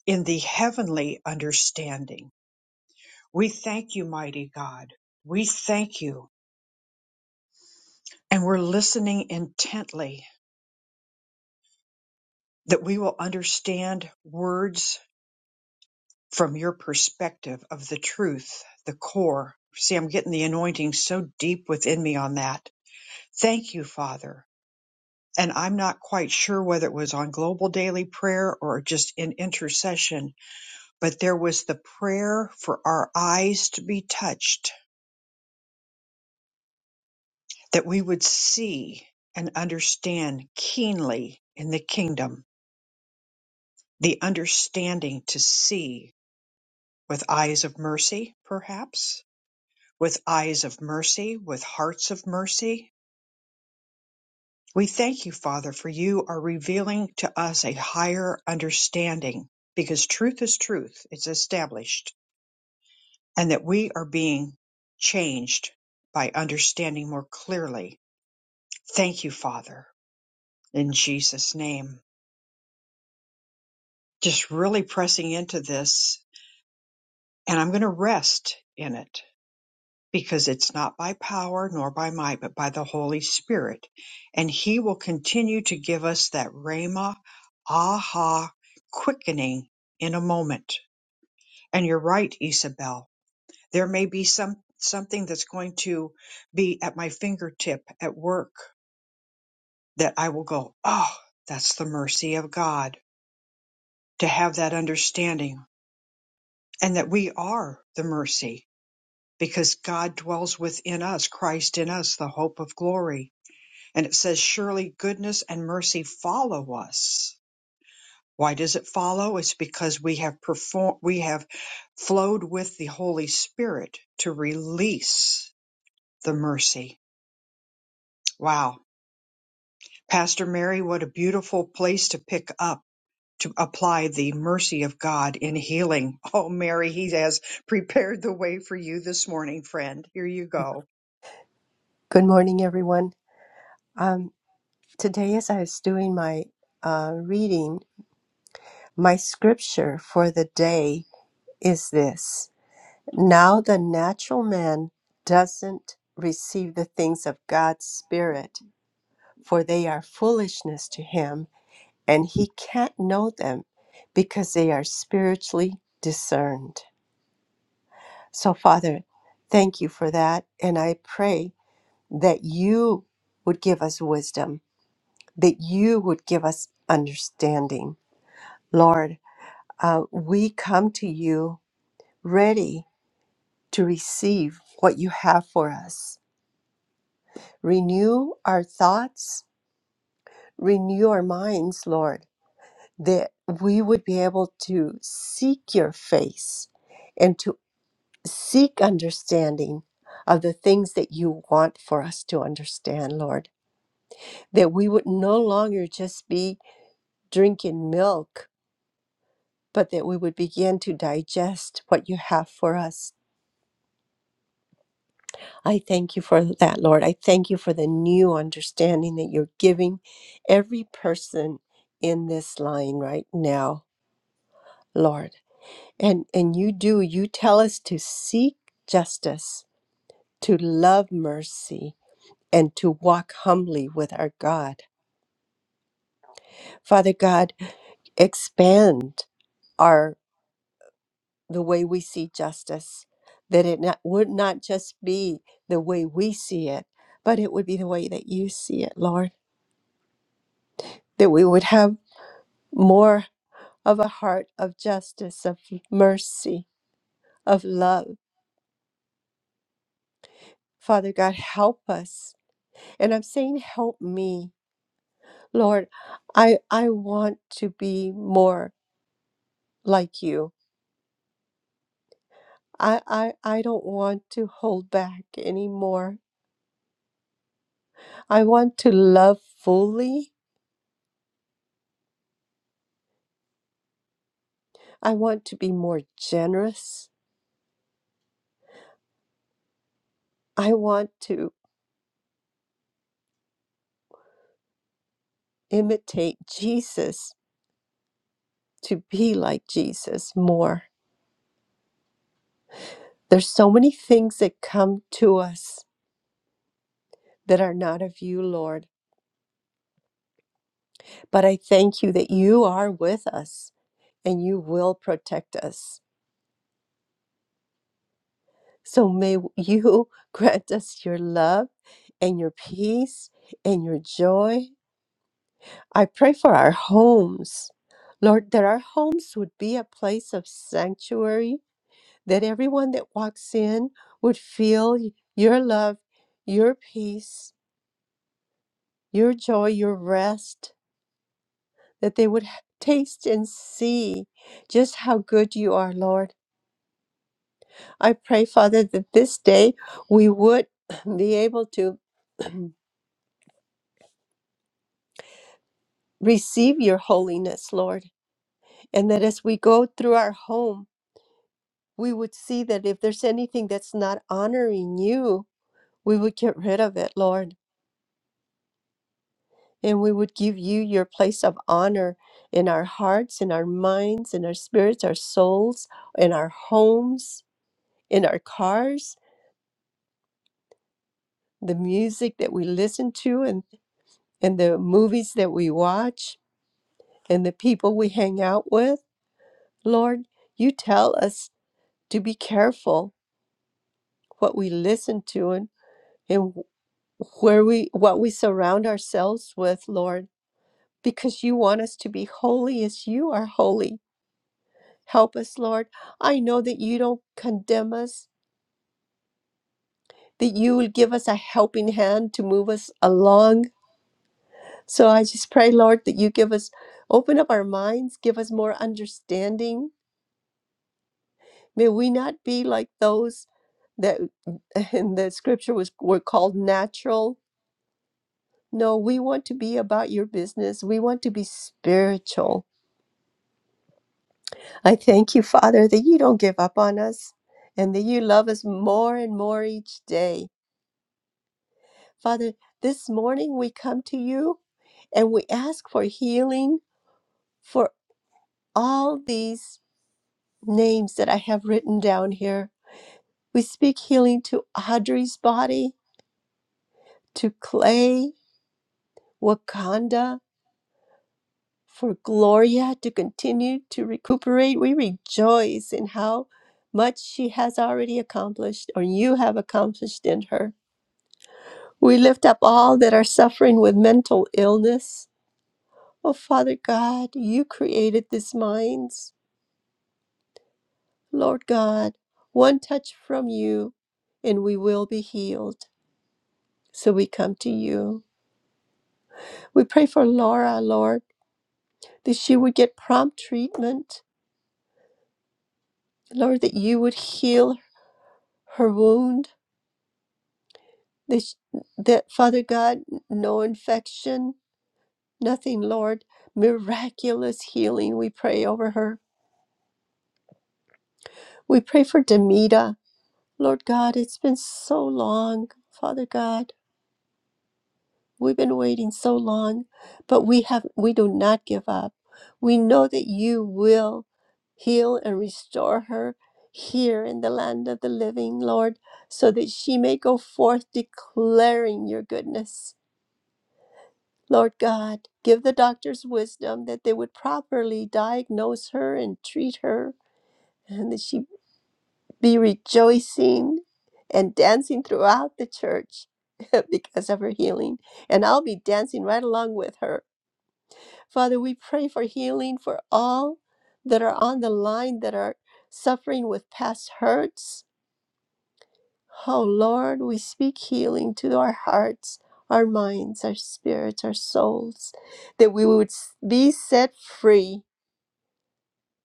Speaker 1: in the heavenly understanding. We thank you, mighty God. We thank you. And we're listening intently that we will understand words from your perspective of the truth, the core. See, I'm getting the anointing so deep within me on that. Thank you, Father. And I'm not quite sure whether it was on global daily prayer or just in intercession but there was the prayer for our eyes to be touched, that we would see and understand keenly in the kingdom, the understanding to see with eyes of mercy, perhaps, with eyes of mercy, with hearts of mercy. We thank you, Father, for you are revealing to us a higher understanding because truth is truth, it's established, and that we are being changed by understanding more clearly Thank you, Father, in Jesus' name. Just really pressing into this, and I'm going to rest in it because it's not by power nor by might, but by the Holy Spirit. And He will continue to give us that Rhema, aha, quickening in a moment. And you're right, Isabel. There may be some something that's going to be at my fingertip at work that I will go, oh, that's the mercy of God to have that understanding and that we are the mercy because God dwells within us, Christ in us, the hope of glory. And it says, Surely goodness and mercy follow us. Why does it follow? It's because we have performed, we have flowed with the Holy Spirit to release the mercy. Wow. Pastor Mary, what a beautiful place to pick up to apply the mercy of God in healing. Oh, Mary, he has prepared the way for you this morning, friend. Here you go.
Speaker 9: Good morning, everyone. Um, today, as I was doing my uh, reading, my scripture for the day is this Now the natural man doesn't receive the things of God's Spirit, for they are foolishness to him, and he can't know them because they are spiritually discerned. So, Father, thank you for that. And I pray that you would give us wisdom that you would give us understanding. Lord, uh, we come to you ready to receive what you have for us. Renew our thoughts, renew our minds, Lord, that we would be able to seek your face and to seek understanding of the things that you want for us to understand, Lord. That we would no longer just be drinking milk but that we would begin to digest what you have for us. I thank you for that, Lord. I thank you for the new understanding that you're giving every person in this line right now, Lord. And and you do, you tell us to seek justice, to love mercy, and to walk humbly with our God. Father God, expand our the way we see justice, that it not, would not just be the way we see it, but it would be the way that you see it, Lord, that we would have more of a heart of justice, of mercy, of love. Father God, help us. And I'm saying, help me. Lord, I, I want to be more like you. I, I, I don't want to hold back anymore. I want to love fully I want to be more generous. I want to imitate Jesus, to be like Jesus more. There's so many things that come to us that are not of you, Lord. But I thank you that you are with us and you will protect us. So may <laughs> you grant us your love and your peace and your joy. I pray for our homes. Lord, that our homes would be a place of sanctuary that everyone that walks in would feel your love, your peace, your joy, your rest, that they would taste and see just how good you are, Lord. I pray, Father, that this day we would <clears throat> be able to <clears throat> receive your holiness, Lord, and that as we go through our home, we would see that if there's anything that's not honoring you, we would get rid of it, Lord And we would give you your place of honor in our hearts, in our minds, in our spirits, our souls, in our homes, in our cars, the music that we listen to, and, and the movies that we watch, and the people we hang out with. Lord, you tell us to be careful what we listen to and, and where we what we surround ourselves with, Lord, because you want us to be holy as you are holy Help us, Lord. I know that you don't condemn us, that you will give us a helping hand to move us along. So I just pray, Lord, that you give us, open up our minds, give us more understanding. May we not be like those that <laughs> in the scripture was were called natural. No, we want to be about your business. We want to be spiritual. I thank you, Father, that you don't give up on us and that you love us more and more each day. Father, this morning we come to you and we ask for healing for all these names that I have written down here. We speak healing to Audrey's body, to Clay, Wakanda, for Gloria to continue to recuperate. We rejoice in how much she has already accomplished or you have accomplished in her. We lift up all that are suffering with mental illness Oh, Father God, you created these minds. Lord God, one touch from you and we will be healed. So we come to you. We pray for Laura, Lord, that she would get prompt treatment. Lord, that you would heal her wound. That, sh- that Father God, no infection, nothing, Lord. Miraculous healing, we pray over her. We pray for Demita. Lord God, it's been so long, Father God. We've been waiting so long, but we have we do not give up. We know that you will heal and restore her here in the land of the living, Lord, so that she may go forth declaring your goodness. Lord God, give the doctors wisdom that they would properly diagnose her and treat her, and that she be rejoicing and dancing throughout the church <laughs> because of her healing. And I'll be dancing right along with her Father, we pray for healing for all that are on the line that are suffering with past hurts. Oh Lord, we speak healing to our hearts, our minds, our spirits, our souls, that we would be set free,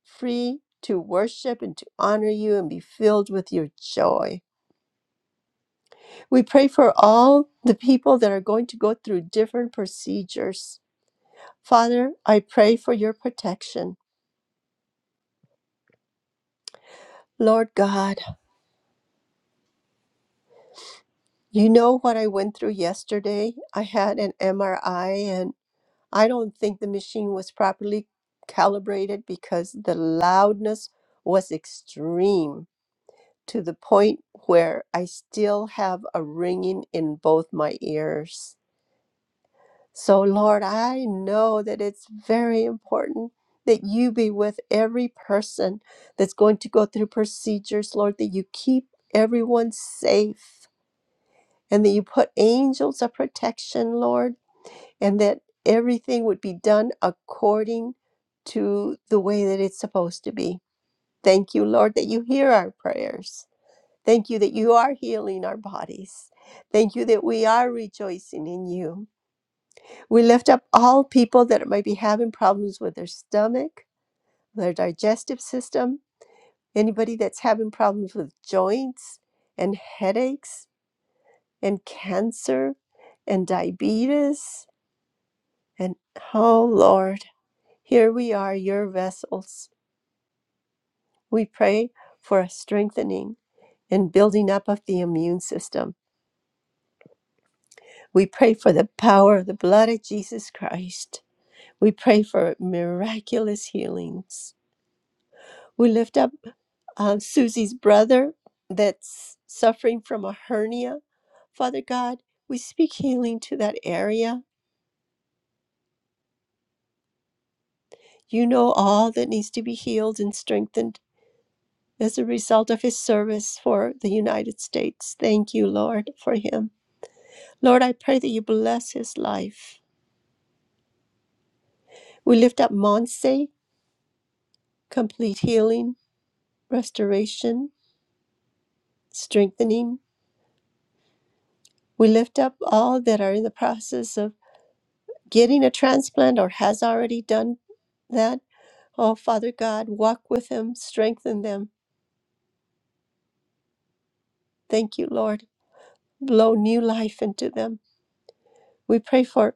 Speaker 9: free to worship and to honor you and be filled with your joy. We pray for all the people that are going to go through different procedures. Father, I pray for your protection. Lord God, You know what I went through yesterday? I had an MRI and I don't think the machine was properly calibrated because the loudness was extreme to the point where I still have a ringing in both my ears. So, Lord, I know that it's very important that you be with every person that's going to go through procedures, Lord, that you keep everyone safe and that you put angels of protection, Lord, and that everything would be done according to the way that it's supposed to be. Thank you, Lord, that you hear our prayers. Thank you that you are healing our bodies. Thank you that we are rejoicing in you. We lift up all people that might be having problems with their stomach, their digestive system, anybody that's having problems with joints and headaches and cancer and diabetes And oh Lord, here we are, your vessels. We pray for a strengthening and building up of the immune system. We pray for the power of the blood of Jesus Christ. We pray for miraculous healings. We lift up uh, Susie's brother that's suffering from a hernia. Father God, we speak healing to that area. You know all that needs to be healed and strengthened as a result of his service for the United States. Thank you, Lord, for him. Lord, I pray that you bless his life. We lift up Monse, complete healing, restoration, strengthening. We lift up all that are in the process of getting a transplant or has already done that. Oh, Father God, walk with them, strengthen them. Thank you, Lord. Blow new life into them. We pray for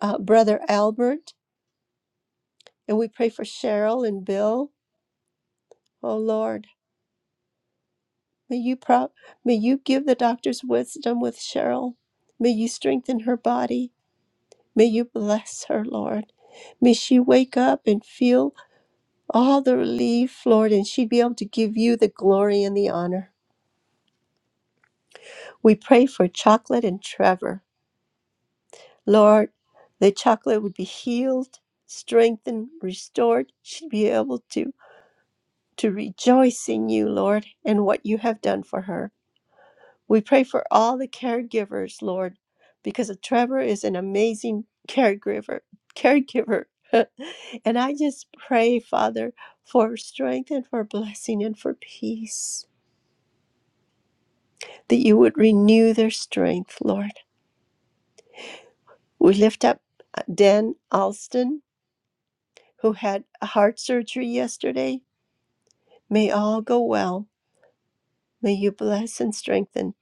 Speaker 9: uh, Brother Albert and we pray for Cheryl and Bill Oh Lord, may you pro- may you give the doctors wisdom with Cheryl. May you strengthen her body. May you bless her, Lord. May she wake up and feel all the relief, Lord, and she'd be able to give you the glory and the honor. We pray for Chocolate and Trevor. Lord, that Chocolate would be healed, strengthened, restored. She'd be able to to rejoice in you, Lord, and what you have done for her. We pray for all the caregivers, Lord, because Trevor is an amazing caregiver. Caregiver. <laughs> and I just pray, Father, for strength and for blessing and for peace, that you would renew their strength, Lord. We lift up uh, Dan Alston, who had heart surgery yesterday. May all go well. May you bless and strengthen.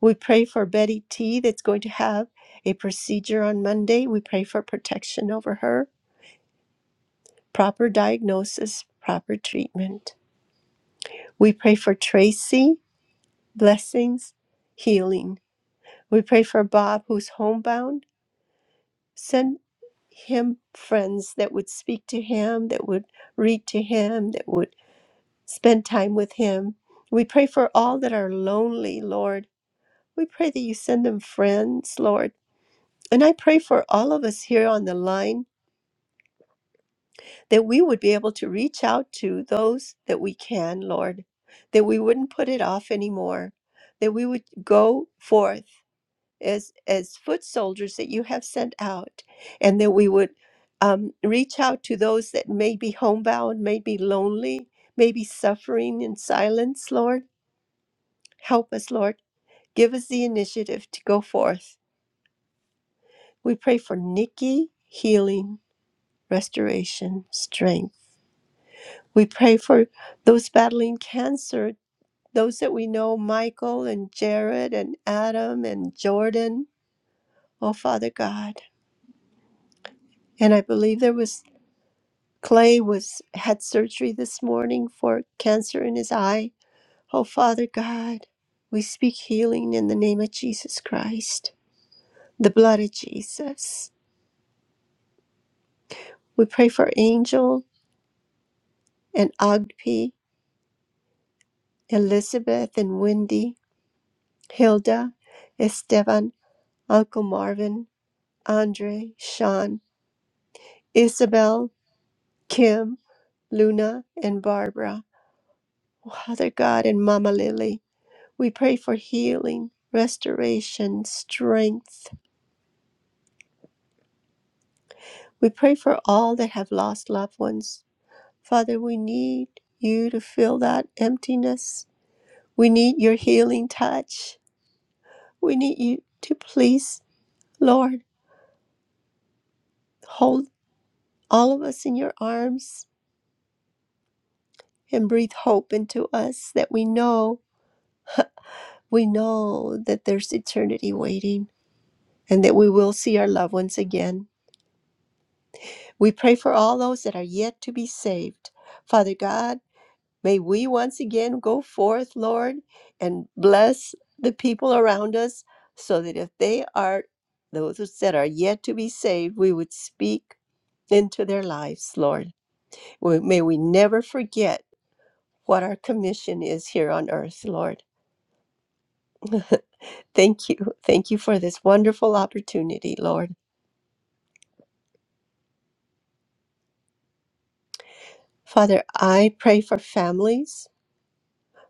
Speaker 9: We pray for Betty T, that's going to have a procedure on Monday. We pray for protection over her. proper diagnosis, proper treatment. We pray for Tracy, blessings, healing. We pray for Bob, who's homebound. Send him friends that would speak to him, that would read to him, that would spend time with him. We pray for all that are lonely, Lord. We pray that you send them friends, Lord. And I pray for all of us here on the line that we would be able to reach out to those that we can, Lord, that we wouldn't put it off anymore, that we would go forth as as foot soldiers that you have sent out, and that we would um, reach out to those that may be homebound, may be lonely, may be suffering in silence, Lord. Help us, Lord. Give us the initiative to go forth. We pray for Nikki healing, restoration, strength We pray for those battling cancer, those that we know, Michael and Jared and Adam and Jordan. Oh, Father God. And I believe there was Clay was had surgery this morning for cancer in his eye. Oh, Father God, we speak healing in the name of Jesus Christ, the blood of Jesus. We pray for Angel and Agpi, Elizabeth and Wendy, Hilda, Esteban, Uncle Marvin, Andre, Sean, Isabel, Kim, Luna, and Barbara. Father God and Mama Lily, we pray for healing, restoration, strength. We pray for all that have lost loved ones. Father, we need you to fill that emptiness. We need your healing touch. We need you to please, Lord, hold all of us in your arms and breathe hope into us that we know We know that there's eternity waiting and that we will see our loved ones again. We pray for all those that are yet to be saved. Father God, may we once again go forth, Lord, and bless the people around us so that if they are those that are yet to be saved, we would speak into their lives, Lord. We- May we never forget what our commission is here on earth, Lord. Thank you. Thank you for this wonderful opportunity, Lord. Father, I pray for families,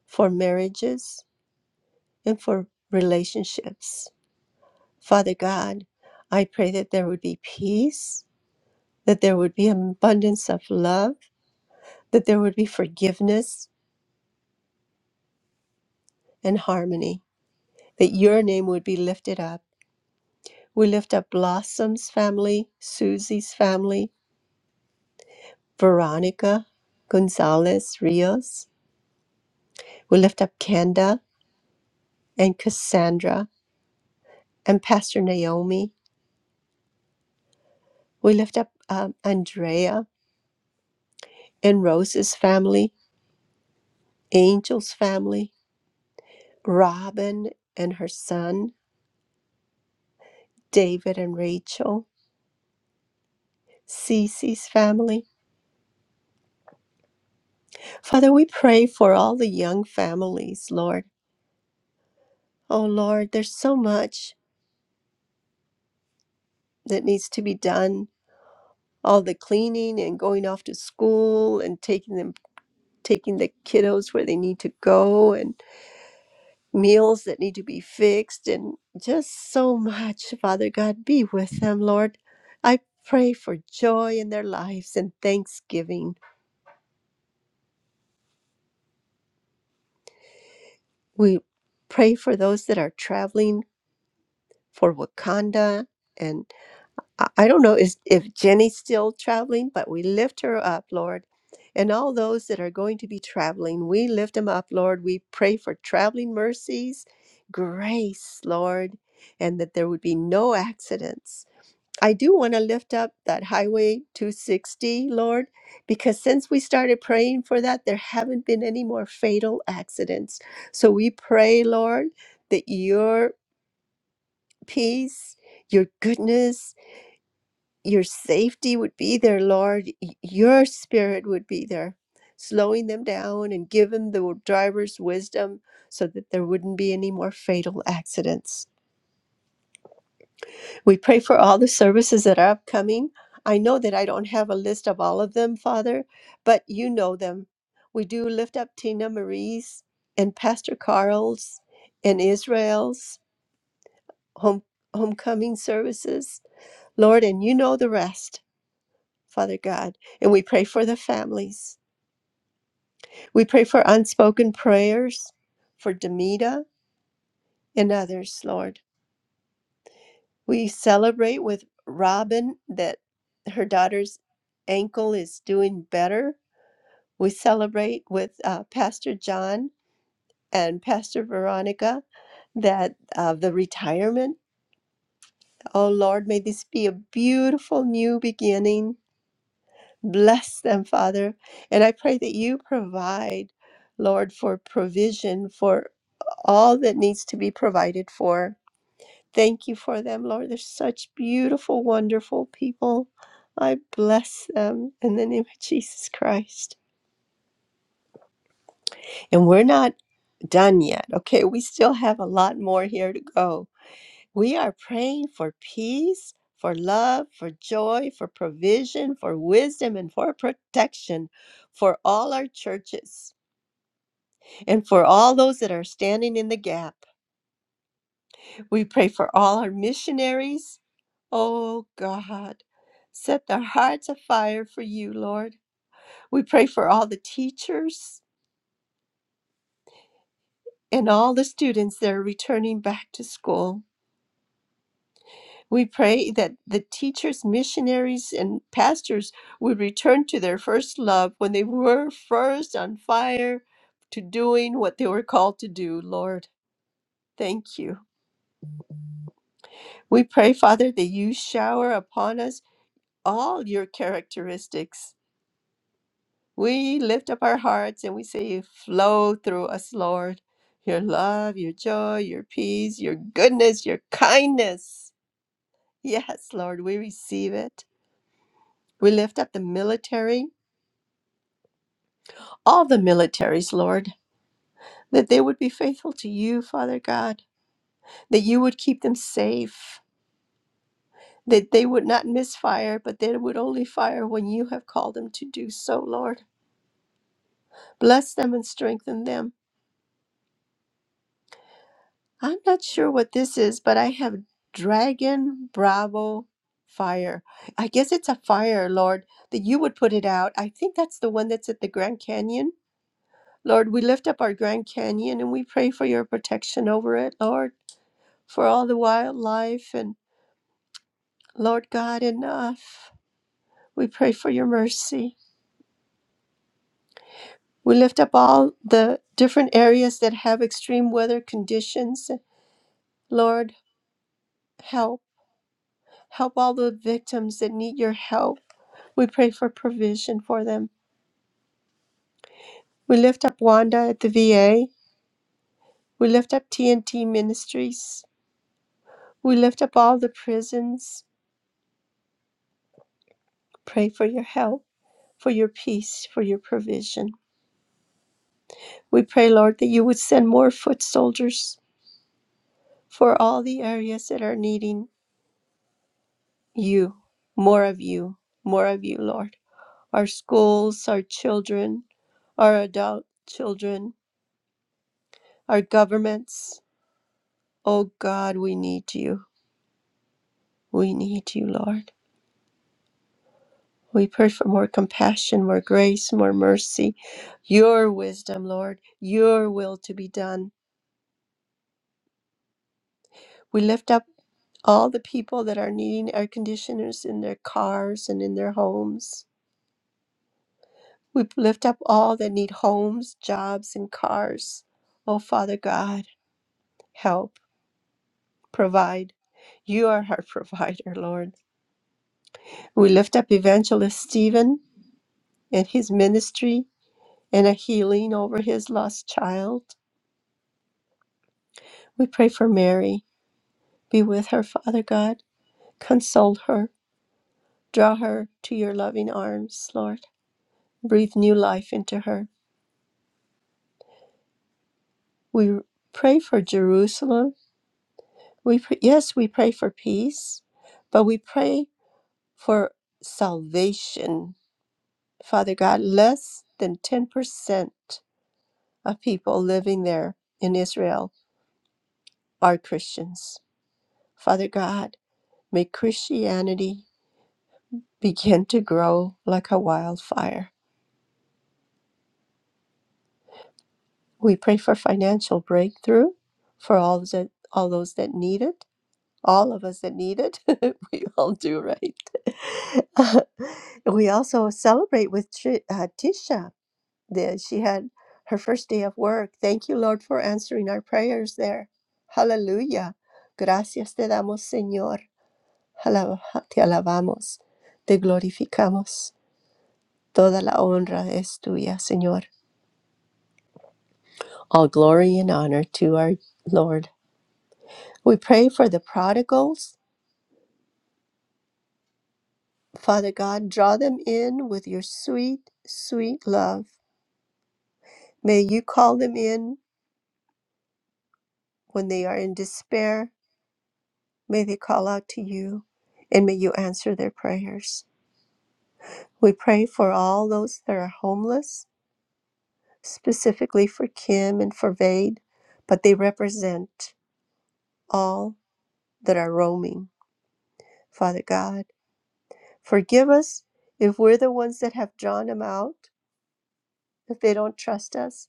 Speaker 9: for marriages, and for relationships. Father God, I pray that there would be peace, that there would be an abundance of love, that there would be forgiveness and harmony, that your name would be lifted up. We lift up Blossom's family, Susie's family, Veronica, Gonzalez Rios. We lift up Kenda and Cassandra and Pastor Naomi. We lift up um, Andrea and Rose's family, Angel's family, Robin and her son, David and Rachel, Cece's family. Father, we pray for all the young families, Lord. Oh, Lord, there's so much that needs to be done. All the cleaning and going off to school and taking them, taking the kiddos where they need to go and. meals that need to be fixed and just so much. Father God, be with them, Lord. I pray for joy in their lives and thanksgiving. We pray for those that are traveling for Wakanda. And I I don't know is, if Jenny's still traveling, but we lift her up, Lord. And all those that are going to be traveling, we lift them up, Lord. We pray for traveling mercies, grace, Lord, and that there would be no accidents I do want to lift up that Highway 260, Lord, because since we started praying for that, there haven't been any more fatal accidents. So we pray, Lord, that your peace, your goodness, your safety would be there, Lord. Y- Your spirit would be there, slowing them down and giving the driver's wisdom so that there wouldn't be any more fatal accidents. We pray for all the services that are upcoming. I know that I don't have a list of all of them, Father, but you know them. We do lift up Tina Marie's and Pastor Carl's and Israel's home, homecoming services, Lord, and you know the rest, Father God. And we pray for the families. We pray for unspoken prayers for Demita and others, Lord. We celebrate with Robin that her daughter's ankle is doing better. We celebrate with uh, Pastor John and Pastor Veronica that uh, the retirement. Oh Lord, may this be a beautiful new beginning. Bless them, Father. And I pray that you provide, Lord, for provision for all that needs to be provided for. Thank you for them, Lord. They're such beautiful, wonderful people. I bless them in the name of Jesus Christ. And we're not done yet, okay? We still have a lot more here to go. We are praying for peace, for love, for joy, for provision, for wisdom, and for protection for all our churches and for all those that are standing in the gap. We pray for all our missionaries Oh God, set their hearts afire for you, Lord. We pray for all the teachers and all the students that are returning back to school. We pray that the teachers, missionaries, and pastors would return to their first love when they were first on fire to doing what they were called to do, Lord. Thank you. We pray, Father, that you shower upon us all your characteristics We lift up our hearts and we say, Flow through us, Lord. Your love, your joy, your peace, your goodness, your kindness. Yes, Lord, we receive it. We lift up the military, all the militaries, Lord, that they would be faithful to you, Father God, that you would keep them safe, that they would not misfire, but they would only fire when you have called them to do so, Lord. Bless them and strengthen them. I'm not sure what this is, but I have Dragon Bravo Fire. I guess it's a fire, Lord, that you would put it out. I think that's the one that's at the Grand Canyon. Lord, we lift up our Grand Canyon and we pray for your protection over it, Lord, for all the wildlife and Lord God, enough. We pray for your mercy. We lift up all the different areas that have extreme weather conditions. Lord, help. Help all the victims that need your help. We pray for provision for them. We lift up Wanda at the VA. We lift up TNT Ministries. We lift up all the prisons. Pray for your help, for your peace, for your provision. We pray, Lord, that you would send more foot soldiers for all the areas that are needing you, more of you, more of you, Lord. Our schools, our children, our adult children, our governments. Oh God, we need you. We need you, Lord. We pray for more compassion, more grace, more mercy, your wisdom, Lord, your will to be done. We lift up all the people that are needing air conditioners in their cars and in their homes. We lift up all that need homes, jobs, and cars. Oh, Father God, help, provide. You are our <laughs> provider, Lord. We lift up Evangelist Stephen and his ministry and a healing over his lost child. We pray for Mary. Be with her, Father God. Console her. Draw her to your loving arms, Lord. Breathe new life into her. We pray for Jerusalem. We pr- yes, we pray for peace, but we pray for salvation. Father God, less than 10% of people living there in Israel are Christians. Father God, may Christianity begin to grow like a wildfire We pray for financial breakthrough for all that all those that need it, all of us that need it. <laughs> we all do, right? <laughs> we also celebrate with Tri- uh, Tisha. The, she had her first day of work. Thank you, Lord, for answering our prayers there. Hallelujah. Gracias te damos, Señor. Alaba- Te alabamos. Te glorificamos. Toda la honra es tuya, Señor. All glory and honor to our Lord We pray for the prodigals. Father God, draw them in with your sweet, sweet love. May you call them in when they are in despair. May they call out to you and may you answer their prayers. We pray for all those that are homeless, specifically for Kim and for Vade, but they represent all that are roaming. Father God, forgive us if we're the ones that have drawn them out, if they don't trust us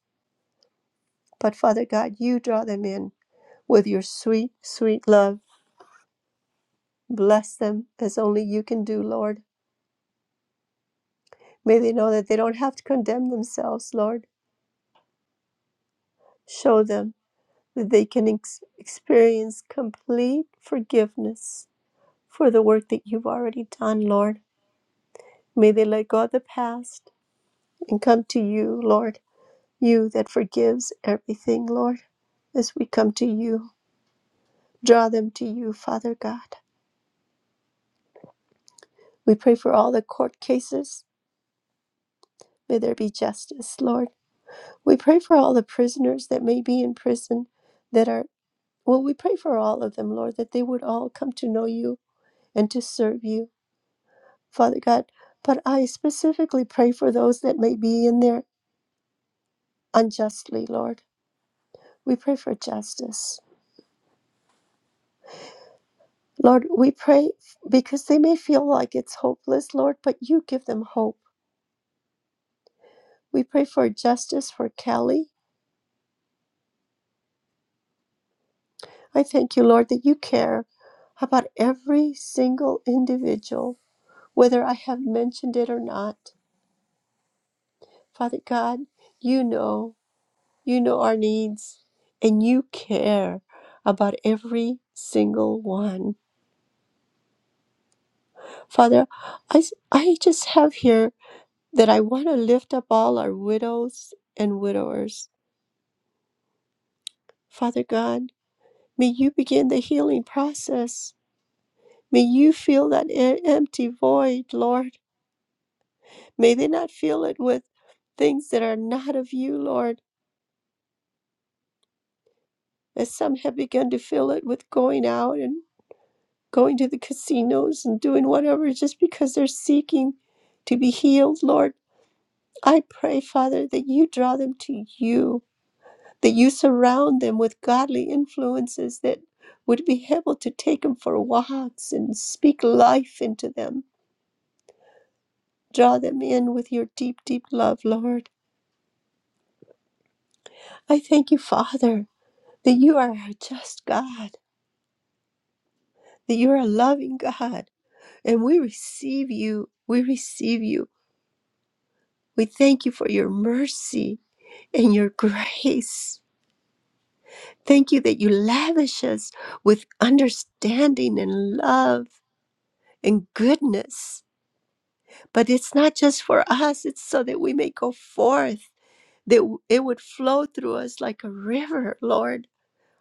Speaker 9: But Father God, you draw them in with your sweet, sweet love. Bless them as only you can do, Lord. May they know that they don't have to condemn themselves, Lord. Show them that they can ex- experience complete forgiveness for the work that you've already done, Lord. May they let go of the past and come to you, Lord. You that forgives everything, Lord, as we come to you. Draw them to you, Father God. We pray for all the court cases May there be justice, Lord. We pray for all the prisoners that may be in prison that are, well, we pray for all of them, Lord, that they would all come to know you and to serve you, Father God. But I specifically pray for those that may be in there unjustly, Lord. We pray for justice. Lord, we pray because they may feel like it's hopeless, Lord, but you give them hope. We pray for justice for Kelly. I thank you, Lord, that you care about every single individual whether I have mentioned it or not. Father God, you know, you know our needs, and you care about every single one. Father, I I just have here that I want to lift up all our widows and widowers. Father God, may you begin the healing process. May you fill that e- empty void, Lord. May they not fill it with things that are not of you, Lord. As some have begun to fill it with going out and going to the casinos and doing whatever just because they're seeking to be healed. Lord, I pray, Father, that you draw them to you, that you surround them with godly influences that would be able to take them for walks and speak life into them. Draw them in with your deep, deep love, Lord. I thank you, Father, that you are a just God, that you are a loving God and we receive you. We receive you. We thank you for your mercy and your <laughs> grace. Thank you that you lavish us with understanding and love and goodness. But it's not just for us, it's so that we may go forth, that w- it would flow through us like a river, Lord,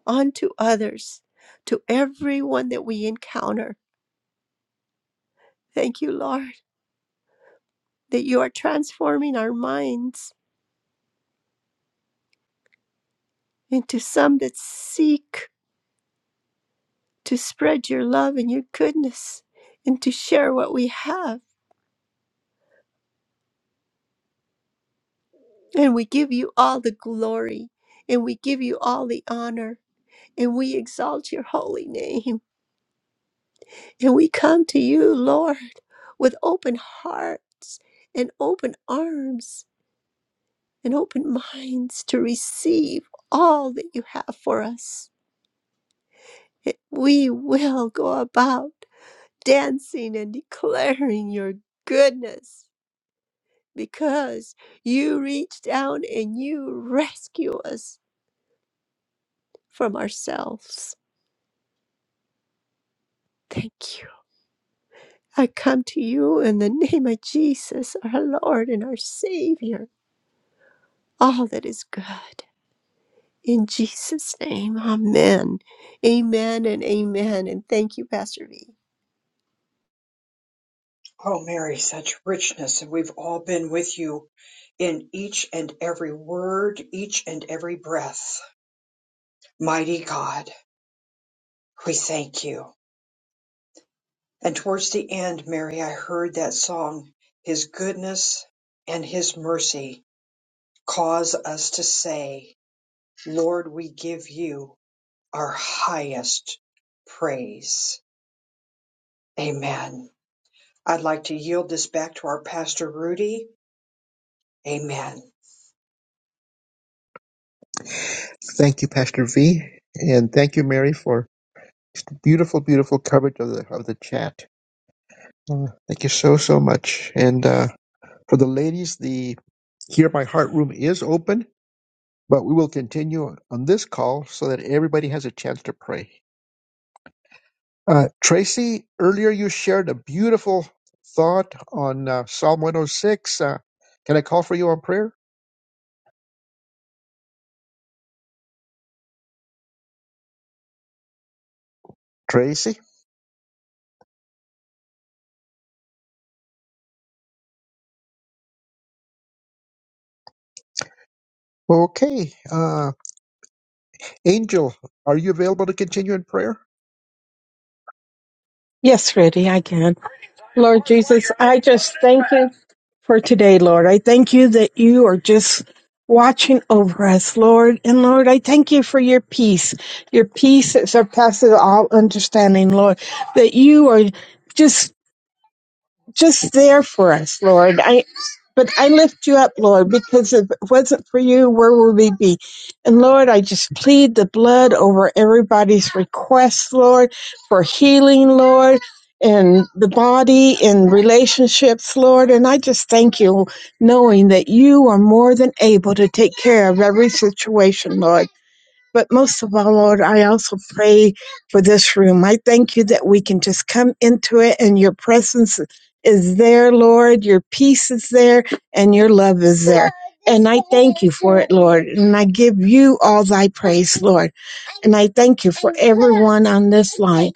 Speaker 9: onto others, to everyone that we encounter. Thank you, Lord, that you are transforming our minds into some that seek to spread your love and your goodness and to share what we have. And we give you all the glory and we give you all the honor and we exalt your holy name. And we come to you, Lord, with open hearts and open arms and open minds to receive all that you have for us. That We will go about dancing and declaring your goodness because you reach down and you rescue us from ourselves. Thank you. I come to you in the name of Jesus, our Lord and our Savior, all that is good. In Jesus' name, amen. Amen and amen. And thank you, Pastor V.
Speaker 1: Oh, Mary, such richness. And we've all been with you in each and every word, each and every breath. Mighty God, we thank you. And towards the end, Mary, I heard that song, His goodness and His mercy cause us to say, Lord, we give you our highest praise. Amen. I'd like to yield this back to our pastor, Rudy. Amen.
Speaker 2: Thank you, Pastor V, and thank you, Mary, for beautiful, beautiful coverage of the of the chat. Uh, thank you so so much. And uh, for the ladies, the Hear My Heart room is open, but we will continue on this call so that everybody has a chance to pray. Uh, Tracy, earlier you shared a beautiful thought on uh, Psalm 106. Uh, can I call for you on prayer, Tracy? Okay, uh, Angel, are you available to continue in prayer?
Speaker 10: Yes, Rudy, I can. Lord Jesus, I just thank you for today, Lord. I thank you that you are just watching over us, Lord. And Lord, I thank you for your peace, your peace that surpasses all understanding, Lord, that you are. Just just there for us, Lord. I but I lift you up, Lord, because if it wasn't for you, where would we be? And Lord, I just plead the blood over everybody's requests, Lord, for healing, Lord, and the body and relationships, Lord. And I just thank you, knowing that you are more than able to take care of every situation, Lord. But most of all, Lord, I also pray for this room. I thank you that we can just come into it and your presence is there, Lord. Your peace is there and your love is there. And I thank you for it, Lord. And I give you all thy praise, Lord. And I thank you for everyone on this line.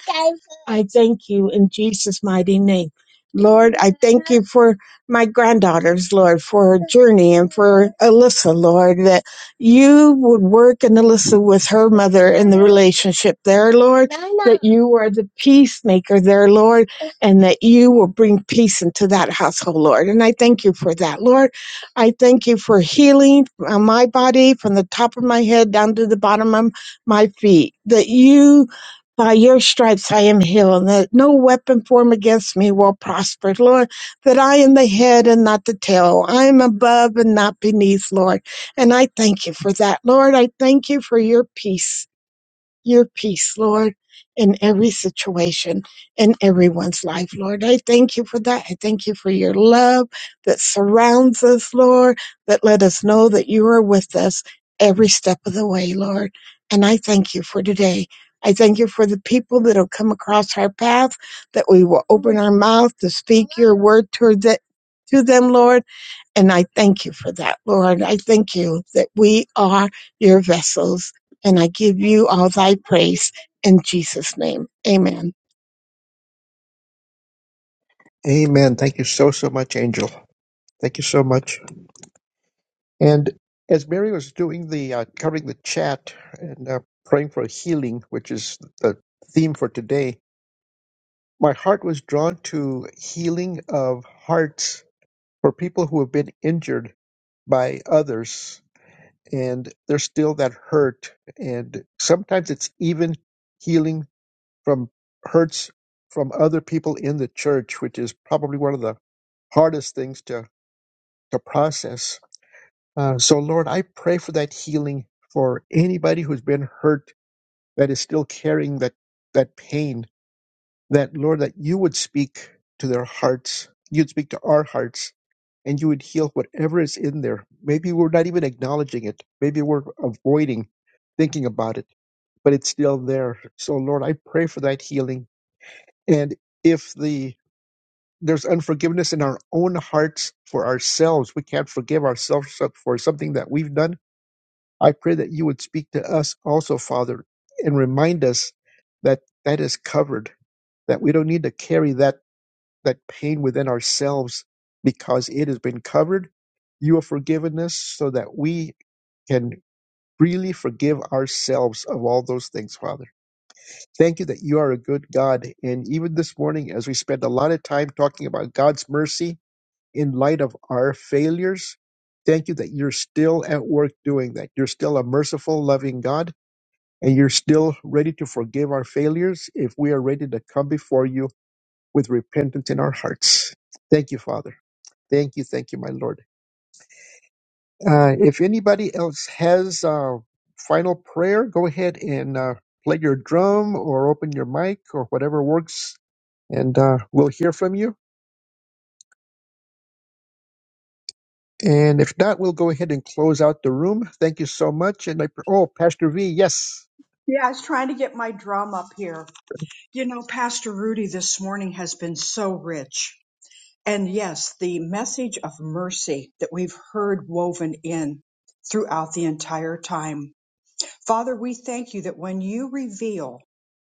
Speaker 10: I thank you in Jesus' mighty name. Lord, I thank you for my granddaughters, Lord, for Journey and for Alyssa, Lord. that you would work and Alyssa with her mother in the relationship there, Lord, that you are the peacemaker there, Lord, and that you will bring peace into that household, Lord. And I thank you for that, Lord. I thank you for healing uh, my body from the top of my head down to the bottom of my feet, that you. By your stripes I am healed, and that no weapon formed against me will prosper, Lord. That I am the head and not the tail. I am above and not beneath, Lord. And I thank you for that, Lord. I thank you for your peace your peace, Lord, in every situation, in everyone's life, Lord. I thank you for that. I thank you for your love that surrounds us, Lord, that let us know that you are with us every step of the way, Lord. And I thank you for today. I thank you for the people that will come across our path, that we will open our mouth to speak your word toward the, to them, Lord and I thank you for that, Lord. I thank you that we are your vessels. And I give you all thy praise in Jesus' name. Amen.
Speaker 2: Amen. Thank you so, so much, Angel. Thank you so much. And as Mary was doing the uh, covering the chat and uh, praying for healing, which is the theme for today, my heart was drawn to healing of hearts for people who have been injured by others and there's still that hurt. And sometimes it's even healing from hurts from other people in the church, which is probably one of the hardest things to, to process Uh, so, Lord, I pray for that healing for anybody who's been hurt that is still carrying that that pain. That Lord, that you would speak to their hearts, you'd speak to our hearts, and you would heal whatever is in there. Maybe we're not even acknowledging it. Maybe we're avoiding thinking about it, but it's still there. So, Lord, I pray for that healing. And if the there's unforgiveness in our own hearts for ourselves, we can't forgive ourselves for something that we've done I pray that you would speak to us also, Father, and remind us that that is covered, that we don't need to carry that, that pain within ourselves because it has been covered. You have forgiven us so that we can freely forgive ourselves of all those things, Father. Thank you that you are a good God. And even this morning, as we spend a lot of time talking about God's mercy in light of our failures, thank you that you're still at work doing that. You're still a merciful, loving God and you're still ready to forgive our failures if we are ready to come before you with repentance in our hearts. Thank you, Father. Thank you, thank you, my Lord. Uh, if anybody else has a final prayer, go ahead and uh, play your drum or open your mic or whatever works, and uh, we'll hear from you. And if not, we'll go ahead and close out the room. Thank you so much. And I, oh, Pastor V, yes.
Speaker 1: Yeah, I was trying to get my drum up here. You know, Pastor Rudy this morning has been so rich. And yes, the message of mercy that we've heard woven in throughout the entire time. Father, we thank you that when you reveal,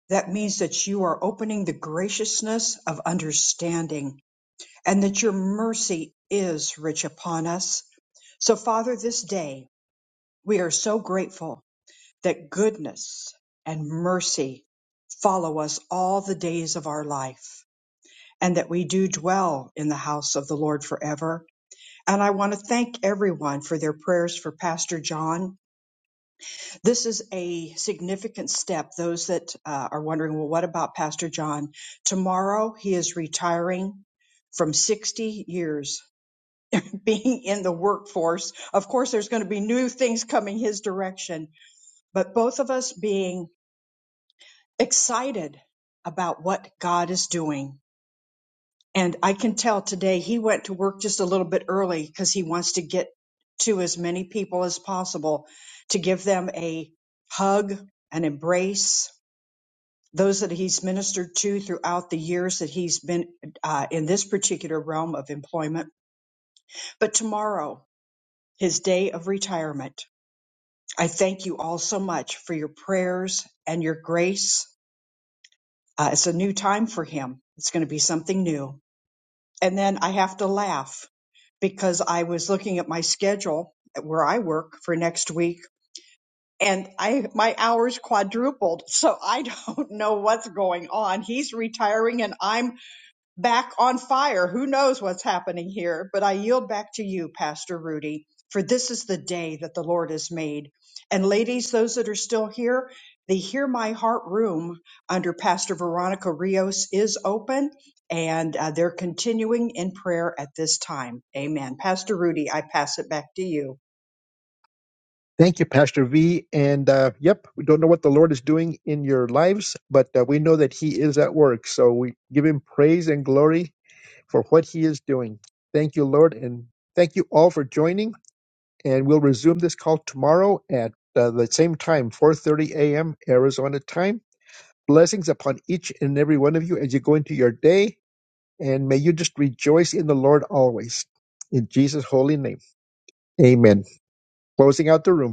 Speaker 1: that means that you are opening the graciousness of understanding and that your mercy is rich upon us. So, Father, this day we are so grateful that goodness and mercy follow us all the days of our life and that we do dwell in the house of the Lord forever. And I want to thank everyone for their prayers for Pastor John. This is a significant step. Those that uh, are wondering, well, what about Pastor John? Tomorrow he is retiring from 60 years <laughs> being in the workforce. Of course, there's going to be new things coming his direction, but both of us being excited about what God is doing And I can tell today he went to work just a little bit early because he wants to get to as many people as possible to give them a hug, an embrace. Those that he's ministered to throughout the years that he's been uh, in this particular realm of employment. But tomorrow, his day of retirement, I thank you all so much for your prayers and your grace. Uh, it's a new time for him. It's going to be something new. And then I have to laugh because I was looking at my schedule at where I work for next week and I my hours quadrupled. So I don't <laughs> know what's going on. He's retiring and I'm back on fire. Who knows what's happening here? But I yield back to you, Pastor Rudy, for this is the day that the Lord has made. And ladies, those that are still here, the Hear My Heart room under Pastor Veronica Rios is open and uh, they're continuing in prayer at this time. Amen. Pastor Rudy, I pass it back to you.
Speaker 2: Thank you, Pastor V. And uh, yep, we don't know what the Lord is doing in your lives, but uh, we know that He is at work. So we give Him praise and glory for what He is doing. Thank you, Lord. And thank you all for joining. And we'll resume this call tomorrow at uh, the same time, 4.30 a.m. Arizona time. Blessings upon each and every one of you as you go into your day. And may you just rejoice in the Lord always. In Jesus' holy name, amen. Closing out the room.